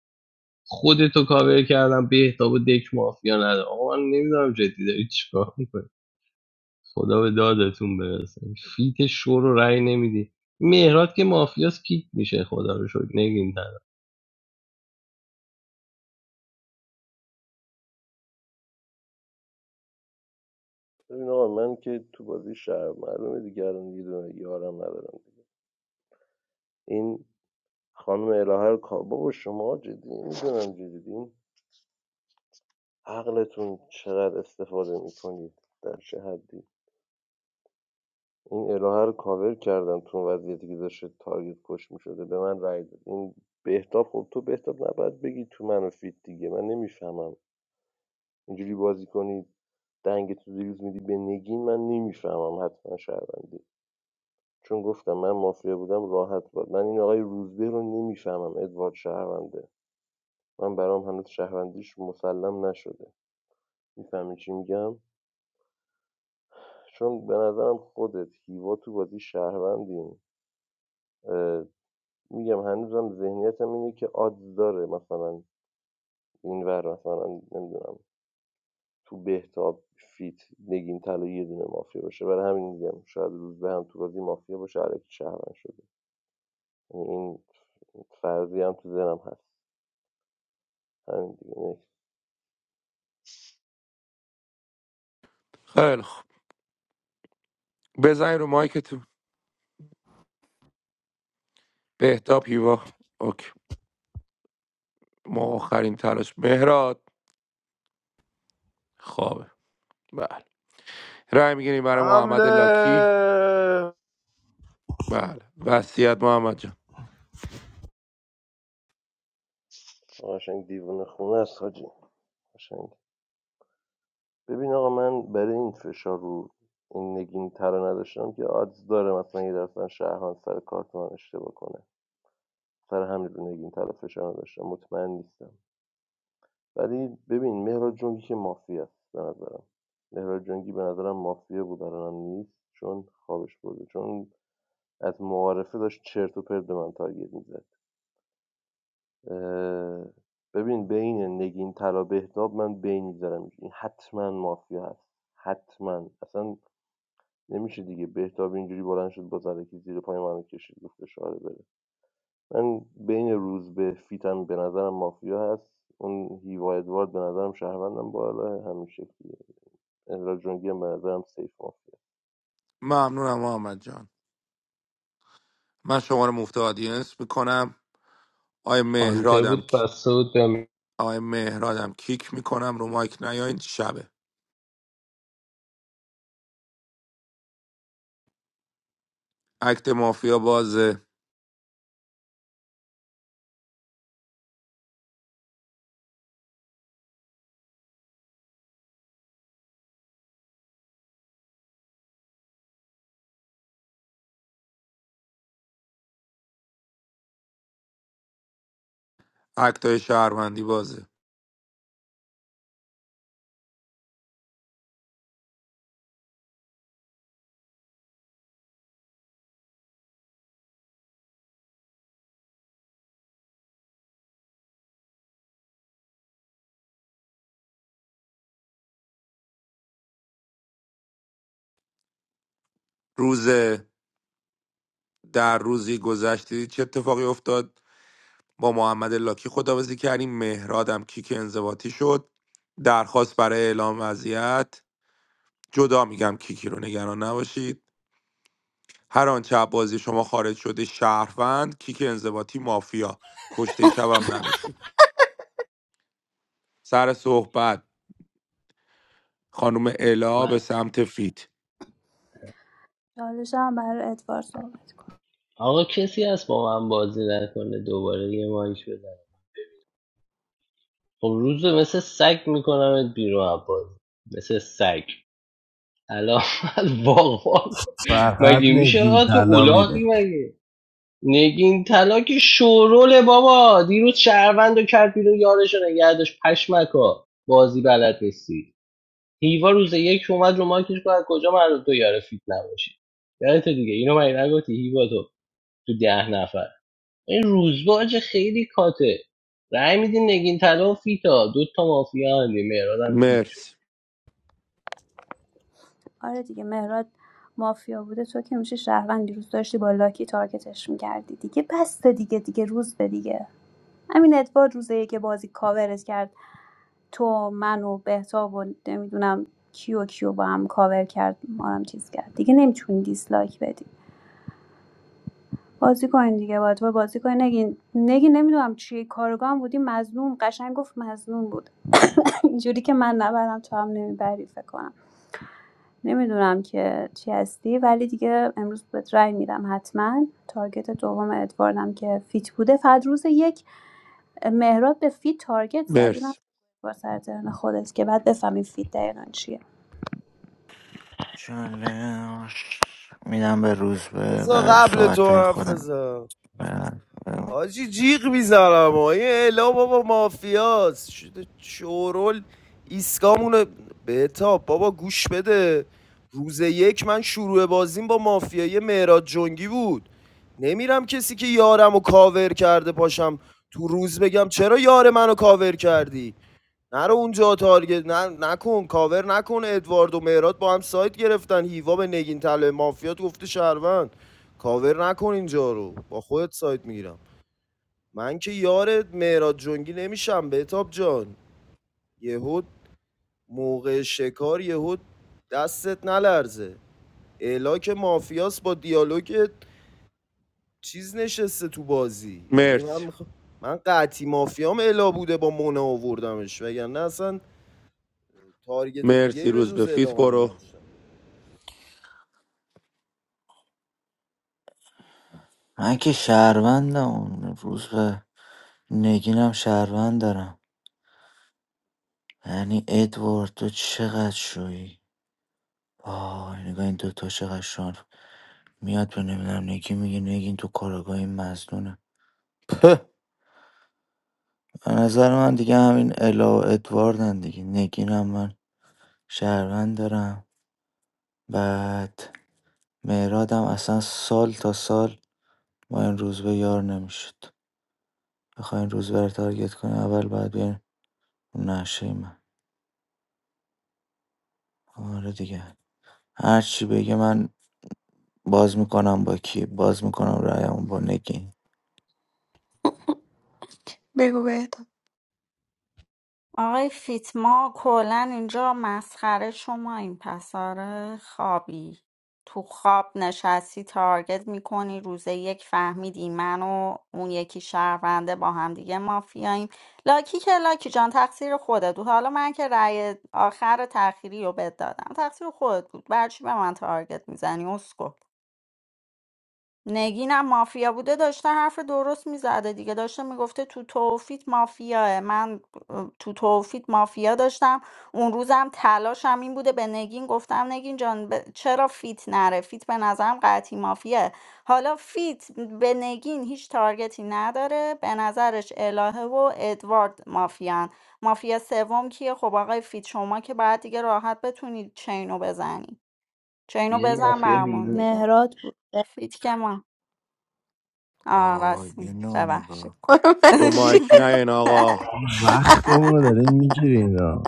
[SPEAKER 2] خودتو کاور کردم بهتاب و دک مافیا نده آقا من نمیدونم جدی داری چیکار میکنی خدا به دادتون برسه فیت شور رو رأی نمیدی مهرات که مافیاس کیک میشه خدا رو شد نگین تنم
[SPEAKER 17] ببین آقا من که تو بازی شهر معلومه دیگه الان یه دونه یارم ندارم این خانم الهه رو کا- بابا شما جدی نمیدونم جدی عقلتون چقدر استفاده میکنید در چه حدی این الهه رو کاور کردم تو اون وضعیتی که داشته تارگت کش میشده به من رای داد این بهتاب خب تو بهتاب نباید بگی تو منو فیت دیگه من نمیفهمم اینجوری بازی کنی دنگ تو دیروز میدی به نگین من نمیفهمم حتما شهروندی چون گفتم من مافیا بودم راحت بود من این آقای روزبه رو نمیفهمم ادوارد شهرونده من برام هنوز شهروندیش مسلم نشده میفهمی چی میگم چون به نظرم خودت هیوا تو بازی شهروندین اه، میگم هنوزم ذهنیتم اینه که آدز داره مثلا اینور مثلا نمیدونم تو بهتاب فیت نگین طلا یه دونه مافیا باشه برای همین میگم شاید روز به هم تو بازی مافیا باشه علکی شهروند شده یعنی این فرضی هم تو ذهنم هست همین دیگه نه.
[SPEAKER 1] خیلی خوب بزنین رو مایکتون بهتاب هیوا اوکی ما آخرین تلاش مهراد خوابه بله رای میگیریم برای
[SPEAKER 3] حمله
[SPEAKER 1] محمد لاکی بله وصیت محمد جان
[SPEAKER 17] قشنگ دیوونه خونه است حاجی قشنگ ببین آقا من برای این فشار رو این نگین ترا نداشتم که آدز داره مثلا یه درصد شهران سر کارت من اشتباه کنه سر همین رو نگین ترا فشار نداشتم مطمئن نیستم ولی ببین مهراد جنگی که مافیا است به نظرم مهراد جنگی به نظرم مافیا بود الانم نیست چون خوابش برده چون از معارفه داشت چرت و پرت به من تارگت میزد ببین بین نگین ترا بهتاب من بین میذارم این حتما مافیا هست حتما اصلا نمیشه دیگه بهتاب اینجوری بلند شد با زدکی زیر پای منو کشید گفت اشاره بره من بین روز به فیتم به نظرم مافیا هست اون هیوا ادوارد به نظرم شهروندم بالا همین شکلیه ادرا جونگی هم به نظرم سیف مافیا
[SPEAKER 1] ممنونم محمد جان من شما رو مفتادینس میکنم آیا
[SPEAKER 2] هانتر
[SPEAKER 1] مهرادم
[SPEAKER 2] بود پس بود به
[SPEAKER 1] آقای مهرادم کیک میکنم رو مایک نیاین شبه اکت مافیا بازه اکت های شهروندی بازه روز در روزی گذشتی چه اتفاقی افتاد با محمد لاکی خداوزی کردیم مهرادم کیک انضباطی شد درخواست برای اعلام وضعیت جدا میگم کیکی رو نگران نباشید هر آنچه از بازی شما خارج شده شهروند کیک انضباطی مافیا کشته شبم نداشتیم سر صحبت خانم الا به
[SPEAKER 2] من.
[SPEAKER 1] سمت فیت
[SPEAKER 9] چالش هم برای ادوار صحبت
[SPEAKER 2] آقا کسی هست با من بازی نکنه دوباره یه مایش بزن خب روزو مثل سگ میکنمت بیرون از بازی مثل سگ الان از واقعا
[SPEAKER 16] فقط
[SPEAKER 2] مگه میشه
[SPEAKER 16] نگین
[SPEAKER 2] آقا تو
[SPEAKER 16] طلا میره
[SPEAKER 2] اولاقی مگه نگین طلا که شوروله بابا دیروز شهروند کرد بیرون یارش رو پشمکا بازی بلد نیستی هیوا روز یک اومد رو ماکش از کجا من رو تو یاره فیت نباشی یادت دیگه اینو مگه نگفتی هیوا تو تو ده نفر این روزباج خیلی کاته رای میدین نگین طلا و فیتا دو مافیا هندی مهرادم کیک
[SPEAKER 1] مرسی
[SPEAKER 2] شد
[SPEAKER 9] آره دیگه مهراد مافیا بوده تو که میشه شهروند دیروز داشتی با لاکی تارگتش میکردی دیگه بسته دیگه دیگه روز به دیگه همین ادوارد روزه که بازی کاورت کرد تو منو و بهتاب و نمیدونم کیو کیو با هم کاور کرد ما رو هم چیز کرد دیگه نمیتونی دیسلایک بدی بازی کنین دیگه با تو بازی کنین نگین نگین نمیدونم چی کارگاه هم بودی مظلوم قشنگ گفت مظلوم بود اینجوری که من نبرم تو هم نمیبری فکر کنم نمیدونم که چی هستی ولی دیگه امروز بهت رأی میدم حتما تارگت دوم ادواردم که فیت بوده فقط روز یک مهراد به فیت تارگت زد اینم
[SPEAKER 1] مرسی
[SPEAKER 9] با سر ترن خودت که بعد بفهمی فیت دقیقا چیه
[SPEAKER 14] چالش میدم به روز به
[SPEAKER 3] بذار
[SPEAKER 14] بعد
[SPEAKER 3] قبل
[SPEAKER 14] صحبت
[SPEAKER 3] تو
[SPEAKER 14] های
[SPEAKER 3] حرف
[SPEAKER 14] خودم
[SPEAKER 3] بزن
[SPEAKER 14] برم.
[SPEAKER 3] آجی جیغ میزنم و این الا بابا مافیاست شده چورل ایسکامونه بهتاب بابا گوش بده روز یک من شروع بازیم با مافیای مهراد جنگی بود نمیرم کسی که یارم و کاور کرده پاشم تو روز بگم چرا یار منو کاور کردی نرو اونجا تارگت نه نکن کاور نکن ادوارد و مهراد با هم سایت گرفتن هیوا به نگین طلب مافیات گفته شهروند کاور نکن اینجا رو با خودت سایت میگیرم من که یار مهراد جنگی نمیشم بهتاب جان یهود موقع شکار یهود دستت نلرزه الاک مافیاس با دیالوگ چیز نشسته تو بازی یعنی
[SPEAKER 1] مرسی
[SPEAKER 3] من می‌خوا- من قطعی مافیام الا بوده با مونا آوردمش وگرنه اصلا تارگت دیگه
[SPEAKER 1] مرسی
[SPEAKER 3] ای به
[SPEAKER 1] روز به
[SPEAKER 3] جز
[SPEAKER 1] فیت
[SPEAKER 3] الا من
[SPEAKER 1] برو
[SPEAKER 3] نداشتم
[SPEAKER 14] من که شهروندم اون روز به نگینم شهروند دارم یعنی ادوارد تو چقدر شویی آه نگاه این دوتا چقدر شان میاد تو نمیدونم نگین میگه نگین تو کارگاه این مزدونه هه. به نظر من دیگه همین الا و ادواردن دیگه نگینم من شهروند دارم بعد مهرادم اصلا سال تا سال ما این روزبه یار نمی‌شد، بخواین روزبه رو تارگت کنین اول باید بیاین رو من. آره دیگه، هر چی بگه من باز می‌کنم با کی، باز می‌کنم رأیمو با نگین.
[SPEAKER 15] بگو بهتم
[SPEAKER 7] آقای فیت ما کلا اینجا مسخره شما این پسر خوابی تو خواب نشستی تارگت میکنی روز یک فهمیدی من و اون یکی شهرونده با هم دیگه مافیاییم لاکی که لاکی جان تقصیر خودت بود حالا من که رأی آخر تأخیری رو بد دادم تقصیر خودت بود برچی به من تارگت میزنی اسکو نگینم مافیا بوده داشته حرف درست میزده دیگه داشته میگفته تو توفیت مافیاه من اه، تو توفیت مافیا داشتم اون روزم تلاشم این بوده به نگین گفتم نگین جان ب- چرا فیت نره فیت به نظرم قطعی مافیاه حالا فیت به نگین هیچ تارگتی نداره به نظرش الهه و ادوارد مافیان مافیا سوم کیه خب آقای فیت شما که باید دیگه راحت بتونید چینو بزنی چینو
[SPEAKER 2] یه
[SPEAKER 7] بزن
[SPEAKER 2] مافیا
[SPEAKER 7] برمون
[SPEAKER 2] بیرون
[SPEAKER 7] دیگه
[SPEAKER 9] مهراد بود
[SPEAKER 7] فیت که ما آه
[SPEAKER 14] وای
[SPEAKER 7] رسمی
[SPEAKER 14] اینو
[SPEAKER 7] ببخشید
[SPEAKER 14] نگاه کن.
[SPEAKER 15] آره، من
[SPEAKER 1] رو
[SPEAKER 15] چی؟
[SPEAKER 1] مایک نه آقا
[SPEAKER 16] وقتمون رو دارین میگیرین ها.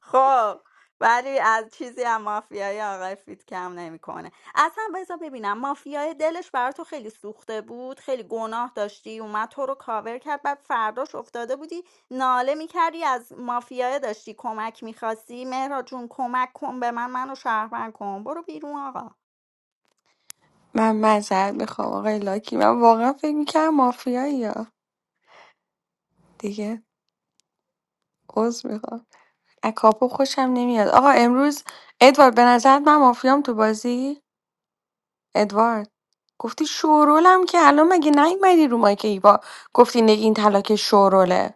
[SPEAKER 7] خب ولی از چیزی هم مافیای آقای فیت کم نمیکنه اصلا بذار ببینم مافیای دلش برا تو خیلی سوخته بود خیلی گناه داشتی اومد تو رو کاور کرد بعد فرداش افتاده بودی ناله میکردی از مافیای داشتی کمک میخواستی مهرا جون کمک کن به من منو شهروند کن برو بیرون آقا
[SPEAKER 15] من مذر میخوام آقای لاکی من واقعا فکر میکنم مافیایی یا دیگه عذر میخوام اکاپو خوشم نمیاد آقا امروز ادوارد به نظرت من مافیام تو بازی ادوارد گفتی شورولم که الان مگه نیومدی رو مایک با گفتی نگین تلاک شوروله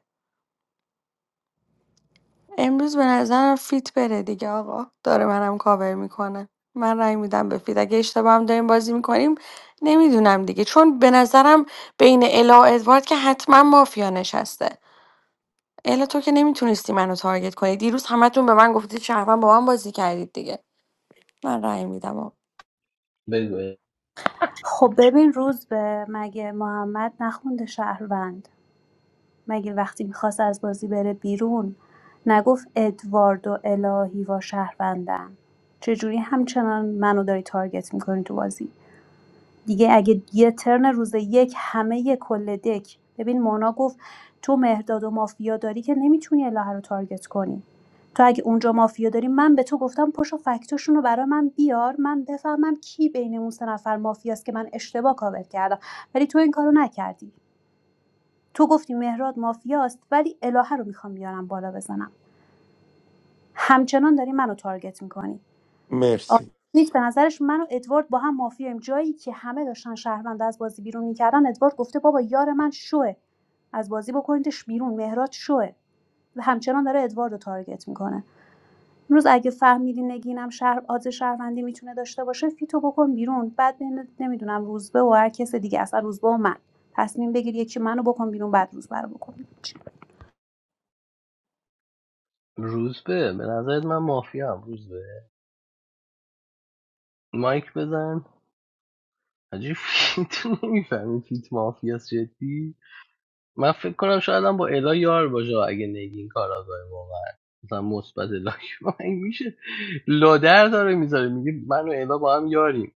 [SPEAKER 15] امروز به نظرم فیت بره دیگه آقا داره منم کاور میکنه من رأی میدم به فیت اگه اشتباه هم داریم بازی میکنیم نمیدونم دیگه چون به نظرم بین الا و ادوارد که حتما مافیا نشسته الا تو که نمیتونستی منو تارگت کنی دیروز همتون به من گفتید شهروند با من بازی کردید دیگه من رأی میدم آقا.
[SPEAKER 2] بگو
[SPEAKER 9] خب ببین روز به مگه محمد نخونده شهروند مگه وقتی میخواست از بازی بره بیرون نگفت ادوارد و الهی و شهروندن چجوری همچنان منو داری تارگت میکنی تو بازی دیگه اگه یه ترن روز یک همه یه کل دک ببین مونا گفت تو مهداد و مافیا داری که نمیتونی الهه رو تارگت کنی تو اگه اونجا مافیا داری من به تو گفتم پشت و فکتاشون رو برای من بیار من بفهمم کی بین اون سه نفر مافیاست که من اشتباه کاور کردم ولی تو این کارو نکردی تو گفتی مهراد مافیاست ولی الهه رو میخوام بیارم بالا بزنم همچنان داری منو تارگت میکنی
[SPEAKER 1] مرسی
[SPEAKER 9] نیک به نظرش من و ادوارد با هم مافیایم جایی که همه داشتن شهروند از بازی بیرون میکردن ادوارد گفته بابا یار من شوه از بازی بکنیدش بیرون مهراد شوه و همچنان داره ادوارد رو تارگت میکنه امروز اگه فهمیدی نگینم شهر آز شهروندی میتونه داشته باشه فیتو بکن بیرون بعد بین نمیدونم روزبه و هر کس دیگه اصلا روزبه و من تصمیم بگیر یکی منو بکن بیرون بعد روزبه رو بکن
[SPEAKER 2] روز به به نظرت من مافیا هم روز به مایک بزن عجیب تو نمیفهمی فیت مافیاست جدی من فکر کنم شایدم با الا یار باشه اگه نگین کاراگاه واقعا مثلا مثبت لاک من میشه لادر داره میذاره میگه من و الا با هم یاریم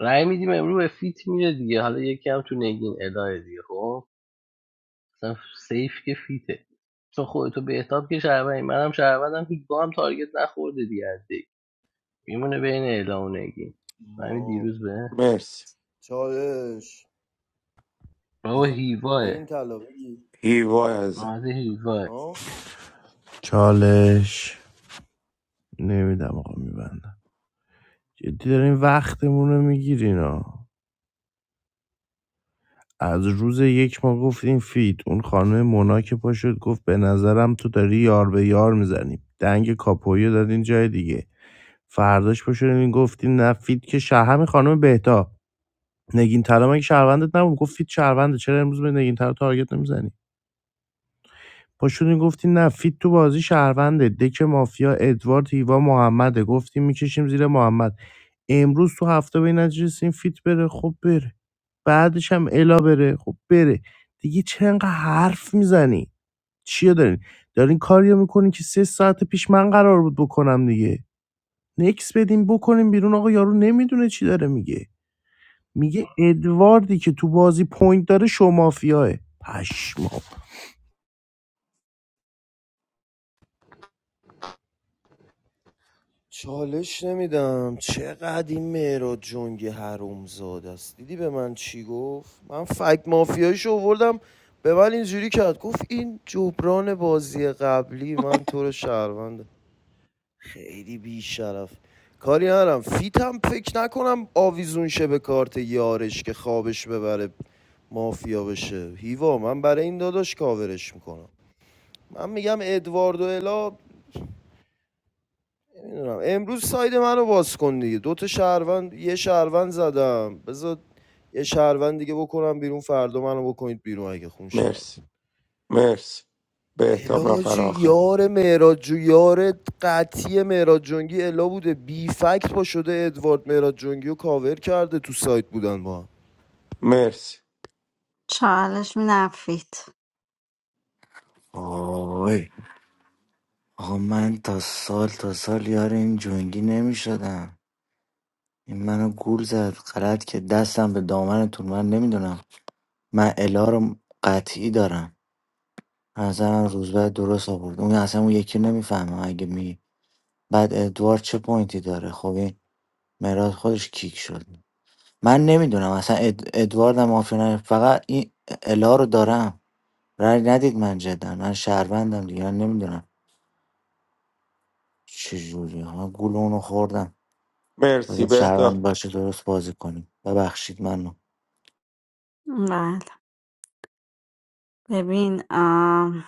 [SPEAKER 2] رای میدیم امروز به فیت میره دیگه حالا یکی هم تو نگین الا دیگه خب اصلا سیف که فیته چون خودتو بهتاب که شهروندی منم شهروندم هیچ با هم تارگت نخورده دیگه از دیگه میمونه بین اعلام و نگین همین
[SPEAKER 3] ما
[SPEAKER 2] دیروز به
[SPEAKER 1] مرسی
[SPEAKER 3] چالش
[SPEAKER 2] بابا
[SPEAKER 14] آخه-
[SPEAKER 3] نه
[SPEAKER 2] هیواه
[SPEAKER 3] این طلا بگی.
[SPEAKER 1] هیوای ازم
[SPEAKER 2] ماده هیواه
[SPEAKER 3] ها
[SPEAKER 16] چالش نمیدم آقا میبندم جدی دارین وقتمون رو میگیرین ها. از روز یک ما گفتیم فیت اون خانم مونا که پا شد گفت به نظرم تو داری یار به یار میزنی دنگ کاپویی رو دادین جای دیگه فرداش پا شدین گفتین نه فیت که شه- همین خانم بهتا نگین طلا مگه شهروندت نبود گفت فیت شهرونده چرا امروز به نگین طلا تارگت نمیزنی پاشدین گفتین نه فیت تو بازی شهرونده دک مافیا ادوارد هیوا محمده گفتیم میکشیم زیر محمد امروز تو هفته به این نتیجه رسیدین فیت بره خب بره بعدش هم الا بره خب بره دیگه چه انقدر حرف میزنی چیو دارین دارین کاریو میکنین که سه ساعت پیش من قرار بود بکنم دیگه نکس بدیم بکنیم بیرون آقا یارو نمیدونه چی داره میگه میگه ادواردی که تو بازی پوینت داره شو مافیاه پشمام
[SPEAKER 3] چالش نمیدم چقدر این مهراد جنگی حرومزاده است دیدی به من چی گفت من فکت مافیاییشو آوردم به من اینجوری کرد گفت این جبران بازی قبلی من تو رو شهروند خیلی بیشرف کاری ندارم فیتم فکر نکنم آویزون شه به کارت یارش که خوابش ببره مافیا بشه هیوا من برای این داداش کاورش میکنم من میگم ادواردو الا نمیدونم امروز ساید منو باز کن دیگه دو تا شهروند یه شهروند زدم بذار یه شهروند دیگه بکنم بیرون فردا منو بکنید بیرون اگه خون شهر
[SPEAKER 1] مرسی مرسی بهتاب نفر
[SPEAKER 3] الاجی
[SPEAKER 1] آخر
[SPEAKER 3] یار مهراد جو یار قطعی مهراد جنگی الا بوده بی فکت پا شده ادوارد مهراد جنگی رو کاور کرده تو سایت بودن با هم.
[SPEAKER 1] مرسی
[SPEAKER 7] چالش میدم فیت
[SPEAKER 14] وای آقا من تا سال تا سال یار این جنگی نمیشدم. این منو گول زد غلط که دستم به دامنتون من نمیدونم من الا رو قطعی دارم از نظرم روزبه درست آورد اون اصلا اون یکی نمیفهمه. اگه میگی بعد ادوارد چه پوینتی داره خب این مراد خودش کیک شد من نمیدونم اصلا اد... ادوارد هم مافیا نه. فقط این الا رو دارم رای ندید من جدا من شهروندم دیگه من نمیدونم چجوری ها گول اونو خوردم
[SPEAKER 1] مرسی
[SPEAKER 14] باید
[SPEAKER 1] بهتاب
[SPEAKER 14] شهروند باشه درست بازی کنیم ببخشید منو
[SPEAKER 7] ببین آم،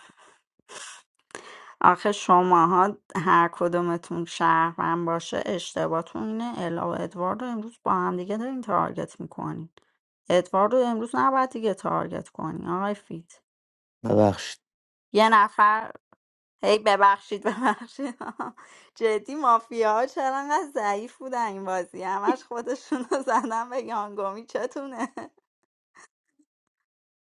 [SPEAKER 7] آخه شماها هر کدومتون شهروند باشه اشتباهتون اینه الا و ادوارد رو امروز با هم دیگه دارین تارگت میکنین ادوارد رو امروز نباید دیگه تارگت کنی آقای فیت
[SPEAKER 14] ببخشید
[SPEAKER 7] یه نفر هی ببخشید ببخشید جدی مافیا ها چرا انقدر ضعیف بودن این بازی همش خودشون رو زدن به یانگومی چتونه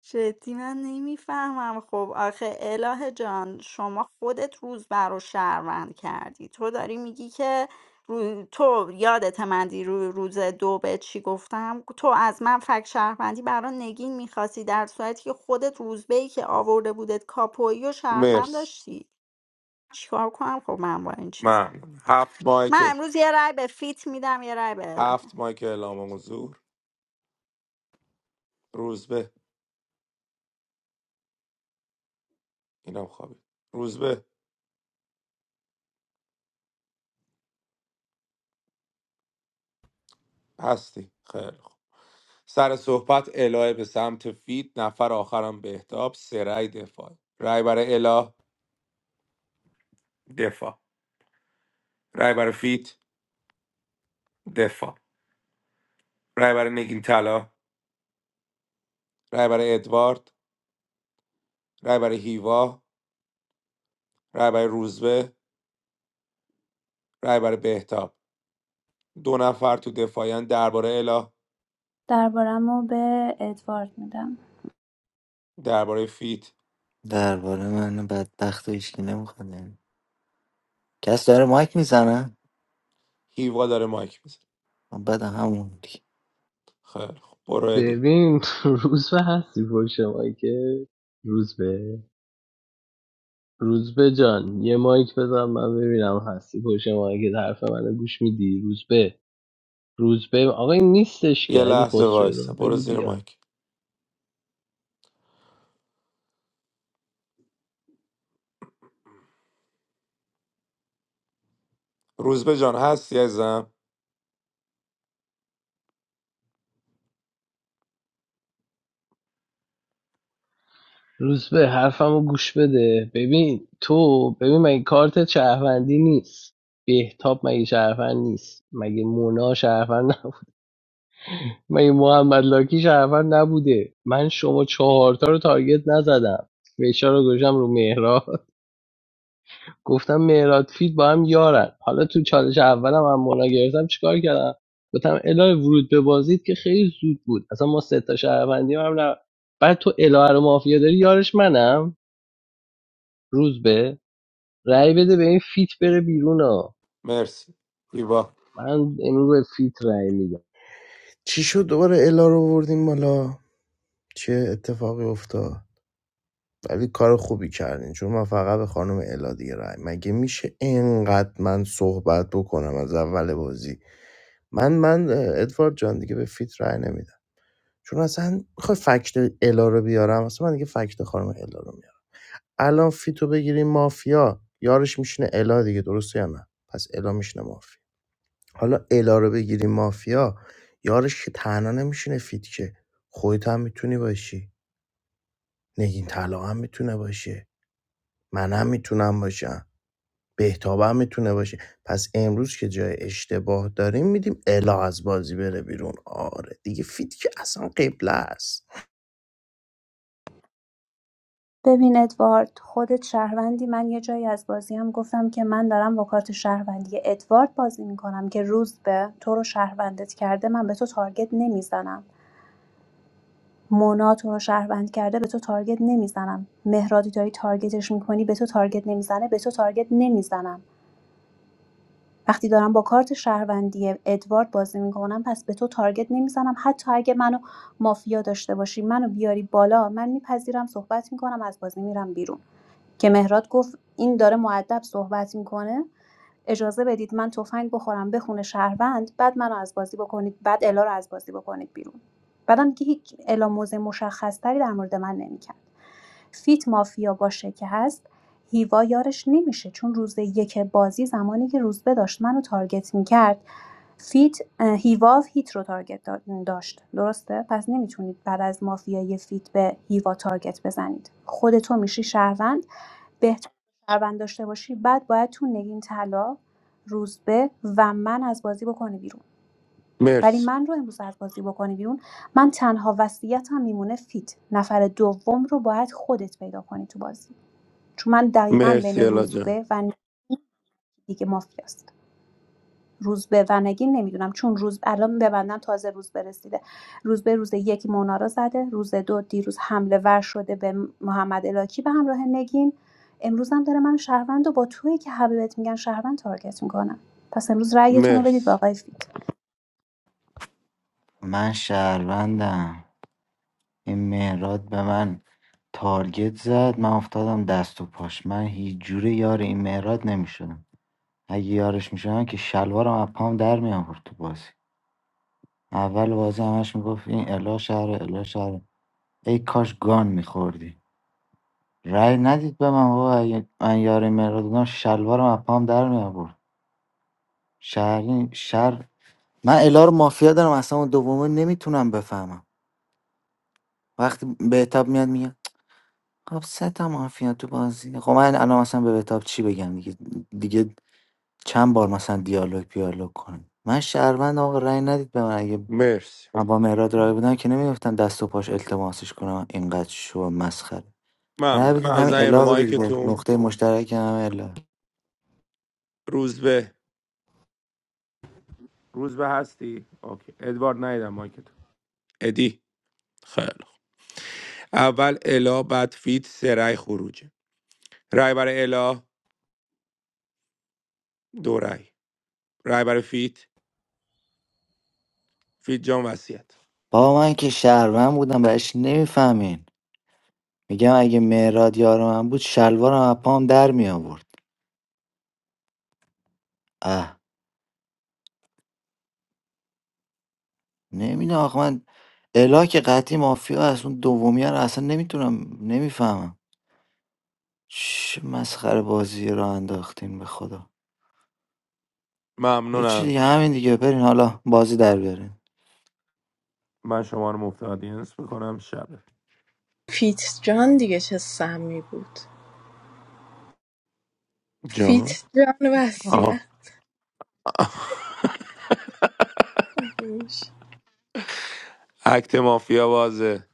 [SPEAKER 7] جدی من نمیفهمم خب آخه اله جان شما خودت روزبر رو شهروند کردی تو داری میگی که رو... تو یادت من رو روز دو به چی گفتم تو از من فک شهروندی برا نگین میخواستی در صورتی که خودت روزبه ای که آورده بودت کاپویی و شهروند
[SPEAKER 1] مرسی
[SPEAKER 7] داشتی چیکار کنم خب من با این چیز
[SPEAKER 1] من هفت مایک
[SPEAKER 7] من امروز یه رای به فیت میدم یه رای به اله
[SPEAKER 1] هفت مایک اعلام حضور روز به اینم خوابید روز به هستی خیلی خوب سر صحبت الهه به سمت فیت نفر آخرم بهتاب سرای دفاع رای برای اله دفاع رای برای فیت دفاع رای برای نگین طلا رای برای ادوارد رای برای هیوا رای برای روزبه رای برای بهتاب دو نفر تو دفاعیان درباره الا
[SPEAKER 9] دربارمو به ادوارد میدم
[SPEAKER 1] درباره فیت
[SPEAKER 14] درباره من بدبخت و هیچکی نمیخواد کس داره مایک میزنه
[SPEAKER 1] هیوا داره مایک میزنه
[SPEAKER 14] بعد همون دیگه.
[SPEAKER 1] خیلی خوب برو ادی
[SPEAKER 2] ببین روز به هستی پشت که روز به روز به جان یه مایک بزن من ببینم هستی پشت که حرف منو گوش میدی روز به روز به آقا این نیستش
[SPEAKER 1] یه
[SPEAKER 2] که علی
[SPEAKER 1] لحظه وایسا
[SPEAKER 2] خسرو
[SPEAKER 1] برو
[SPEAKER 2] بگو
[SPEAKER 1] زیر
[SPEAKER 2] بیاد
[SPEAKER 1] مایک روزبه جان هستی ازم
[SPEAKER 2] روز به حرفمو گوش بده ببین تو ببین مگه کارت شهروندی نیست بهتاب مگه شهروند نیست مگه مونا شهروند نب- مگه محمد لاکی شهروند نبوده من شما چهارتا رو تارگت نزدم فشار رو گذاشتم رو مهراد گفتم مهراد فید با هم یارن حالا تو چالش اولم هم مونا گرفتم چیکار کردم گفتم الهه ورود به بازیت که خیلی زود بود اصلا ما سه تا شهروندی هم نه بعد تو الهه رو مافیا داری یارش منم روز به رأی بده به این فیت بره بیرون ها
[SPEAKER 1] مرسی هیوا
[SPEAKER 2] من امروز به فیت رأی میدم
[SPEAKER 16] چی شد دوباره الا رو آوردیم بالا چه اتفاقی افتاد ولی کار خوبی کردین چون من فقط به خانم الا دیگه رای مگه میشه اینقدر من صحبت بکنم از اول بازی من من ادوارد جان دیگه به فیت رای نمیدم چون اصلا میخوای فکت الا رو بیارم اصلا من دیگه فکت خانم الا رو میارم الان فیتو بگیریم مافیا یارش میشینه الا دیگه درسته یا نه پس الا میشینه مافیا حالا الا رو بگیریم مافیا یارش که تنها نمیشینه فیت که خودت هم میتونی باشی نگین طلا هم میتونه باشه منم میتونم باشم بهتابم میتونه باشه پس امروز که جای اشتباه داریم میدیم الا از بازی بره بیرون آره دیگه فیت که اصلا قبله است
[SPEAKER 9] ببین ادوارد خودت شهروندی من یه جایی از بازیم گفتم که من دارم با کارت شهروندی ادوارد بازی میکنم که روز به تو رو شهروندت کرده من به تو تارگت نمیزنم مونا تو رو شهروند کرده به تو تارگت نمیزنم مهرادی داری تارگتش میکنی به تو تارگت نمیزنه به تو تارگت نمیزنم وقتی دارم با کارت شهروندی ادوارد بازی میکنم پس به تو تارگت نمیزنم حتی اگه منو مافیا داشته باشی منو بیاری بالا من میپذیرم صحبت میکنم از بازی میرم بیرون که مهراد گفت این داره مودب صحبت میکنه اجازه بدید من تفنگ بخورم بخونه شهروند بعد منو از بازی بکنید بعد الا رو از بازی بکنید بیرون بعدم که هیچ الا موضع مشخصتری در مورد من نمیکرد فیت مافیا باشه که هست هیوا یارش نمیشه چون روز یک بازی زمانی که روزبه داشت منو تارگت میکرد فیت هیوا هیت رو تارگت داشت درسته پس نمیتونید بعد از مافیای فیت به هیوا تارگت بزنید خودتو میشی شهروند بهتر شهروند داشته باشی بعد باید تو نگین طلا روزبه و من از بازی بکنی بیرون ولی
[SPEAKER 1] مرسی
[SPEAKER 9] من رو امروز از بازی بکنی بیرون من تنها وصیتم میمونه فیت نفر دوم رو باید خودت پیدا کنی تو بازی چون من دقیقا بین
[SPEAKER 1] مرسی الا جان
[SPEAKER 9] روزبه و نگین دیگه مافیاست روز به ونگین نمیدونم چون روز الان ببندن تازه روز برسیده روز به روز یک مونا را زده روز دو دیروز حمله ور شده به محمد الاکی به همراه نگین امروز هم داره من شهروند و با تویی که همه میگن شهروند تارگت میکنم پس امروز رأیتون رو بدید به
[SPEAKER 1] مرسی
[SPEAKER 9] آقای فیت
[SPEAKER 14] من شهروندم این مهراد به من تارگت زد من افتادم دست و پاش من هیچ جوره یار این مهراد نمیشدم اگه یارش میشدم که شلوارم از پام در میآورد تو بازی اول بازی همش میگفت این الا شهر الا شهر ای کاش گان میخوردی رأی ندید به من بابا اگه من یار این مهراد بودم شلوارم از پام در میآورد شهر شهر من الا رو مافیا دارم اصلا اون دومه نمیتونم بفهمم وقتی بهتاب میاد میگه خب سه تا مافیا تو بازی خب من الان اصلا به بهتاب چی بگم دیگه دیگه چند بار مثلا دیالوگ بیالوگ کنیم. من شهروندم آقا رأی ندید به من اگه
[SPEAKER 1] مرسی
[SPEAKER 14] من با مهراد رای بودم که نمی‌افتم دست و پاش التماسش کنم اینقدر شو مسخره رای بدید
[SPEAKER 1] ممنونم
[SPEAKER 14] همین
[SPEAKER 1] بزنین رو
[SPEAKER 14] الا رو دیگه
[SPEAKER 1] مایکتون
[SPEAKER 14] نقطه مشترک همه الا
[SPEAKER 1] روزبه روز به هستی؟ اوکی ادوارد نایدم مایکت ادی خیلی خوب. اول الا بعد فیت سه رای خروجه رای برای الا دو رای رای برای فیت فیت جان وصیت
[SPEAKER 14] بابا من که شهروند بودم بهش نمیفهمین میگم اگه مهراد یار من بود شلوارم از پام در می آورد اه نمیدونم آخه من الا که قطعی مافیا از اون دومی رو اصلا نمیتونم نمیفهمم چه مسخره بازی رو انداختین به خدا هیچی
[SPEAKER 1] ممنونم
[SPEAKER 14] دیگه همین دیگه برین حالا بازی دربیارین
[SPEAKER 1] من شما رو مفت آدینس میکنم شب.
[SPEAKER 8] فیت جان دیگه چه سمی بود فیت
[SPEAKER 1] جان
[SPEAKER 8] جان وسیه
[SPEAKER 1] آها
[SPEAKER 8] مگه میشه
[SPEAKER 1] اکت مافیا بازه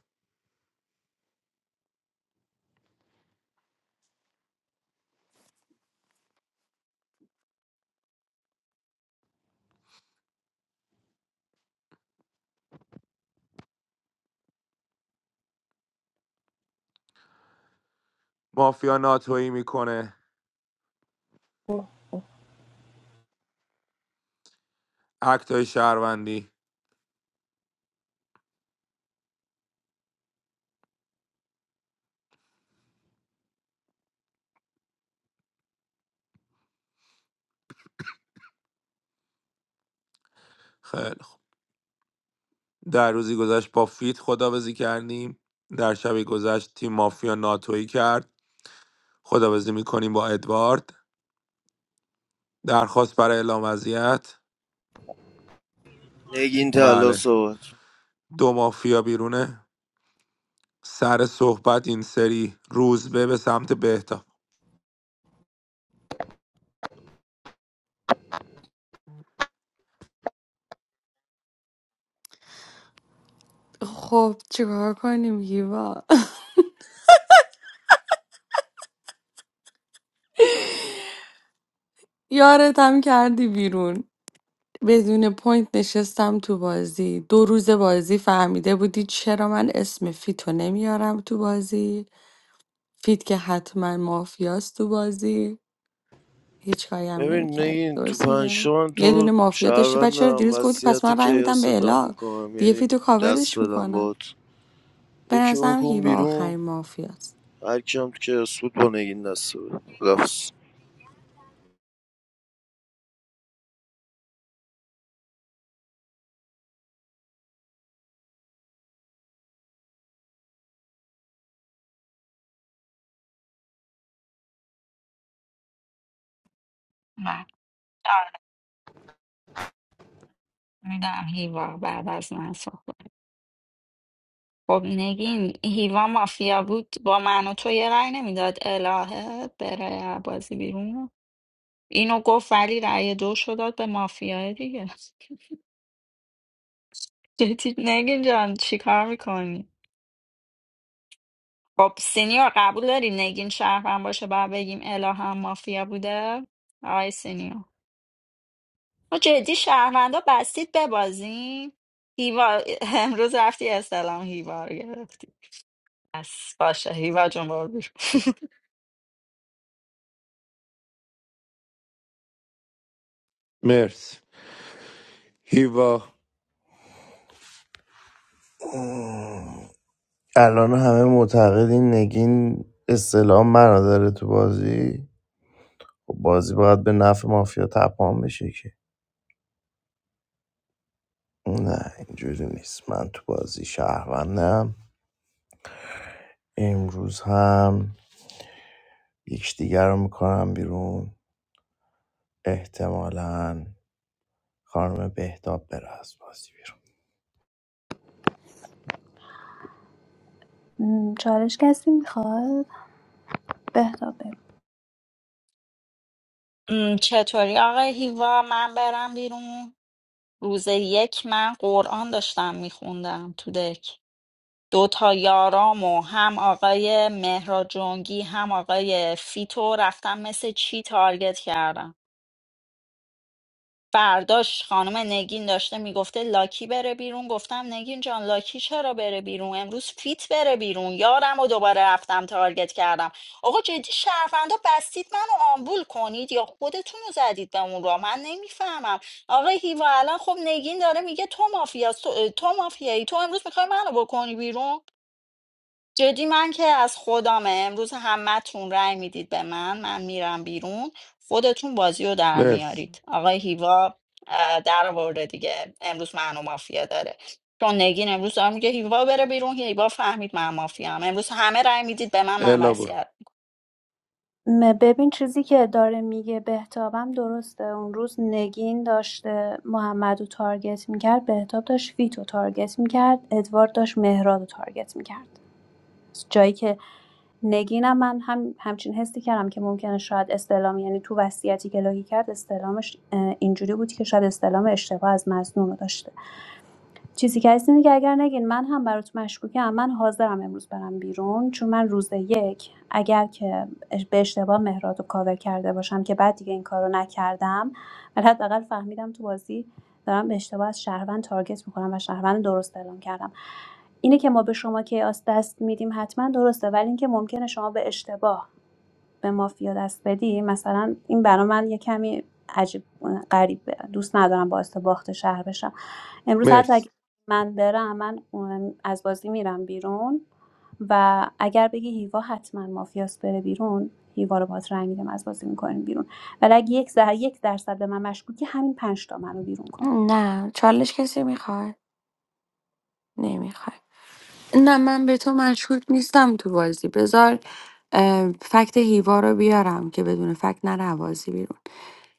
[SPEAKER 1] مافیا ناتویی میکنه اکت های شهروندی خیلی خوب در روزی گذشت با فیت خدابزی کردیم در شبی گذشت تیم مافیا ناتویی کرد خدابزی میکنیم با ادوارد درخواست برای اعلام وضعیت
[SPEAKER 3] نگین تلا
[SPEAKER 1] بله
[SPEAKER 3] صحبت
[SPEAKER 1] دو مافیا بیرونه سر صحبت این سری روزبه به سمت بهتا
[SPEAKER 15] خب چیکار کنیم هیوا یارتم کردی بیرون بدون پوینت نشستم تو بازی دو روز بازی فهمیده بودی چرا من اسم فیتو نمیارم تو بازی فیت که حتما مافیاست تو بازی هیچ کاری هم
[SPEAKER 3] ببین
[SPEAKER 15] نمیکرد
[SPEAKER 3] نگین تو
[SPEAKER 15] درست میگم
[SPEAKER 3] پنجتا من تو
[SPEAKER 15] یه
[SPEAKER 3] رو
[SPEAKER 15] دونه مافیا داشتی بعد
[SPEAKER 3] شهروند
[SPEAKER 15] چرا
[SPEAKER 3] دارم
[SPEAKER 15] دیروز گفتی پس
[SPEAKER 3] وصیت
[SPEAKER 15] من رای میدم به
[SPEAKER 3] کیاستم
[SPEAKER 15] الا
[SPEAKER 3] میکنم
[SPEAKER 15] دیگه
[SPEAKER 3] یعنی
[SPEAKER 15] فیتو
[SPEAKER 3] دست
[SPEAKER 15] کاورش
[SPEAKER 3] بدن
[SPEAKER 15] میکنم
[SPEAKER 3] بات
[SPEAKER 15] به
[SPEAKER 3] یکی
[SPEAKER 15] نظرم
[SPEAKER 3] بکن
[SPEAKER 15] هیوا
[SPEAKER 3] بیرون
[SPEAKER 15] آخرین مافیاست
[SPEAKER 3] هر کیم که سود کنه این دسته بود خداحافظ.
[SPEAKER 7] من میدم هیوا بعد از من صحبت خب نگین هیوا مافیا بود با من و تو یه رأی نمیداد الهه بره بازی بیرون اینو گفت ولی رأی دوشو داد به مافیای دیگه جدی نگین جان چیکار میکنی خب سینیور قبول داری نگین شهروند باشه باید بگیم اله هم مافیا بوده آی سینیور ما جدی شهروندا بستید ببازیم هیوا امروز رفتی استلام هیوا رو گرفتی بس باشه هیوا جون برو بیرون
[SPEAKER 1] مرسی هیوا
[SPEAKER 16] اوه. الان همه معتقدین نگین اصطلاح منو داره تو بازی خب بازی باید به نفع مافیا تپان بشه که نه اینجوری نیست من تو بازی شهروندم امروز هم یکدیگر رو میکنم بیرون احتمالاً خانم بهتاب بره از بازی بیرون
[SPEAKER 9] چالش کسی میخواد بهتاب
[SPEAKER 7] م، چطوری آقای هیوا من برم بیرون روز یک من قرآن داشتم میخوندم تو دک دو تا یارام و هم آقای مهراد جنگی هم آقای فیتو رفتم مثل چی تارگت کردم فرداش خانم نگین داشته میگفته لاکی بره بیرون گفتم نگین جان لاکی چرا بره بیرون امروز فیت بره بیرون یارم و دوباره رفتم تارگت کردم آقا جدی شهروندا بستید منو آمبول کنید یا خودتون رو زدید به اون را من نمیفهمم آقا هیوا الان خب نگین داره میگه تو مافیا تو, تو مافیایی تو امروز میخوای منو بکنی بیرون جدی من که از خودم امروز همتون رأی میدید به من من میرم بیرون خودتون بازی رو در
[SPEAKER 1] مرسی
[SPEAKER 7] میارید آقای هیوا اه، در آورده دیگه امروز منو مافیا داره چون نگین امروز داره میگه هیوا بره بیرون هیوا فهمید من مافیا هم امروز همه رأی میدید به من من
[SPEAKER 1] الا برو
[SPEAKER 7] وصیت
[SPEAKER 9] م- ببین چیزی که داره میگه بهتابم درسته اون روز نگین داشته محمد رو تارگت میکرد بهتاب داشت فیت رو تارگت میکرد ادوارد داشت مهراد رو تارگت میکرد جایی که نگینم من هم همچین حسی کردم که ممکنه شاید استلام یعنی تو وصیتی که لاگی کرد استلامش اه، اینجوری بود که شاید استلام اشتباه از مظنون رو داشته چیزی که هست اینه که اگر نگین من هم برات مشکوکم من حاضرم امروز برم بیرون چون من روز یک اگر که اش- به اشتباه مهراد رو کاور کرده باشم که بعد دیگه این کارو نکردم ولی حداقل فهمیدم تو بازی دارم به اشتباه از شهروند تارگت میکنم و شهروند درست اعلام کردم اینه که ما به شما که آس دست میدیم حتما درسته ولی اینکه ممکنه شما به اشتباه به مافیا دست بدی مثلا این برا من یه کمی عجیب غریبه دوست ندارم باعث باخت شهر بشم امروز حتی اگه
[SPEAKER 1] مرسی
[SPEAKER 9] من برم من از بازی میرم بیرون و اگر بگی هیوا حتما مافیاس بره بیرون هیوا رو باز رنگ میدم از بازی میکنیم بیرون ولی اگه یک, زر... یک درصد به من مشکوکی همین پنج تا منو بیرون کن
[SPEAKER 15] نه چالش کسی میخواد نمیخواد نه من به تو مشکوک نیستم تو بازی بذار اه، فکت هیوا رو بیارم که بدون فکت نره بازی بیرون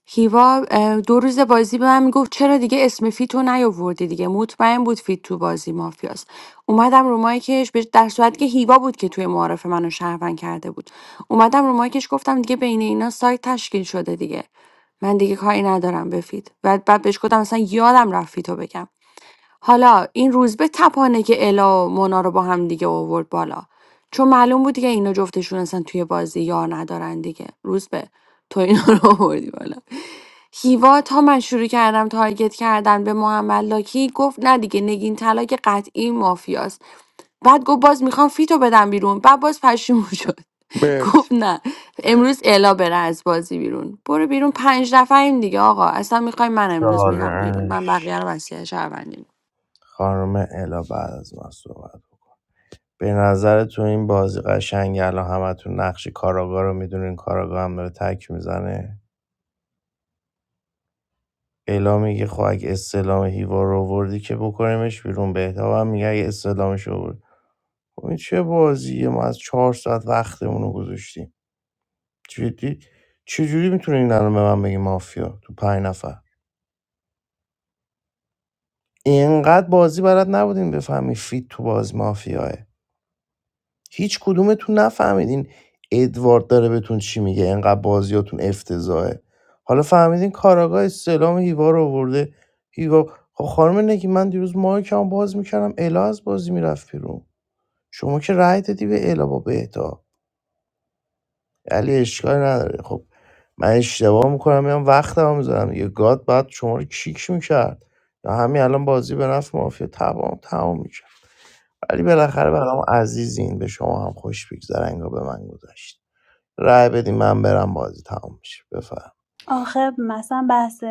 [SPEAKER 15] هیوا اه، دو روز بازی به من میگفت چرا دیگه اسم فیتو نیاوردی دیگه مطمئن بود فیت تو بازی مافیاست اومدم رو مایکش بهش- در صورتی که هیوا بود که توی معارف منو شهروند کرده بود اومدم رو مایکش گفتم دیگه بین اینا سایت تشکیل شده دیگه من دیگه کاری ندارم به فیت بعد بعد بهش گفتم اصلا یادم رفت فیتو بگم حالا این روزبه تپانه که الا و مونا رو با هم دیگه آورد بالا چون معلوم بود دیگه اینا جفتشون اصلا توی بازی یار ندارن دیگه روزبه تو اینا رو آوردی بالا هیوا تا من شروع کردم تارگت کردن به محمد لاکی گفت نه دیگه نگین طلا که قطعی مافیاست بعد گفت باز میخوام فیتو بدم بیرون بعد باز پشیمون شد گفت
[SPEAKER 1] مرسی
[SPEAKER 15] نه امروز الا بره از بازی بیرون برو بیرون پنج نفریم دیگه آقا اصلا میخوای من امروز میرم بیرون من
[SPEAKER 16] چالش
[SPEAKER 15] بقیه رو وصیت شهروندی
[SPEAKER 16] خانم الا بعد از من صحبت کن. به نظر تو این بازی قشنگ الان همتون نقش کاراگا رو میدونین کاراگا هم داره تک میزنه الا میگه خب اگه استلام هیوا رو آوردی که بکنیمش بیرون بهتاب هم میگه اگه استلامش رو آورد خب این چه بازیه ما از چهار ساعت وقتمون رو گذاشتیم جدی چجوری میتونین الان به من بگی مافیا تو پنج نفر اینقدر بازی برات نبودین بفهمی فیت تو بازی مافیاه هیچ کدومتون نفهمیدین ادوارد داره بهتون چی میگه اینقدر بازیاتون افتضاحه حالا فهمیدین کاراگاه استعلام هیوا رو آورده هیوا خب خانم نگی من دیروز مایکم باز میکردم الا از بازی میرفت بیرون شما که رأی دادی به الا با بهتا علی اشکال نداره خب من اشتباه میکنم میام وقت هم میذارم یه گاد بعد شما رو کیک میکرد یا همین الان بازی به نفع مافیا تمام تمام میشه ولی بالاخره برام عزیزین به شما هم خوش بگذره انگار به من گذشت رای بدی من برم بازی تمام میشه بفهم
[SPEAKER 9] آخه مثلا بحث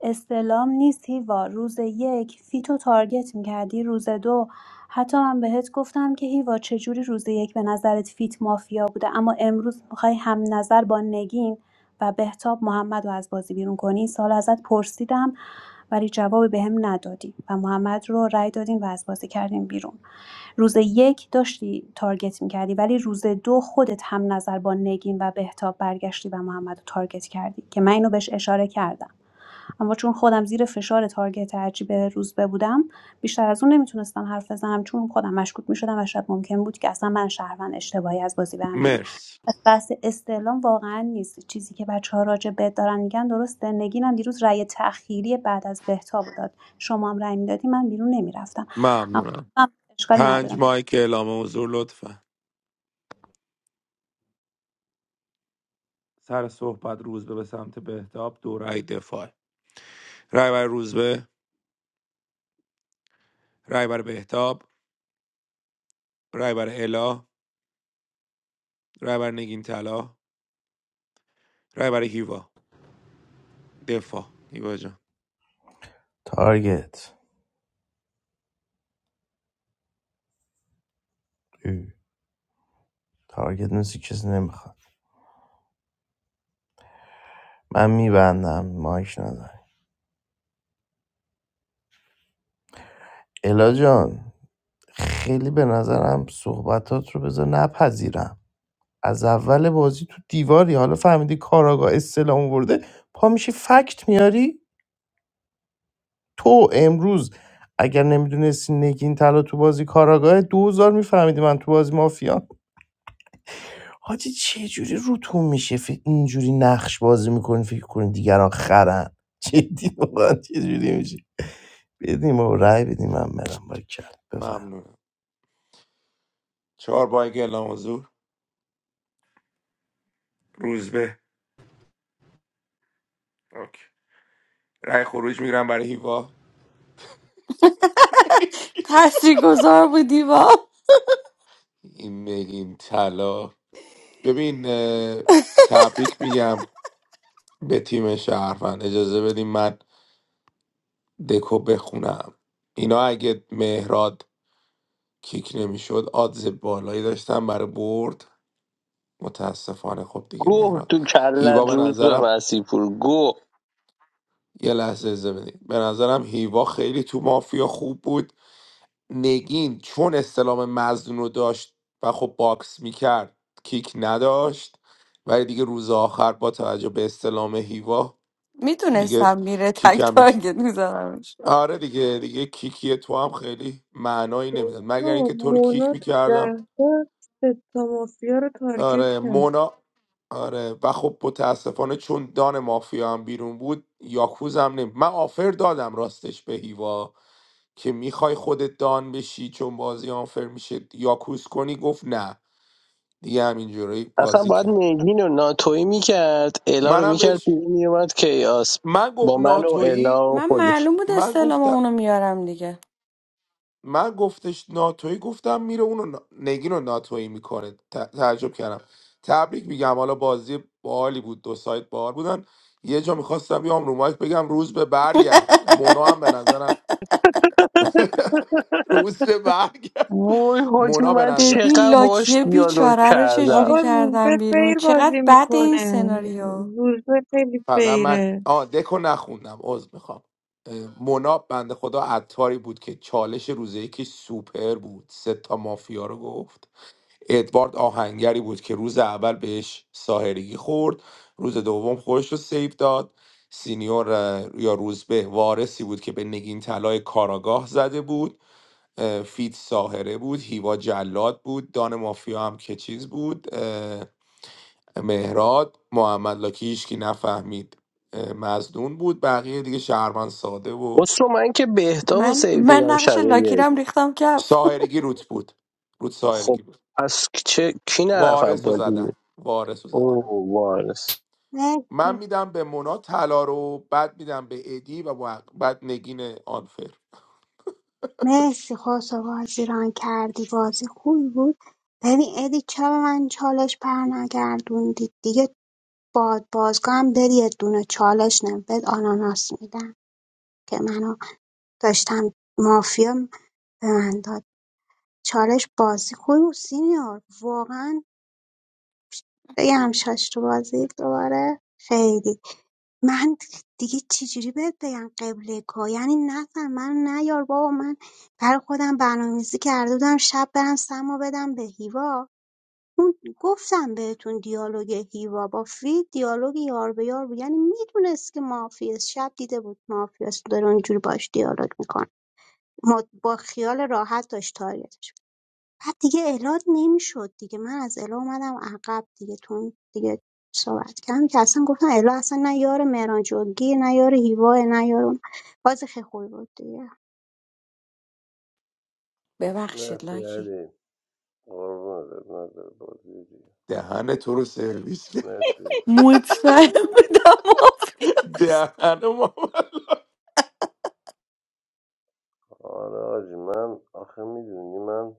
[SPEAKER 9] استعلام نیست هیوا روز یک فیتو تارگت میکردی روز دو حتی من بهت گفتم که هیوا چجوری روز یک به نظرت فیت مافیا بوده اما امروز میخوای هم نظر با نگین و بهتاب محمد محمدو از بازی بیرون کنی این سالو ازت پرسیدم ولی جواب بهم ندادی و محمد رو رای دادیم و از بازی کردیم بیرون روز یک داشتی تارگت میکردی ولی روز دو خودت هم نظر با نگین و بهتاب برگشتی و محمد رو تارگت کردی که من اینو بهش اشاره کردم اما چون خودم زیر فشار تارگت عجیب روزبه بودم بیشتر از اون نمیتونستم حرف بزنم چون خودم مشکوک میشدم و شاید ممکن بود که اصلا من شهروند اشتباهی از بازی برم بیرون
[SPEAKER 1] مرسی
[SPEAKER 9] بحث استعلام واقعا نیست چیزی که بچه‌ها راجع به دارن میگن درسته نگین هم دیروز رأی تأخیری بعد از بهتاب رو داد شما هم رأی میدادی من بیرون نمیرفتم
[SPEAKER 1] ممنونم
[SPEAKER 9] اما اشکالی نداره
[SPEAKER 1] پنج مایک اعلام حضور لطفا سر صحبت روزبه به سمت بهتاب دو رای دفاع رای بر روزبه رای بر بهتاب رای بر الا رای بر نگین طلا رای بر هیوا دفاع هیوا جان
[SPEAKER 16] تارگت اه. تارگت نیستی کسی نمیخواد من میبندم مایک نداری الا جان خیلی به نظرم صحبتات رو بذار نپذیرم از اول بازی تو دیواری حالا فهمیدی کاراگاه استلام ورده پا میشی فکت میاری تو امروز اگر نمیدونستی نگین طلا تو بازی کاراگاه دوزار میفهمیدی من تو بازی مافیا حاجی چه جوری روتون میشه فکر اینجوری نقش بازی میکنین فکر کنین دیگران خرن جدی واقعا چه جوری میشه بدیم و رأی بدیم من برم با کرد بفهم
[SPEAKER 1] ممنونم چهار با یک اعلام حضور روزبه اوکی. رأی خروج میگیرم برای هیوا
[SPEAKER 15] تاثیرگذار بودی با
[SPEAKER 1] این بگیم طلا ببین اه، تبریک میگم به تیم شهروند اجازه بدیم من دکو بخونم اینا اگه مهراد کیک نمیشد آدز بالایی داشتن برای برد متاسفانه خب دیگه
[SPEAKER 2] گوه
[SPEAKER 1] مهراد
[SPEAKER 2] تو
[SPEAKER 1] هیوا
[SPEAKER 2] کلت
[SPEAKER 1] به
[SPEAKER 2] روز به
[SPEAKER 1] نظرم
[SPEAKER 2] مسیح پور گوه
[SPEAKER 1] یه لحظه اجازه بدیم به نظرم هیوا خیلی تو مافیا خوب بود نگین چون استلام مزدون رو داشت و خب باکس میکرد کیک نداشت ولی دیگه روز آخر با توجه به استلام هیوا دیگه
[SPEAKER 15] میتونستم میره
[SPEAKER 1] کیک
[SPEAKER 15] تک
[SPEAKER 1] هم میکرد
[SPEAKER 15] تارگت میزنمش
[SPEAKER 1] آره دیگه دیگه کیکی تو هم خیلی معنایی نمیداد مگر
[SPEAKER 4] بابا
[SPEAKER 1] اینکه تو رو
[SPEAKER 4] مونا
[SPEAKER 1] کیک
[SPEAKER 4] تو ده
[SPEAKER 1] میکردم
[SPEAKER 4] تا سه تا مافیا رو تارگت
[SPEAKER 1] آره
[SPEAKER 4] کرد
[SPEAKER 1] مونا آره و خب متاسفانه چون دان مافیا هم بیرون بود یاکوز هم نمی من آفر دادم راستش به هیوا که میخوای خودت دان بشی چون بازی آنفر میشه یاکوز کنی گفت نه دیگه همینجوری
[SPEAKER 2] اصلا
[SPEAKER 1] بازی
[SPEAKER 2] باید
[SPEAKER 1] کرد
[SPEAKER 2] نگین و ناتوی میکرد الا رو
[SPEAKER 1] منم
[SPEAKER 2] میکرد
[SPEAKER 1] بهش
[SPEAKER 2] بیرون میومد کیاس
[SPEAKER 1] من گفت
[SPEAKER 2] با من و
[SPEAKER 1] ناتویی
[SPEAKER 2] الا و
[SPEAKER 15] من
[SPEAKER 2] خود
[SPEAKER 15] معلوم بود
[SPEAKER 1] من
[SPEAKER 15] استعلام
[SPEAKER 1] گفتم
[SPEAKER 15] اونو میارم دیگه
[SPEAKER 1] من گفتش ناتویی گفتم میره اونو نا- نگین رو ناتویی میکنه تعجب کردم تبریک میگم حالا بازی باحالی بود دو سایت باحال بودن یه جا میخواستم بیام رو مایک بگم روز به برگرد مونا هم به نظرم روز به برگرد
[SPEAKER 2] وای حاجی
[SPEAKER 1] مونا به
[SPEAKER 2] من
[SPEAKER 1] نظر
[SPEAKER 15] ببین
[SPEAKER 2] چقدر باش
[SPEAKER 15] لاکیه
[SPEAKER 2] دیالوگ
[SPEAKER 15] بیچاره رو
[SPEAKER 2] کردم
[SPEAKER 4] بابا
[SPEAKER 15] چجوری
[SPEAKER 4] روزبه
[SPEAKER 15] کردم بیرون
[SPEAKER 4] فیر
[SPEAKER 15] چقدر
[SPEAKER 4] بازی
[SPEAKER 15] بد این
[SPEAKER 4] میکنه
[SPEAKER 15] سناریو
[SPEAKER 4] روزبه خیلی
[SPEAKER 1] فقط من
[SPEAKER 4] فیره
[SPEAKER 1] آه دکو نخوندم عذر میخوام مناب بنده خدا عطاری بود که چالش روز یکی سوپر بود سه تا مافیا رو گفت ادوارد آهنگری بود که روز اول بهش ساهرگی خورد روز دوم خودش رو سیف داد سینیور اه، یا روزبه وارسی بود که به نگین طلای کاراگاه زده بود اه، فیت ساهره بود هیوا جلاد بود دان مافیا هم که چیز بود مهراد محمد لاکی هیچکی نفهمید مزدون بود بقیه دیگه شهروند ساده و
[SPEAKER 2] اصلا من که بهتاب و
[SPEAKER 15] من
[SPEAKER 2] سیو
[SPEAKER 15] من
[SPEAKER 2] دیدم
[SPEAKER 15] نقش
[SPEAKER 2] شب
[SPEAKER 15] لاکی رو
[SPEAKER 2] یک
[SPEAKER 15] هم ریختم کف
[SPEAKER 1] ساهرگی روت بود روت
[SPEAKER 2] خب
[SPEAKER 1] ساهرگی بود
[SPEAKER 2] از چه کی نرفت
[SPEAKER 1] وارث رو
[SPEAKER 2] بازی
[SPEAKER 1] زدن وارث رو
[SPEAKER 2] اون
[SPEAKER 1] زدن
[SPEAKER 2] آرس
[SPEAKER 11] مرسی.
[SPEAKER 1] من میدم به مونا طلا رو بعد میدم به ادی و با- بعد نگین آنفر
[SPEAKER 11] مرسی خسرو بازی ران کردی بازی خوبی بود ببین ادی چرا به من چالش پر نگردوندی دیگه باد بازگاه هم بری یه دونه چالش نبود آناناس میدم که منو داشتم مافیا به من داد چالش بازی خوبی بود سینیور واقعا بگم شاش تو بازی دوباره خیلی من دیگه چجوری بهت بگم قبله کو یعنی نفر من نیار بابا من برای خودم برنامه‌ریزی کرده بودم شب برم سمو بدم به هیوا اون گفتم بهتون دیالوگ هیوا با فری دیالوگ یار به یار بود یعنی میدونست که مافیاست شب دیده بود مافیاست داره اونجوری باش دیالوگ میکنه با خیال راحت داشت تارگتش بعد دیگه الا نمی‌شد دیگه من از الا اومدم عقب دیگه تو دیگه صحبت کردم که اصلا گفتم الا اصلا نه یار مهران جنگی نه یار هیواه نه یار اون باز خیلی خوبی بود دیگه
[SPEAKER 15] ببخشید
[SPEAKER 17] مرسی
[SPEAKER 15] لاکی
[SPEAKER 17] علی قربونت نظر بازی دیگه
[SPEAKER 1] دهن تو رو سرویس کرد.
[SPEAKER 17] مرسی
[SPEAKER 15] مطمئن بودم مافیاست
[SPEAKER 1] دهن ما
[SPEAKER 17] آره آجی من آخه میدونی من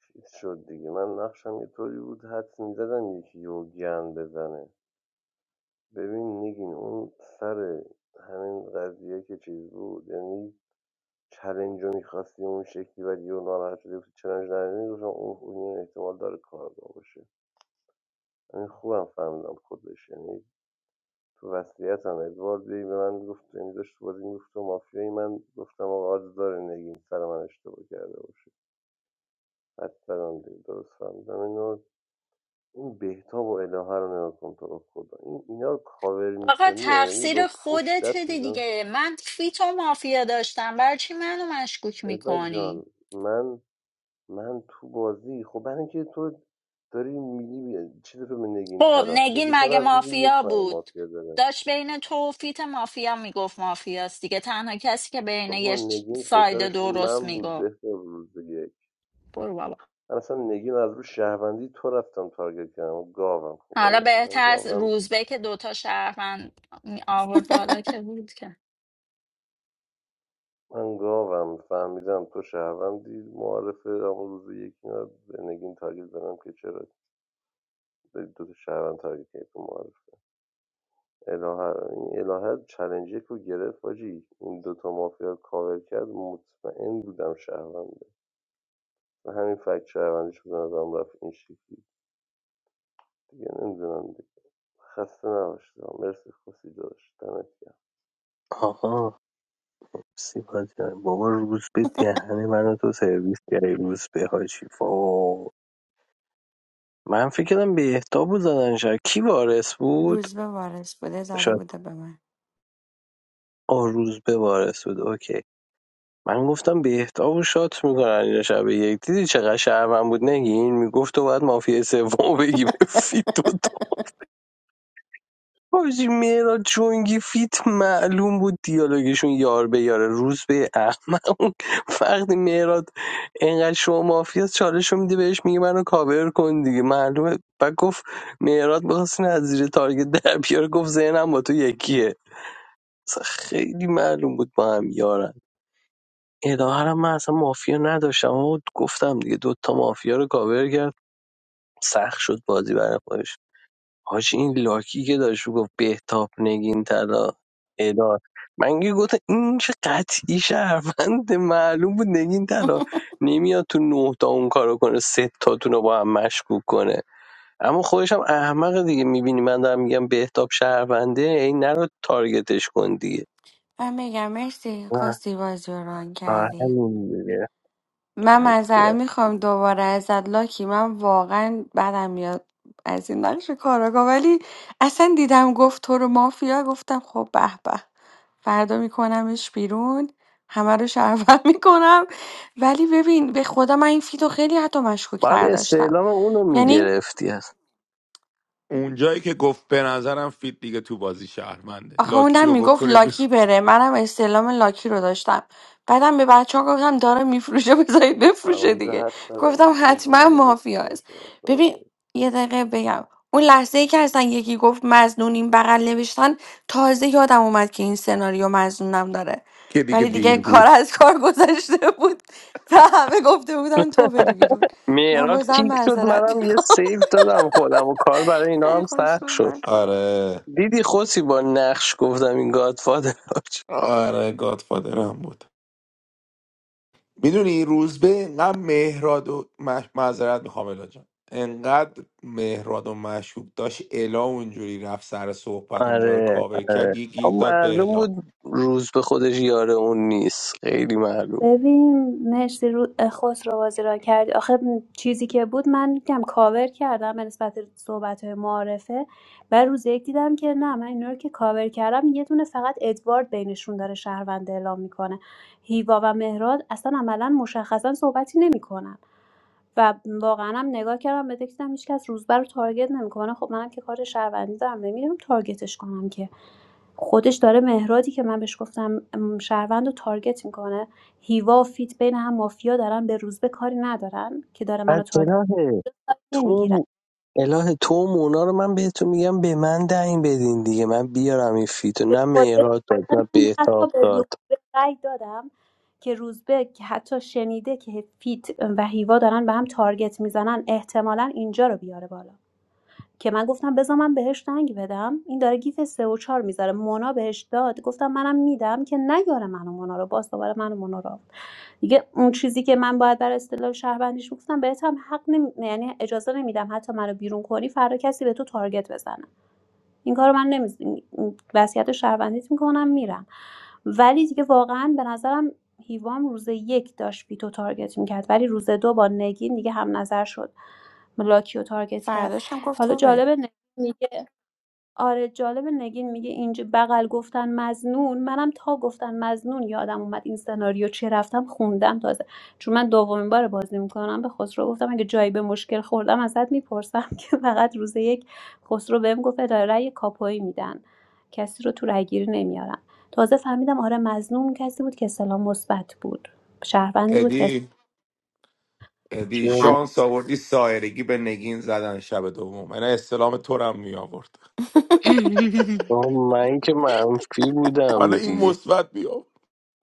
[SPEAKER 17] چیز شد دیگه من نقشم یه طوری بود حدس میزدم یکی یو گن بزنه ببین نگین اون سر همین قضیه که چیز بود یعنی چلنج رو میخواستی اون شکلی ولی یه ناراحت شدی گفتی چلنج نداری گفتم اون اون احتمال داره کارگاه باشه همین خوبم فهمیدم خودش یعنی تو وصلیت هم ادوارد هی به من گفت یعنی داشت تو بازی میگفت تو مافیایی من گفتم آقا آدز داره نگین سر من اشتباه کرده باشه حتی من دیگه درست فهمیدم اینو این بهتاب و الهه رو نگاه کن تو رو خدا این اینا رو کاور
[SPEAKER 7] آقا
[SPEAKER 17] میکنی یا یعنی
[SPEAKER 7] تقصیر
[SPEAKER 17] با پشت
[SPEAKER 7] خودت
[SPEAKER 17] دست میزن
[SPEAKER 7] دیگه من فیتو مافیا داشتم برای چی منو مشکوک
[SPEAKER 17] بهزاد
[SPEAKER 7] میکنی
[SPEAKER 17] جان من من تو بازی خب برای اینکه تو داری میگی چیز رو به نگین
[SPEAKER 7] خب
[SPEAKER 17] ترا
[SPEAKER 7] نگین
[SPEAKER 17] نگین
[SPEAKER 7] مگه
[SPEAKER 17] ترا از روز
[SPEAKER 7] مافیا
[SPEAKER 17] یک من
[SPEAKER 7] بود
[SPEAKER 17] مافیا داره
[SPEAKER 7] داشت بین تو و فیت مافیا میگفت مافیاست دیگه تنها کسی که بین یه
[SPEAKER 17] بابا
[SPEAKER 7] ش-
[SPEAKER 17] نگین
[SPEAKER 7] ساید
[SPEAKER 17] فشارش رو
[SPEAKER 7] درست
[SPEAKER 17] من بود
[SPEAKER 7] میگفت
[SPEAKER 17] بهتر روز یک
[SPEAKER 7] برو بابا
[SPEAKER 17] من اصلا نگین از رو شهروندی تو رفتم تارگت کردم گاوم خب
[SPEAKER 7] حالا
[SPEAKER 17] آره من
[SPEAKER 7] بهتر از
[SPEAKER 17] گاوم
[SPEAKER 7] روزبه که دوتا شهروند می آورد بالا که بود که
[SPEAKER 17] من گاوم فهمیدم تو شهروندی معارفه اما روز یک اینا به نگین تارگت زدم که چرا داری دو تا شهروند تارگت کردی تو معارفه. الهه این الهه چلنجی که گرفت آجی این دوتا مافیا کاور کرد مطمئن بودم شهرونده و همین فکت شهروندیش به نظرم رفت این شکلی دیگه نمیدونم دیگه خسته نباشید مرسی خوشی داشت دمت گرم
[SPEAKER 2] آها سیپا جان بابا روز به دهن منو تو سرویس کردی روز به حاجی وای. من فکر کردم بهتاب بود زدن شاید کی وارث بود
[SPEAKER 15] روز به وارث بوده زده
[SPEAKER 2] شاید
[SPEAKER 15] بوده به من
[SPEAKER 2] آه روز به وارث بود اوکی من گفتم بهتاب و شات میکنن اینا شب یک دیدی چقدر شهرون بود نگین میگفت تو باید مافیا سوم بگی به فیت و تا حاجی مهراد جونگی فیت معلوم بود دیالوگشون یار به یاره روز به احمق وقتی مهراد انقدر شما مافیا چالش رو میدی بهش میگه منو کاور کن دیگه معلومه بعد گفت مهراد میخواست از زیر تارگت در بیاره گفت ذهنم با تو یکیه اصلا خیلی معلوم بود با هم یارن الهرم من اصلا مافیا نداشتم و گفتم دیگه دوتا مافیا رو کاور کرد سخت شد بازی برای خودش حاجی این لاکی که داشت گفت بهتاب نگین طلا ادار من که گفتم این چه قطعی شهروند معلوم بود نگین طلا نمیاد تو نه تا اون کارو کنه سه تاتون رو با هم مشکوک کنه اما خودش هم احمق دیگه میبینی من دارم میگم بهتاب شهرونده این نرو تارگتش کن دیگه
[SPEAKER 15] من میگم مرسی
[SPEAKER 2] آه،
[SPEAKER 15] خواستی بازی رو ران
[SPEAKER 2] آه،
[SPEAKER 15] کردی
[SPEAKER 2] همین دیگه.
[SPEAKER 15] من
[SPEAKER 2] پرکیه.
[SPEAKER 15] معذرت میخوام دوباره ازت لاکی من واقعا بدم میاد از این نقش کاراگاه ولی اصلا دیدم گفت تو رو مافیا گفتم خب به به فردا میکنمش بیرون همه رو شرفم میکنم ولی ببین به خدا من این فیتو خیلی حتی مشکوک
[SPEAKER 2] باید
[SPEAKER 15] تر داشتم
[SPEAKER 2] استعلام اونو
[SPEAKER 15] یعنی
[SPEAKER 2] میگرفتی از
[SPEAKER 1] اونجایی که گفت به نظرم فیت دیگه تو بازی شهرمنده
[SPEAKER 15] آخه اونم
[SPEAKER 1] لاکیو
[SPEAKER 15] میگفت
[SPEAKER 1] بکنید
[SPEAKER 15] لاکی بره منم استعلام لاکی رو داشتم بعدم به بچه ها گفتم داره میفروشه بذارید بفروشه
[SPEAKER 17] همونجا
[SPEAKER 15] دیگه
[SPEAKER 17] حد زدم
[SPEAKER 15] گفتم
[SPEAKER 17] دیگه اونجا
[SPEAKER 15] حتما
[SPEAKER 17] دیگه مطمئن
[SPEAKER 15] مافیاست
[SPEAKER 17] شدم کار
[SPEAKER 15] ببین
[SPEAKER 17] داری
[SPEAKER 15] یه دقیقه بگم اون لحظه ای که اصلا یکی گفت مزنون این بغل نوشتن تازه یادم اومد که این سناریو مزنونم داره
[SPEAKER 1] که دیگه
[SPEAKER 15] ولی دیگه
[SPEAKER 1] دیر
[SPEAKER 15] کار
[SPEAKER 1] بود
[SPEAKER 15] از کار گذشته بود و همه گفته بودن تو بری بیرون من
[SPEAKER 2] مهراد
[SPEAKER 15] بازم
[SPEAKER 2] کیک شد
[SPEAKER 15] معذرت
[SPEAKER 2] منم یه
[SPEAKER 15] میخوام
[SPEAKER 2] سیف دادم خودم و کار برای اینا
[SPEAKER 15] خیلی
[SPEAKER 2] هم
[SPEAKER 15] خوش
[SPEAKER 2] سخت شد
[SPEAKER 15] گذشت
[SPEAKER 1] آره
[SPEAKER 2] دیدی خوسی با نقش گفتم این گادفادر
[SPEAKER 1] آره گادفادر هم بود میدونی روزبه انقدر مهراد و مش... معذرت میخوام الا جان انقدر مهراد و مشوق داشت الا اونجوری رفت سر صحبت اونجا رو
[SPEAKER 2] آره
[SPEAKER 1] کاور کرد
[SPEAKER 2] آره
[SPEAKER 1] یه گیر
[SPEAKER 2] اما
[SPEAKER 1] داد به
[SPEAKER 2] معلوم
[SPEAKER 1] الا
[SPEAKER 2] بود روز به خودش یاره اون نیست خیلی معلوم
[SPEAKER 9] ببین مرسی رو خسرو بازی را کردی آخه چیزی که بود من کم کاور کردم به نسبت صحبت های معارفه و روز یک دیدم که نه من اینا رو که کاور کردم یه دونه فقط ادوارد بینشون داره شهروند اعلام میکنه هیوا و مهراد اصلا عملا مشخصا صحبتی نمیکنن و واقعا هم نگاه کردم به دیدم هیچکس روزبر رو تارگت نمیکنه خب منم که کار شهروندی دارم نمیدونم تارگتش کنم که خودش داره مهرادی که من بهش گفتم م، شهروند رو تارگت میکنه هیوا فیت بین هم مافیا دارن به روزبه کاری ندارن که داره منو
[SPEAKER 2] بعد
[SPEAKER 9] تارگت
[SPEAKER 2] اله
[SPEAKER 9] نمیگیرن
[SPEAKER 2] تو اله تو و مونا رو من بهتون میگم به من دهیم بدین دیگه من بیارم این فیتو نه مهراد داد نه
[SPEAKER 9] من حتی
[SPEAKER 2] بهتاب
[SPEAKER 9] به
[SPEAKER 2] داد
[SPEAKER 9] روزبه رأی دادم که روزبه که حتی شنیده که فیت و هیوا دارن به هم تارگت میزنن احتمالا اینجا رو بیاره بالا که من گفتم بذار من بهش زنگ بدم این داره گیف سه و چهار میذاره مونا بهش داد گفتم منم میدم که نیاره منو مونا رو باز دوباره منو مونا رو آورد. دیگه اون چیزی که من باید بر اصطلاح شهروندیش گفتم بهت هم حق نمی... یعنی اجازه نمیدم حتی منو بیرون کنی فردا کسی به تو تارگت بزنه این کارو من نمیز... وصیت شهروندیت میکنم میرم ولی دیگه واقعا به نظرم هیوام روز یک داشت ویتو تارگت میکرد ولی روز دو با نگین دیگه هم نظر شد لاکیو تارگت کرد
[SPEAKER 15] فراداشم گفت
[SPEAKER 9] حالا
[SPEAKER 15] تو بری
[SPEAKER 9] جالبه نگین آره جالب نگین میگه اینج بغل گفتن مزنون منم تا گفتن مزنون یادم اومد این سناریو چه رفتم خوندم تازه چون من دومین بار بازی میکنم به خسرو گفتم اگه جایی به مشکل خوردم ازت میپرسم که فقط روز یک خسرو بهم گفت اداره رأی کاپوی میدن کسی رو تو رأیگیری نمیارن تازه فهمیدم آره مزنون کسی بود که سلام مثبت بود شهروندی بود که
[SPEAKER 1] ادی ادی شانس آوردی سایرگی به نگین زدن شب دوم من استلام تو رو هم می آورد
[SPEAKER 2] آه، من که منفی
[SPEAKER 1] حالا
[SPEAKER 2] بودم
[SPEAKER 1] این
[SPEAKER 2] دیگه
[SPEAKER 1] مثبت می آورد.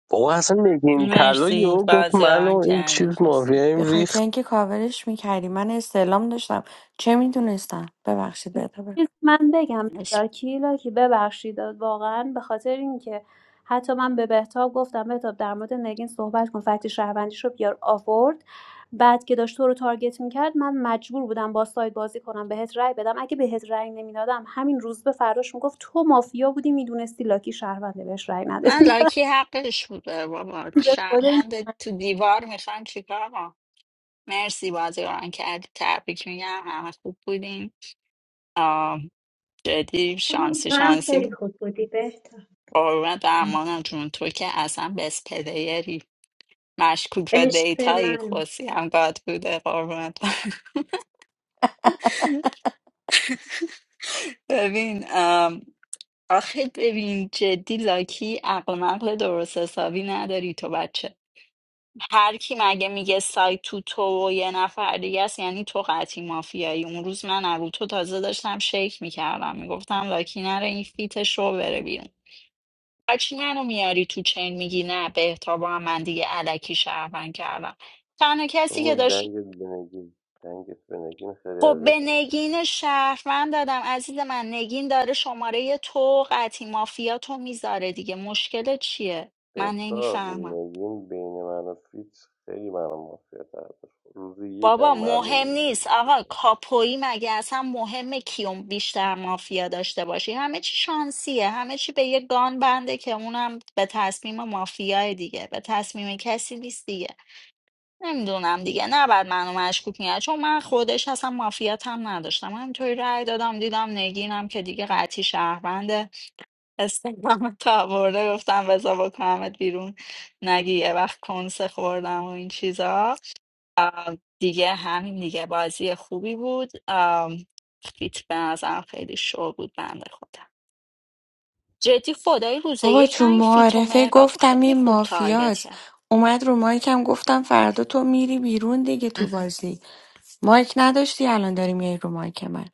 [SPEAKER 2] بابا اصلا نگین طلا
[SPEAKER 7] مرسی
[SPEAKER 2] یهو گفت
[SPEAKER 7] بازی رو
[SPEAKER 2] منو
[SPEAKER 7] آن
[SPEAKER 2] این چیز
[SPEAKER 7] کردی خوشی
[SPEAKER 2] مافیاییم
[SPEAKER 15] به
[SPEAKER 2] ریخت
[SPEAKER 15] خاطر اینکه کاورش میکردی من استعلام داشتم چه میدونستم ببخشید بده
[SPEAKER 9] چیز من بگم لاکی لاکی ببخشید واقعا به خاطر اینکه حتی من به بهتاب گفتم بهتاب در مورد نگین صحبت کن فکت شهروندیش رو بیار آورد بعد که داشت تو رو تارگت میکرد من مجبور بودم با ساید بازی کنم بهت رأی بدم اگه بهت رأی نمیدادم همین روز به فراش میگفت تو مافیا بودی میدونستی لاکی شهرونده بهش رأی
[SPEAKER 7] من
[SPEAKER 9] ندادی
[SPEAKER 7] لاکی حقش بوده بابا شهروند تو دیوار میخوان چیکار ما مرسی بازی رو آن کردی تبریک میگم همه خوب بودیم جدی شانسی
[SPEAKER 11] تو هم خیلی
[SPEAKER 7] شانسی
[SPEAKER 11] خوب بودی بهتا
[SPEAKER 7] قربونت برمانم جون تو که اصلا بس پلیری مشکوک به
[SPEAKER 11] عشق
[SPEAKER 7] دیتایی
[SPEAKER 11] من
[SPEAKER 7] خوصی هم گاد بوده قربونت برم. ببین ام، آخه ببین جدی لاکی عقل مقل درست حسابی نداری تو بچه هر کی مگه میگه سایت تو تو و یه نفر دیگه است یعنی تو قطعی مافیایی اون روز من تو تازه داشتم شیک میکردم میگفتم لاکی نره این فیت شو بره بیرون هرچی منو میاری تو چین میگی نه بهتاب هم من دیگه علکی شهروند کردم تنها کسی
[SPEAKER 17] بابا
[SPEAKER 7] که داشت
[SPEAKER 17] دنگت به دنگت به خیلی
[SPEAKER 7] خب به
[SPEAKER 17] اذیتم کرد
[SPEAKER 7] نگین شهروند دادم عزیز من نگین داره شماره تو قطعی مافیا تو میذاره دیگه مشکل چیه من
[SPEAKER 17] بهتاب
[SPEAKER 7] نمیفهمم
[SPEAKER 17] نگین بین من و فیت خیلی منو مافیا تر داشت روزی یکم
[SPEAKER 7] بابا
[SPEAKER 17] معلوم
[SPEAKER 7] مهم
[SPEAKER 17] بود
[SPEAKER 7] نیست آقا کاپویی مگه اصلا مهمه کیوم بیشتر مافیا داشته باشی همه چی شانسیه همه چی به یه گان بنده که اونم به تصمیم مافیای دیگه به تصمیم کسی نیست دیگه نمیدونم دیگه نباید منو مشکوک میگه چون من خودش اصلا مافیات هم نداشتم همینطوری رأی دادم دیدم نگینم که دیگه قطعی شهرونده استقلام تا برده گفتم بذار بکنمت بیرون نگی یه وقت کنسه خوردم و این چیزا دیگه همین دیگه بازی خوبی بود آم، فیت به نظرم خیلی شو بود بنده خودم جدی خدای روزه
[SPEAKER 15] بابا
[SPEAKER 7] یک من
[SPEAKER 15] چون
[SPEAKER 7] این فیت و
[SPEAKER 15] معارفه
[SPEAKER 7] مهراد رو
[SPEAKER 15] گفتم
[SPEAKER 7] خیلی
[SPEAKER 15] این
[SPEAKER 7] خوب تارگت
[SPEAKER 15] مافیاست
[SPEAKER 7] کرد
[SPEAKER 15] اومد رو مایکم گفتم فردا تو میری بیرون دیگه تو بازی مایک نداشتی الان داری میای رو مایک من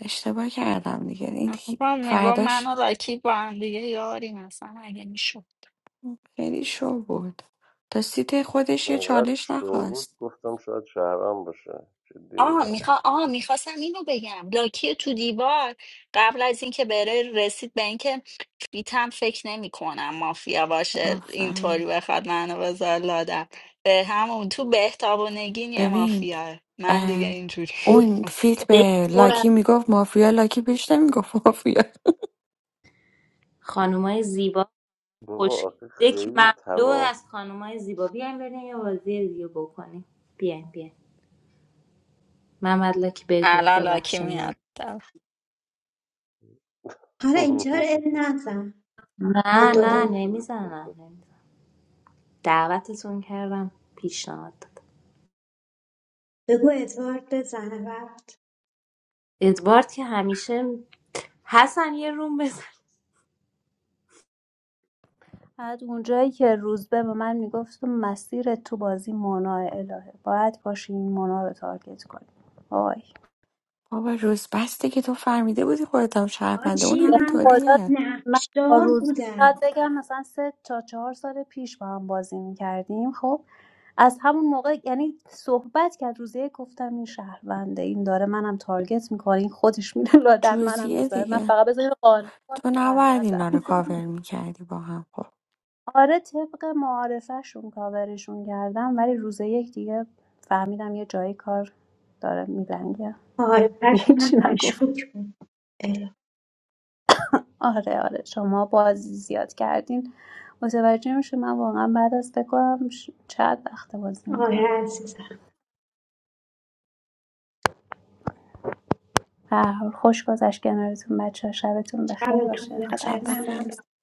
[SPEAKER 15] اشتباه کردم دیگه این
[SPEAKER 7] با میگو من
[SPEAKER 15] فرداش
[SPEAKER 7] و راکی با هم دیگه یاریم اصلا اگه میشد
[SPEAKER 15] خیلی شو بود تا سیت خودش یه
[SPEAKER 17] انقدر
[SPEAKER 15] چالش
[SPEAKER 17] شو بود
[SPEAKER 15] نخواست
[SPEAKER 17] گفتم شاید شهرم باشه جدی
[SPEAKER 7] آه
[SPEAKER 17] میگم
[SPEAKER 7] میخوا آه میخواستم اینو بگم لاکی تو دیوار قبل از اینکه بره رسید به اینکه فیتم فکر نمی کنم مافیا باشه
[SPEAKER 15] آفرین
[SPEAKER 7] اینطوری بخواد منو بذار لادم به همون تو بهتاب و نگین یه
[SPEAKER 15] ببین
[SPEAKER 7] مافیا من دیگه
[SPEAKER 15] ام،
[SPEAKER 7] اینجوری
[SPEAKER 15] اون
[SPEAKER 7] اسکو.
[SPEAKER 15] فیت
[SPEAKER 19] دک
[SPEAKER 15] به
[SPEAKER 19] پر از
[SPEAKER 15] لاکی میگفت مافیا لاکی بهش نمیگفت مافیا
[SPEAKER 19] خانومای زیبا
[SPEAKER 17] بابا
[SPEAKER 19] خوشگل
[SPEAKER 17] آخه
[SPEAKER 19] دک
[SPEAKER 17] خیلی
[SPEAKER 19] مملو
[SPEAKER 17] تباه
[SPEAKER 19] از
[SPEAKER 17] بود.
[SPEAKER 19] خانومای زیبا بیاین بریم یه بازی دیگه بکنیم بیاین بیاین محمد لاکی بگو
[SPEAKER 7] الان لاکی
[SPEAKER 19] ببخشین اومد
[SPEAKER 7] میاد
[SPEAKER 11] حالا اینجا رو اب نزن یه
[SPEAKER 19] نه
[SPEAKER 11] دو
[SPEAKER 19] نه
[SPEAKER 11] دقیقه
[SPEAKER 19] نمیزنم نمیزنم دعوتتون کردم پیشنهاد داد
[SPEAKER 11] بگو ادوارد بزنه وقت
[SPEAKER 19] ادوارد که همیشه حسن یه روم بزن
[SPEAKER 9] بعد اونجایی که روزبه به من میگفت مسیر تو بازی مونا الهه باید باشی این مونا رو تارگت کنی وای
[SPEAKER 15] بابا روز بس دیگه تو فهمیده بودی خودت هم شهرونده اون
[SPEAKER 11] آجی
[SPEAKER 9] به
[SPEAKER 11] من
[SPEAKER 9] خدا
[SPEAKER 15] همینطوریه
[SPEAKER 9] من با
[SPEAKER 11] نقشدار
[SPEAKER 9] روزی بعد
[SPEAKER 11] بودم
[SPEAKER 9] بگم مثلا سه تا چهار سال پیش با هم بازی میکردیم خب از همون موقع یعنی صحبت کرد روزه یک گفتم این شهرونده این داره منم تارگت میکنه این خودش میره لادر منم
[SPEAKER 15] جوزیه
[SPEAKER 9] میذاره من
[SPEAKER 15] دیگه
[SPEAKER 9] فقط بذارین قانع کنم
[SPEAKER 15] تو نباید اینا
[SPEAKER 9] شهروندم
[SPEAKER 15] رو کاور میکردی با هم خب
[SPEAKER 9] آره طبق معارفهشون کاورشون کردم ولی روز یک دیگه فهمیدم یه جایی کار داره میلنگه
[SPEAKER 11] آره قشنگ
[SPEAKER 9] هیچی نگفتم
[SPEAKER 11] مشکوک بود اه،
[SPEAKER 9] آره آره شما بازی زیاد کردین متوجه میشه من واقعا بعد از فکر کنم ش- چند وقت بازی میکنم
[SPEAKER 11] آره عزیزم
[SPEAKER 9] به هر حال خوش گذشت کنارتون بچه ها. شبتون بخیر
[SPEAKER 11] شبتون
[SPEAKER 9] باشه خدا
[SPEAKER 15] شب
[SPEAKER 11] بخیر
[SPEAKER 9] حافظ.
[SPEAKER 11] من
[SPEAKER 15] بخیر
[SPEAKER 11] برم.